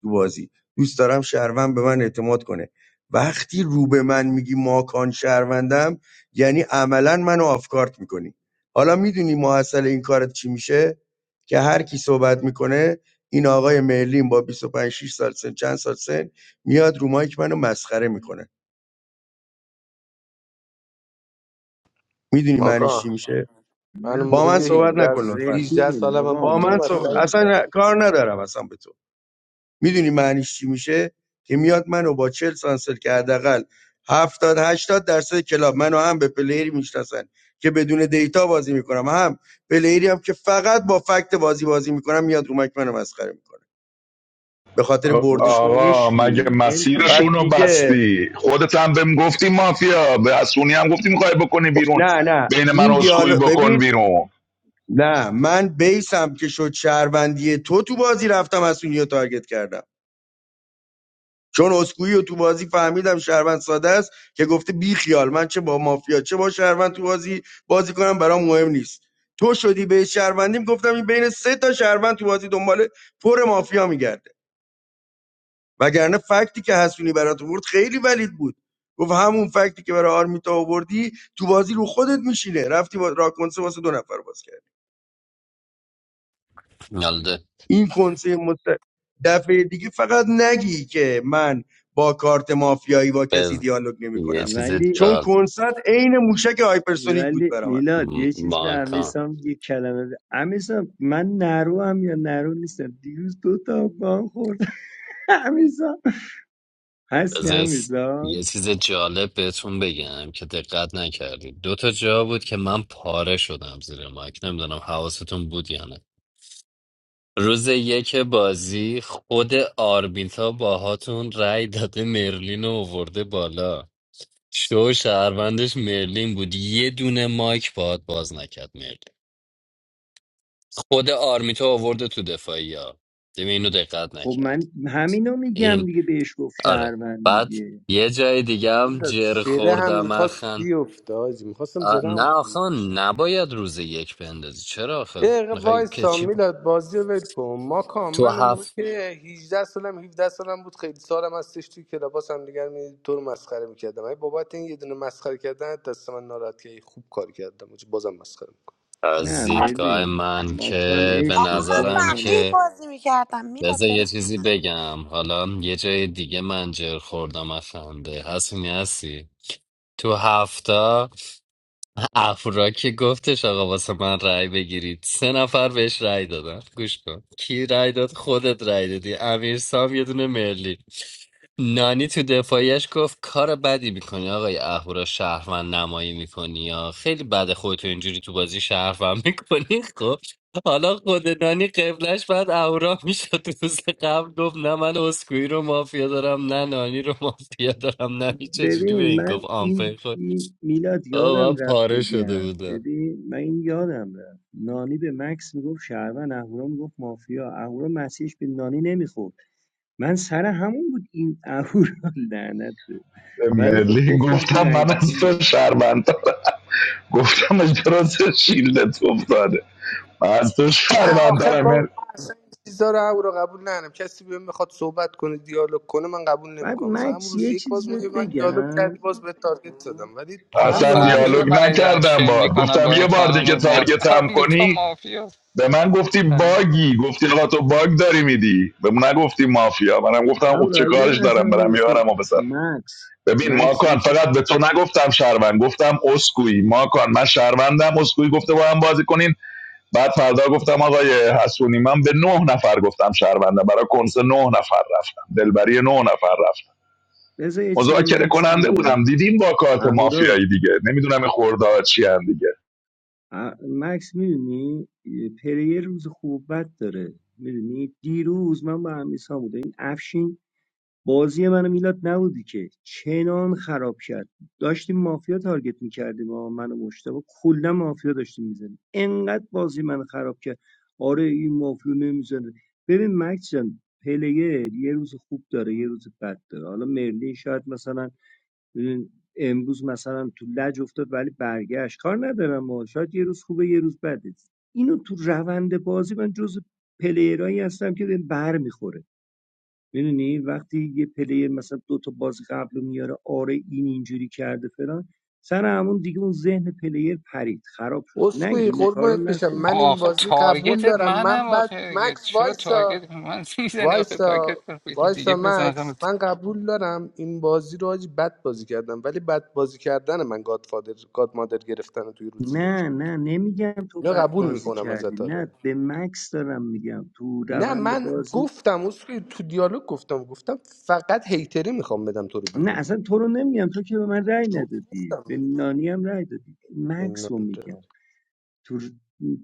[SPEAKER 14] تو بازی دوست دارم شهروند به من اعتماد کنه وقتی رو به من میگی ماکان شهروندم یعنی عملا منو آفکارت میکنی حالا میدونی محصل این کارت چی میشه که هر کی صحبت میکنه این آقای مرلین با 25 6 سال سن چند سال سن میاد رو مایک منو مسخره میکنه میدونی معنیش چی
[SPEAKER 2] ماکان
[SPEAKER 14] میشه
[SPEAKER 2] من اون
[SPEAKER 13] نه
[SPEAKER 14] با
[SPEAKER 2] موقع
[SPEAKER 14] من
[SPEAKER 2] که
[SPEAKER 14] صحبت
[SPEAKER 13] بابا
[SPEAKER 2] 18
[SPEAKER 14] نکن لطفا
[SPEAKER 2] 18
[SPEAKER 13] رفیقیم
[SPEAKER 2] سالم هم
[SPEAKER 13] بابا
[SPEAKER 2] بود
[SPEAKER 14] با
[SPEAKER 2] تو
[SPEAKER 14] من
[SPEAKER 2] رو
[SPEAKER 14] صحبت...
[SPEAKER 2] مسخره
[SPEAKER 13] ماکان
[SPEAKER 14] اصلا
[SPEAKER 2] میکردم
[SPEAKER 14] کار ندارم اصلا به تو میدونی معنیش چی میشه که میاد منو با چهل سانسل که حداقل 70 80 درصد کلاب منو هم به پلیری میشناسن که بدون دیتا بازی میکنم هم پلیری هم که فقط با فکت بازی بازی میکنم میاد رو مک منو مسخره میکنه به خاطر برد
[SPEAKER 13] بابا تو
[SPEAKER 14] شما
[SPEAKER 15] آقا مگه
[SPEAKER 13] عشقی ول کن
[SPEAKER 14] پس
[SPEAKER 15] مسیرشونو رو
[SPEAKER 13] ماکان.
[SPEAKER 14] دیگه
[SPEAKER 15] بستی خودت هم بهم گفتی مافیا به اسونی هم گفتی میخوای بکنی بیرون
[SPEAKER 14] نه نه
[SPEAKER 15] بین من و
[SPEAKER 14] این
[SPEAKER 15] اسکوئی
[SPEAKER 14] دیالوگ
[SPEAKER 15] بکن
[SPEAKER 14] ببین
[SPEAKER 15] بیرون
[SPEAKER 14] نه من بیسم که شد شهروندی تو تو بازی رفتم از اون یه تارگت کردم چون اسکوئی رو تو بازی فهمیدم شهروند ساده است که گفته بی خیال من چه با مافیا چه با شهروند تو بازی بازی کنم برام مهم نیست تو شدی به شهروندیم گفتم این بین سه تا شهروند تو بازی دنبال پر مافیا میگرده وگرنه فکتی که حسونی برات آورد خیلی ولید بود گفت همون فکتی که برای آرمیتا آوردی تو بازی رو خودت میشینه رفتی با راکنسه واسه دو نفر باز کردی.
[SPEAKER 7] یالده
[SPEAKER 14] این کنسه مست... دفعه دیگه فقط نگی که من با کارت مافیایی با کسی
[SPEAKER 7] بز...
[SPEAKER 14] دیالوگ
[SPEAKER 7] یه
[SPEAKER 14] نمیکنم
[SPEAKER 7] چیز
[SPEAKER 13] ولی
[SPEAKER 14] چون
[SPEAKER 7] جال
[SPEAKER 14] کنسرت عین موشک هایپرسونیک بود
[SPEAKER 13] ولی
[SPEAKER 14] برام
[SPEAKER 13] میلاد یه چیز به
[SPEAKER 7] ماکان
[SPEAKER 13] امیسام یه کلمه به امیسام من نرو هم یا نرو نیستم دیروز دو تا با هم خوردم همیسا هستی
[SPEAKER 7] بذار یه س-
[SPEAKER 13] همیسا
[SPEAKER 7] یه چیز جالب بهتون بگم که دقت نکردید دو تا جا بود که من پاره شدم زیر مایک نمیدونم حواستون بود یا نه روز یک بازی خود آرمیتا باهاتون رأی داده مرلین رو آورده بالا شو شهروندش مرلین بود یه دونه مایک باهات باز نکرد مرلین خود آرمیتا آورده تو دفاعی ها اینو دقت
[SPEAKER 13] خب
[SPEAKER 7] نکرد
[SPEAKER 13] من همینو میگم
[SPEAKER 7] این
[SPEAKER 13] دیگه بهش گفت
[SPEAKER 7] آره
[SPEAKER 13] شهروند
[SPEAKER 7] بعد
[SPEAKER 13] دیگه
[SPEAKER 7] یه جای دیگه هم جر
[SPEAKER 2] سره هم
[SPEAKER 7] خوردم
[SPEAKER 2] میخواست
[SPEAKER 7] اخن
[SPEAKER 2] بیفته آجی میخواستم
[SPEAKER 7] آ،
[SPEAKER 2] زره
[SPEAKER 7] نه
[SPEAKER 2] هم
[SPEAKER 7] آخه نباید روز یک بندازی چرا آخه
[SPEAKER 2] یه دقیقه
[SPEAKER 7] میخوای که
[SPEAKER 2] وایسا
[SPEAKER 7] چی
[SPEAKER 2] میلاد بازی رو ول کن ما کام
[SPEAKER 7] تو
[SPEAKER 2] من اون موقع
[SPEAKER 7] هفت
[SPEAKER 2] که 18 سالم 17 سالم بود خیلی سالم هستش توی کلاباس هم دیگر می تو رو مسخره میکردم ای بابت این یه دونه مسخره کردن دست من ناراحت که خوب کار کردم آجی بازم مسخره میکنم
[SPEAKER 7] از
[SPEAKER 13] نه
[SPEAKER 7] دیدگاه
[SPEAKER 13] مرلین
[SPEAKER 7] من
[SPEAKER 13] ماکان
[SPEAKER 7] که به
[SPEAKER 13] عشق
[SPEAKER 10] من
[SPEAKER 13] خودت
[SPEAKER 7] نظرم
[SPEAKER 13] هم
[SPEAKER 10] فقیه
[SPEAKER 7] که
[SPEAKER 10] بازی میکردم میلاد
[SPEAKER 7] بذار
[SPEAKER 10] به
[SPEAKER 7] یه
[SPEAKER 10] من
[SPEAKER 7] چیزی بگم حالا یه جای دیگه منجر خوردم از خنده هستی هستی تو هفته افرا که گفتش آقا واسه من رأی بگیرید سه نفر بهش رأی دادن گوش کن کی رأی داد خودت رأی دادی امیر سام یه دونه مرلی نانی تو دفاعیش گفت کار بدی میکنی آقای اهورا شهروند نمایی میکنی یا خیلی بده خودتو اینجوری تو بازی شهروند میکنی خب حالا خود نانی قبلش بعد اهورا میشد روز قبل گفت نه من اسکوئی رو مافیا دارم نه نانی رو مافیا دارم نه هیچ چه جوری
[SPEAKER 13] ببین
[SPEAKER 7] به این
[SPEAKER 13] من
[SPEAKER 7] گفت
[SPEAKER 13] این,
[SPEAKER 7] آمپر
[SPEAKER 13] این میلاد
[SPEAKER 7] آه من
[SPEAKER 13] یادم رفت
[SPEAKER 7] پاره شده
[SPEAKER 13] بگم
[SPEAKER 7] بودم
[SPEAKER 13] ببین من این یادم رفت نانی به مکس میگفت شهروند اهورا میگفت مافیا اهورا مسیحش به نانی نمیخورد من سر همون بود این اهورا لعنت به
[SPEAKER 15] به
[SPEAKER 13] ولی خب
[SPEAKER 15] ملی
[SPEAKER 13] گفتم تو
[SPEAKER 15] گفتم
[SPEAKER 13] رای
[SPEAKER 15] من از
[SPEAKER 13] گیری
[SPEAKER 15] تو
[SPEAKER 13] می‌دونم.
[SPEAKER 15] شهروندترم گفتم اجراز شیلدت افتاده من از تو
[SPEAKER 2] نه آخه با من
[SPEAKER 15] شهروندترم
[SPEAKER 2] اصلا این چیزا رو او رو قبول ندارم کسی بهم میخواد صحبت کنه دیالوگ کنه من قبول
[SPEAKER 13] بعد
[SPEAKER 2] نمیکنم مثلا همون
[SPEAKER 13] مکس
[SPEAKER 2] روز
[SPEAKER 13] یه
[SPEAKER 2] یک
[SPEAKER 13] چیز
[SPEAKER 2] باز
[SPEAKER 13] بهت
[SPEAKER 2] اومدی من دیالوگ
[SPEAKER 13] بگم
[SPEAKER 2] کردی باز به تارگت زدم ولی
[SPEAKER 12] آقا من
[SPEAKER 2] من
[SPEAKER 15] اصلا
[SPEAKER 2] نانی رو
[SPEAKER 12] فهمیدم
[SPEAKER 15] دیالوگ
[SPEAKER 2] خیلی
[SPEAKER 12] من
[SPEAKER 2] گرفتم
[SPEAKER 12] دارم
[SPEAKER 15] نکردم
[SPEAKER 12] چه
[SPEAKER 15] بار
[SPEAKER 12] میکنم
[SPEAKER 15] گفتم
[SPEAKER 12] با این
[SPEAKER 15] یه بار
[SPEAKER 12] خانم
[SPEAKER 15] دیگه
[SPEAKER 12] ما
[SPEAKER 15] تارگت هم
[SPEAKER 12] آرمیتا
[SPEAKER 15] کنی
[SPEAKER 12] مافیا
[SPEAKER 15] به من گفتی
[SPEAKER 12] فهمیدم
[SPEAKER 15] باگی گفتی آقا تو باگ داری میدی به من نگفتی مافیا منم گفتم خب چه
[SPEAKER 13] آورا یه
[SPEAKER 15] کارش
[SPEAKER 13] لحظه
[SPEAKER 15] دارم
[SPEAKER 13] من
[SPEAKER 15] برم یارم و بزنم
[SPEAKER 13] مکس
[SPEAKER 15] ببین
[SPEAKER 13] مکس یه
[SPEAKER 15] ماکان
[SPEAKER 13] چیز
[SPEAKER 15] فقط به تو نگفتم شهروند گفتم اسکوئی ماکان من شهروندم اسکوئی گفته با هم بازی کنین بعد فردا گفتم آقای حسونی من به نه نفر گفتم شهروندم برای کنس نه نفر رفتم دلبری نه نفر رفتم
[SPEAKER 13] بذار یه چیزی به
[SPEAKER 15] مذاکره
[SPEAKER 13] مکس
[SPEAKER 15] کننده بودم
[SPEAKER 13] میگم
[SPEAKER 15] دیدیم با کارت
[SPEAKER 13] اهورا
[SPEAKER 15] مافیایی دیگه نمیدونم این خورده چی هم دیگه
[SPEAKER 13] ا- مکس میدونی پریر روز خوب و بد داره میدونی دیروز من با امیسا بودم این افشین بازی من و میلاد نبودی که چنان خراب کرد داشتیم مافیا تارگت میکردیم و من و مشتبه کلا مافیا داشتیم میزنیم انقدر بازی من خراب کرد آره این مافیا نمیزنه ببین مکس جان پلیه یه روز خوب داره یه روز بد داره حالا مرلی شاید مثلا ببین، امروز مثلا تو لج افتاد ولی برگشت کار ندارم ما شاید یه روز خوبه یه روز بده اینو تو روند بازی من جز پلیرایی هستم که به بر میخوره میدونی وقتی یه پلی مثلا دو تا باز قبل رو میاره آره این اینجوری کرده فلان سر همون دیگه اون ذهن پلیر پرید خراب شد
[SPEAKER 2] اسکوئی
[SPEAKER 13] نگین این کارو
[SPEAKER 2] قربونت بشم
[SPEAKER 13] نکن
[SPEAKER 2] من این
[SPEAKER 12] آخه
[SPEAKER 2] بازی قبول
[SPEAKER 12] تارگتت
[SPEAKER 2] دارم من
[SPEAKER 12] منم
[SPEAKER 2] بعد
[SPEAKER 12] آخه دیگه.
[SPEAKER 2] مکس
[SPEAKER 12] چرا
[SPEAKER 2] وایسا
[SPEAKER 12] تارگت من میزنی آخه
[SPEAKER 2] وایسا
[SPEAKER 12] تارگت کن یه چیز دیگه
[SPEAKER 2] وایسا
[SPEAKER 12] بزن اصلا
[SPEAKER 2] مکس من قبول دارم این بازی رو حاجی بد بازی کردم ولی بد بازی کردن من گادفادر گاد مادر گرفتن توی روز یک
[SPEAKER 13] نه
[SPEAKER 2] بود
[SPEAKER 13] نه نمیگم تو
[SPEAKER 2] اینو
[SPEAKER 13] بد
[SPEAKER 2] قبول
[SPEAKER 13] بازی
[SPEAKER 2] میکنم
[SPEAKER 13] کردی
[SPEAKER 2] ازت
[SPEAKER 13] نه
[SPEAKER 2] آره
[SPEAKER 13] به مکس دارم میگم تو
[SPEAKER 2] نه
[SPEAKER 13] روند
[SPEAKER 2] من
[SPEAKER 13] بازی
[SPEAKER 2] گفتم اصولی تو دیالوگ گفتم گفتم فقط هیتری میخوام بدم تو رو
[SPEAKER 13] نه
[SPEAKER 2] بیرون
[SPEAKER 13] اصلا تو رو نمیگم تو که به من رأی
[SPEAKER 2] رو
[SPEAKER 13] ندادی به
[SPEAKER 2] گفتم
[SPEAKER 13] نانی هم رأی دادی
[SPEAKER 2] اینا
[SPEAKER 13] مکس رو
[SPEAKER 2] اینجا.
[SPEAKER 13] میگم تو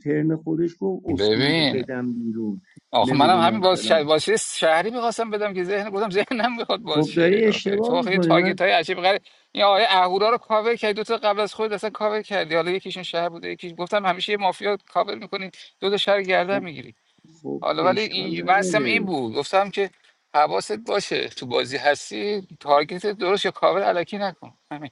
[SPEAKER 13] ترن خودش گفت اسکوئی رو
[SPEAKER 12] ببین
[SPEAKER 13] بدم بیرون
[SPEAKER 12] آخه منم همین
[SPEAKER 13] نمیدونم
[SPEAKER 12] باز شهر...
[SPEAKER 13] فلان
[SPEAKER 12] بازی شهری میخواستم بدم که ذهن گفتم ذهنم میخواد باز
[SPEAKER 13] خب
[SPEAKER 12] شه
[SPEAKER 13] داری
[SPEAKER 12] آخه تو
[SPEAKER 13] اشتباه
[SPEAKER 12] آخه یه
[SPEAKER 13] میکنی من
[SPEAKER 12] تارگت های عجیب غریب این آقای اهورا رو کاور کردی دو تا قبل از خود اصلا کاور کردی حالا یکیشون شهر بوده یکیش گفتم همیشه یه مافیا کاور میکنی دو تا شهر
[SPEAKER 13] خب
[SPEAKER 12] گردن میگیری
[SPEAKER 13] خب
[SPEAKER 12] حالا ولی
[SPEAKER 13] اشکال
[SPEAKER 12] این بحثم این
[SPEAKER 13] نداره
[SPEAKER 12] بود گفتم که حواست باشه تو بازی هستی تارگت درست یا کاور الکی نکن همین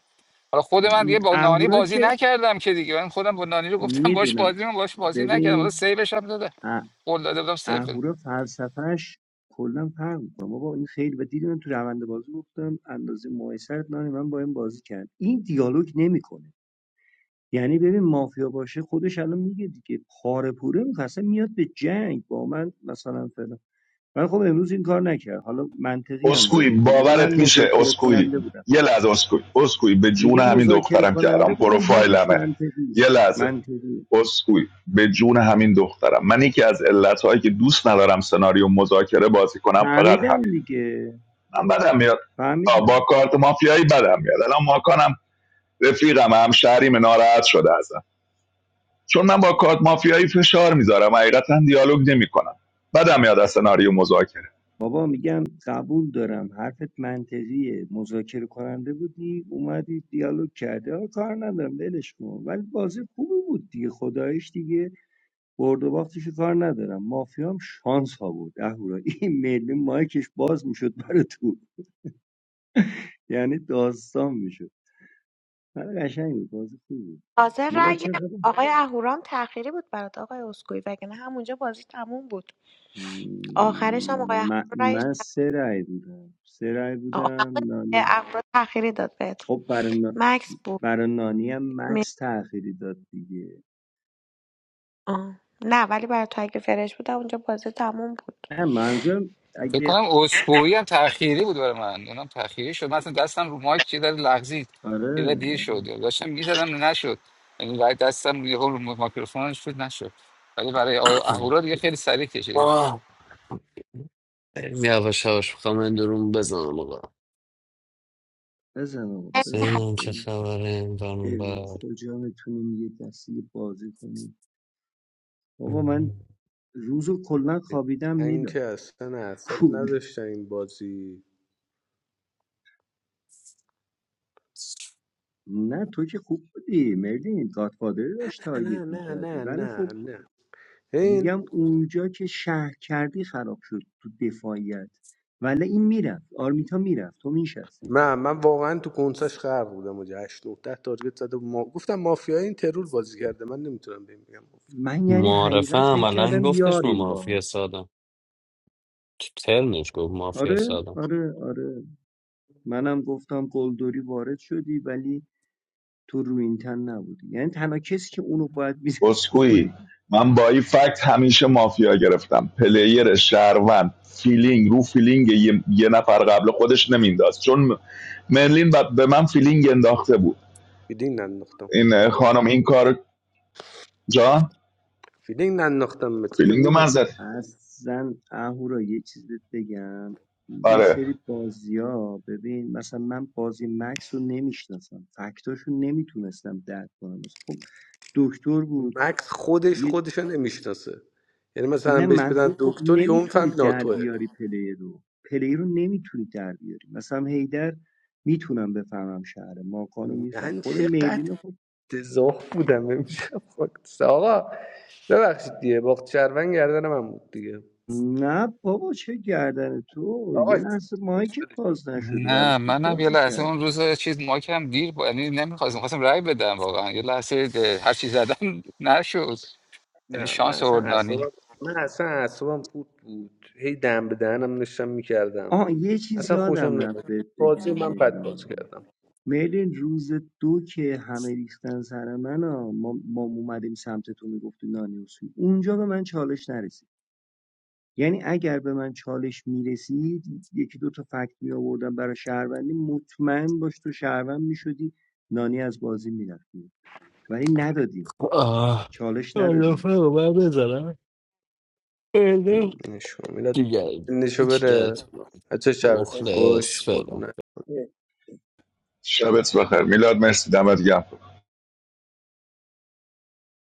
[SPEAKER 12] حالا خود من دیگه با نانی
[SPEAKER 13] اهورا
[SPEAKER 12] بازی
[SPEAKER 13] که
[SPEAKER 12] نکردم که دیگه من خودم با نانی رو گفتم باش
[SPEAKER 13] میدونم
[SPEAKER 12] بازی من باش بازی نکردم حالا
[SPEAKER 13] ببین
[SPEAKER 12] سیوش هم داده
[SPEAKER 13] اه-
[SPEAKER 12] قول داده بودم سیو بده
[SPEAKER 13] اهورا فلسفهش کلا فرق میکنه بابا این خیلی و دیدی من تو روند بازی گفتم اندازه مایسر نانی من با این بازی کرد این دیالوگ نمیکنه یعنی ببین مافیا باشه خودش الان میگه دیگه پاره پوره میخواسته میاد به جنگ با من مثلا فلان ولی خب امروز این کار نکرد حالا منطقی هم
[SPEAKER 15] اسکوئی
[SPEAKER 13] داره میگه میگه من
[SPEAKER 15] باورت میشه
[SPEAKER 13] مذاکره
[SPEAKER 15] اسکوئی
[SPEAKER 13] کننده بودم
[SPEAKER 15] یه لحظه اسکوئی اسکوئی به جون
[SPEAKER 13] میگه
[SPEAKER 15] همین
[SPEAKER 13] مذاکره
[SPEAKER 15] دخترم که
[SPEAKER 13] کننده
[SPEAKER 15] الان
[SPEAKER 13] بودم حرفش
[SPEAKER 15] پروفایلمه
[SPEAKER 13] منطقی
[SPEAKER 15] یه لحظه
[SPEAKER 13] منطقی
[SPEAKER 15] اسکوئی به جون همین دخترم من یکی از علتهایی که دوست ندارم سناریو مذاکره بازی کنم فقط
[SPEAKER 13] فهمیدم
[SPEAKER 15] همین
[SPEAKER 13] دیگه
[SPEAKER 15] من بدم میاد با
[SPEAKER 13] فهمیدم
[SPEAKER 15] کارت مافیایی بدم میاد الان ماکانم رفیقم هم شهریم ناراحت شده ازم چون من با کارت مافیایی فشار میذارم حقیقتا دیالوگ نمیکنم بدم میاد از سناریو مذاکره
[SPEAKER 13] بابا میگم قبول دارم حرفت منطقیه مذاکره کننده بودی اومدی دیالوگ کرده آه، کار ندارم ولش کن ولی بازی خوبی بود دیگه خدایش دیگه برد و باختش رو کار ندارم مافیام شانس ها بود اهورا این ملی مایکش باز میشد برای تو یعنی داستان میشد ولی قشنگ بود بازی خوب بود
[SPEAKER 10] تازه
[SPEAKER 13] میلاد
[SPEAKER 10] رأی
[SPEAKER 13] چه خبر
[SPEAKER 10] آقای اهورام تأخیری بود برات آقای اسکوئی وگرنه همونجا بازی تموم بود آخرش هم آقای
[SPEAKER 13] من,
[SPEAKER 10] اهورام رأیش
[SPEAKER 13] من سه رای بودم سه رای بودم نانی
[SPEAKER 10] اهورام تأخیری داد بهت
[SPEAKER 13] خب برای نا-
[SPEAKER 10] مکس بود
[SPEAKER 13] برای نانی هم
[SPEAKER 10] می...
[SPEAKER 13] مکس تأخیری داد دیگه
[SPEAKER 10] آه. نه ولی برای تو اگه فرش بود اونجا بازی تموم بود
[SPEAKER 13] نه منظورم
[SPEAKER 12] فکر
[SPEAKER 13] اگه
[SPEAKER 12] کنم اسکوئی هم تأخیری بود برای من اونم تأخیری شد من اصلا دستم رو مایک یه ذره لغزید یه ذره
[SPEAKER 13] آره
[SPEAKER 12] دیر شد
[SPEAKER 13] آره
[SPEAKER 12] یعنی داشتم میزدم نشد یعنی برای دستم یه رو میکروفون شد نشد ولی برای آیا اهورا دیگه خیلی سریع کشیدم
[SPEAKER 7] آه خیلی یواش یواش میخوام اندرون بزنم آقا
[SPEAKER 13] بزن آقا بزن
[SPEAKER 7] سینم چه
[SPEAKER 13] بریم
[SPEAKER 7] خبره این برون
[SPEAKER 13] بریم.
[SPEAKER 7] بر
[SPEAKER 13] کجا میتونیم یه دستی بازی کنیم بابا من روزو کلا خوابیدم
[SPEAKER 2] من
[SPEAKER 13] میلا
[SPEAKER 2] که اصلا اعصاب
[SPEAKER 13] کول
[SPEAKER 2] نداشتم این بازی
[SPEAKER 13] نه تو که خوب بودی مردین گادفادر رو داشت
[SPEAKER 2] نه نه
[SPEAKER 13] تارگت
[SPEAKER 2] نه
[SPEAKER 13] میکردی
[SPEAKER 2] نه
[SPEAKER 13] ولی خب
[SPEAKER 2] نه نه این
[SPEAKER 13] میگم اونجا که شهر کردی خراب شد تو دفاعیت ولی این میرفت آرمیتا میرفت تو میشستی
[SPEAKER 2] نه من واقعا تو کنسش خرق بودم اونجا 8 9 10 تارگت زده بود. ما گفتم مافیای این ترور بازی کرده من نمیتونم بهم بگم مافیا.
[SPEAKER 13] من یعنی
[SPEAKER 7] معارفه
[SPEAKER 13] حقیقت فکر
[SPEAKER 7] عملا
[SPEAKER 13] کردم
[SPEAKER 7] گفتش ما
[SPEAKER 13] یاریم با
[SPEAKER 7] مافیا
[SPEAKER 13] هم
[SPEAKER 7] سادم تو ترنش گفت مافیا
[SPEAKER 13] آره
[SPEAKER 7] سادم
[SPEAKER 13] آره آره منم گفتم گلدوری وارد شدی ولی تو روینتن نبودی یعنی تنها کسی که اونو باید میزد تو
[SPEAKER 15] اسکوئی من با این فکت همیشه مافیا گرفتم پلیر شهروند فیلینگ رو فیلینگ یه, یه نفر قبل خودش نمینداز چون مرلین ب- به من فیلینگ انداخته بود
[SPEAKER 2] فیدینگ ننداختم
[SPEAKER 15] این خانم این کار جان
[SPEAKER 2] فیدینگ ننداختم بهت گفتم
[SPEAKER 15] فیلینگ رو
[SPEAKER 2] میدونم
[SPEAKER 15] من زد
[SPEAKER 13] اصلا اهورا یه چیز بهت بگم یه
[SPEAKER 15] آره
[SPEAKER 13] سری بازی ها ببین مثلا من بازی مکس رو نمیشناسم فکتاشو نمیتونستم درک کنم مثلا خب دکتر بود
[SPEAKER 2] مکس خودش
[SPEAKER 13] یه...
[SPEAKER 2] خودشو نمیشناسه یعنی مثلا
[SPEAKER 13] نه
[SPEAKER 2] بهش بدن
[SPEAKER 13] منظور خب
[SPEAKER 2] دکتر یا اون
[SPEAKER 13] نمیتونی
[SPEAKER 2] فهم
[SPEAKER 13] در
[SPEAKER 2] ناتوه
[SPEAKER 13] بیاری پلیر رو پلیر رو نمیتونی در بیاری مثلا هیدر میتونم بفهمم شهر ماکانو میفهم
[SPEAKER 2] من
[SPEAKER 13] خود
[SPEAKER 2] چقدر
[SPEAKER 13] مرلین خب
[SPEAKER 2] افتضاح بودم امشب خاکس. آقا ببخشید دیگه باخت شهروند گردن من بود دیگه
[SPEAKER 13] نه بابا چه گردن تو
[SPEAKER 2] آقا
[SPEAKER 13] یه
[SPEAKER 2] شبتون
[SPEAKER 13] لحظه
[SPEAKER 2] خوش
[SPEAKER 13] مایکت باز نشده ولی
[SPEAKER 12] نه
[SPEAKER 13] خوب
[SPEAKER 12] منم یه
[SPEAKER 13] بازی کرد.
[SPEAKER 12] لحظه اون روز چیز مایکم دیر با... یعنی نمیخواستم خواستم رای بدم واقعا یه لحظه ده- هر چی زدم نشد Any
[SPEAKER 2] نه من
[SPEAKER 12] chance
[SPEAKER 2] اصلا
[SPEAKER 12] or no?
[SPEAKER 2] اعصابم من اصلا اعصابم خود بود هی دم به دهنم نشم میکردم
[SPEAKER 13] آه یه چیز
[SPEAKER 2] اصلا خوشم
[SPEAKER 13] یادم رفت
[SPEAKER 2] نمیاد
[SPEAKER 13] بهت
[SPEAKER 2] بازی
[SPEAKER 13] بگم
[SPEAKER 2] من بد بازی
[SPEAKER 13] مرلین
[SPEAKER 2] کردم
[SPEAKER 13] مرلین روز دو که همه ریختن سر من ها، ما, ما اومدیم سمت تو میگفتی نانی اصول اونجا به من چالش نرسید یعنی اگر به من چالش میرسید یکی دو تا فکت می آوردم برای شهروندی مطمئن باش تو شهروند میشدی نانی از بازی میرفتی ولی ندادیم
[SPEAKER 7] آه
[SPEAKER 13] چالش ندادیم
[SPEAKER 7] معارفه رو
[SPEAKER 13] اصلا
[SPEAKER 7] من بزنم بله.
[SPEAKER 13] ندادیم.
[SPEAKER 2] نشو میلاد
[SPEAKER 7] جگر
[SPEAKER 2] نشو
[SPEAKER 7] جگر
[SPEAKER 2] بره
[SPEAKER 7] تو
[SPEAKER 2] بچه شبتون خوش
[SPEAKER 7] مخلص فعلا
[SPEAKER 2] قربونه
[SPEAKER 15] شبت بخیر میلاد مرسی دمت گرم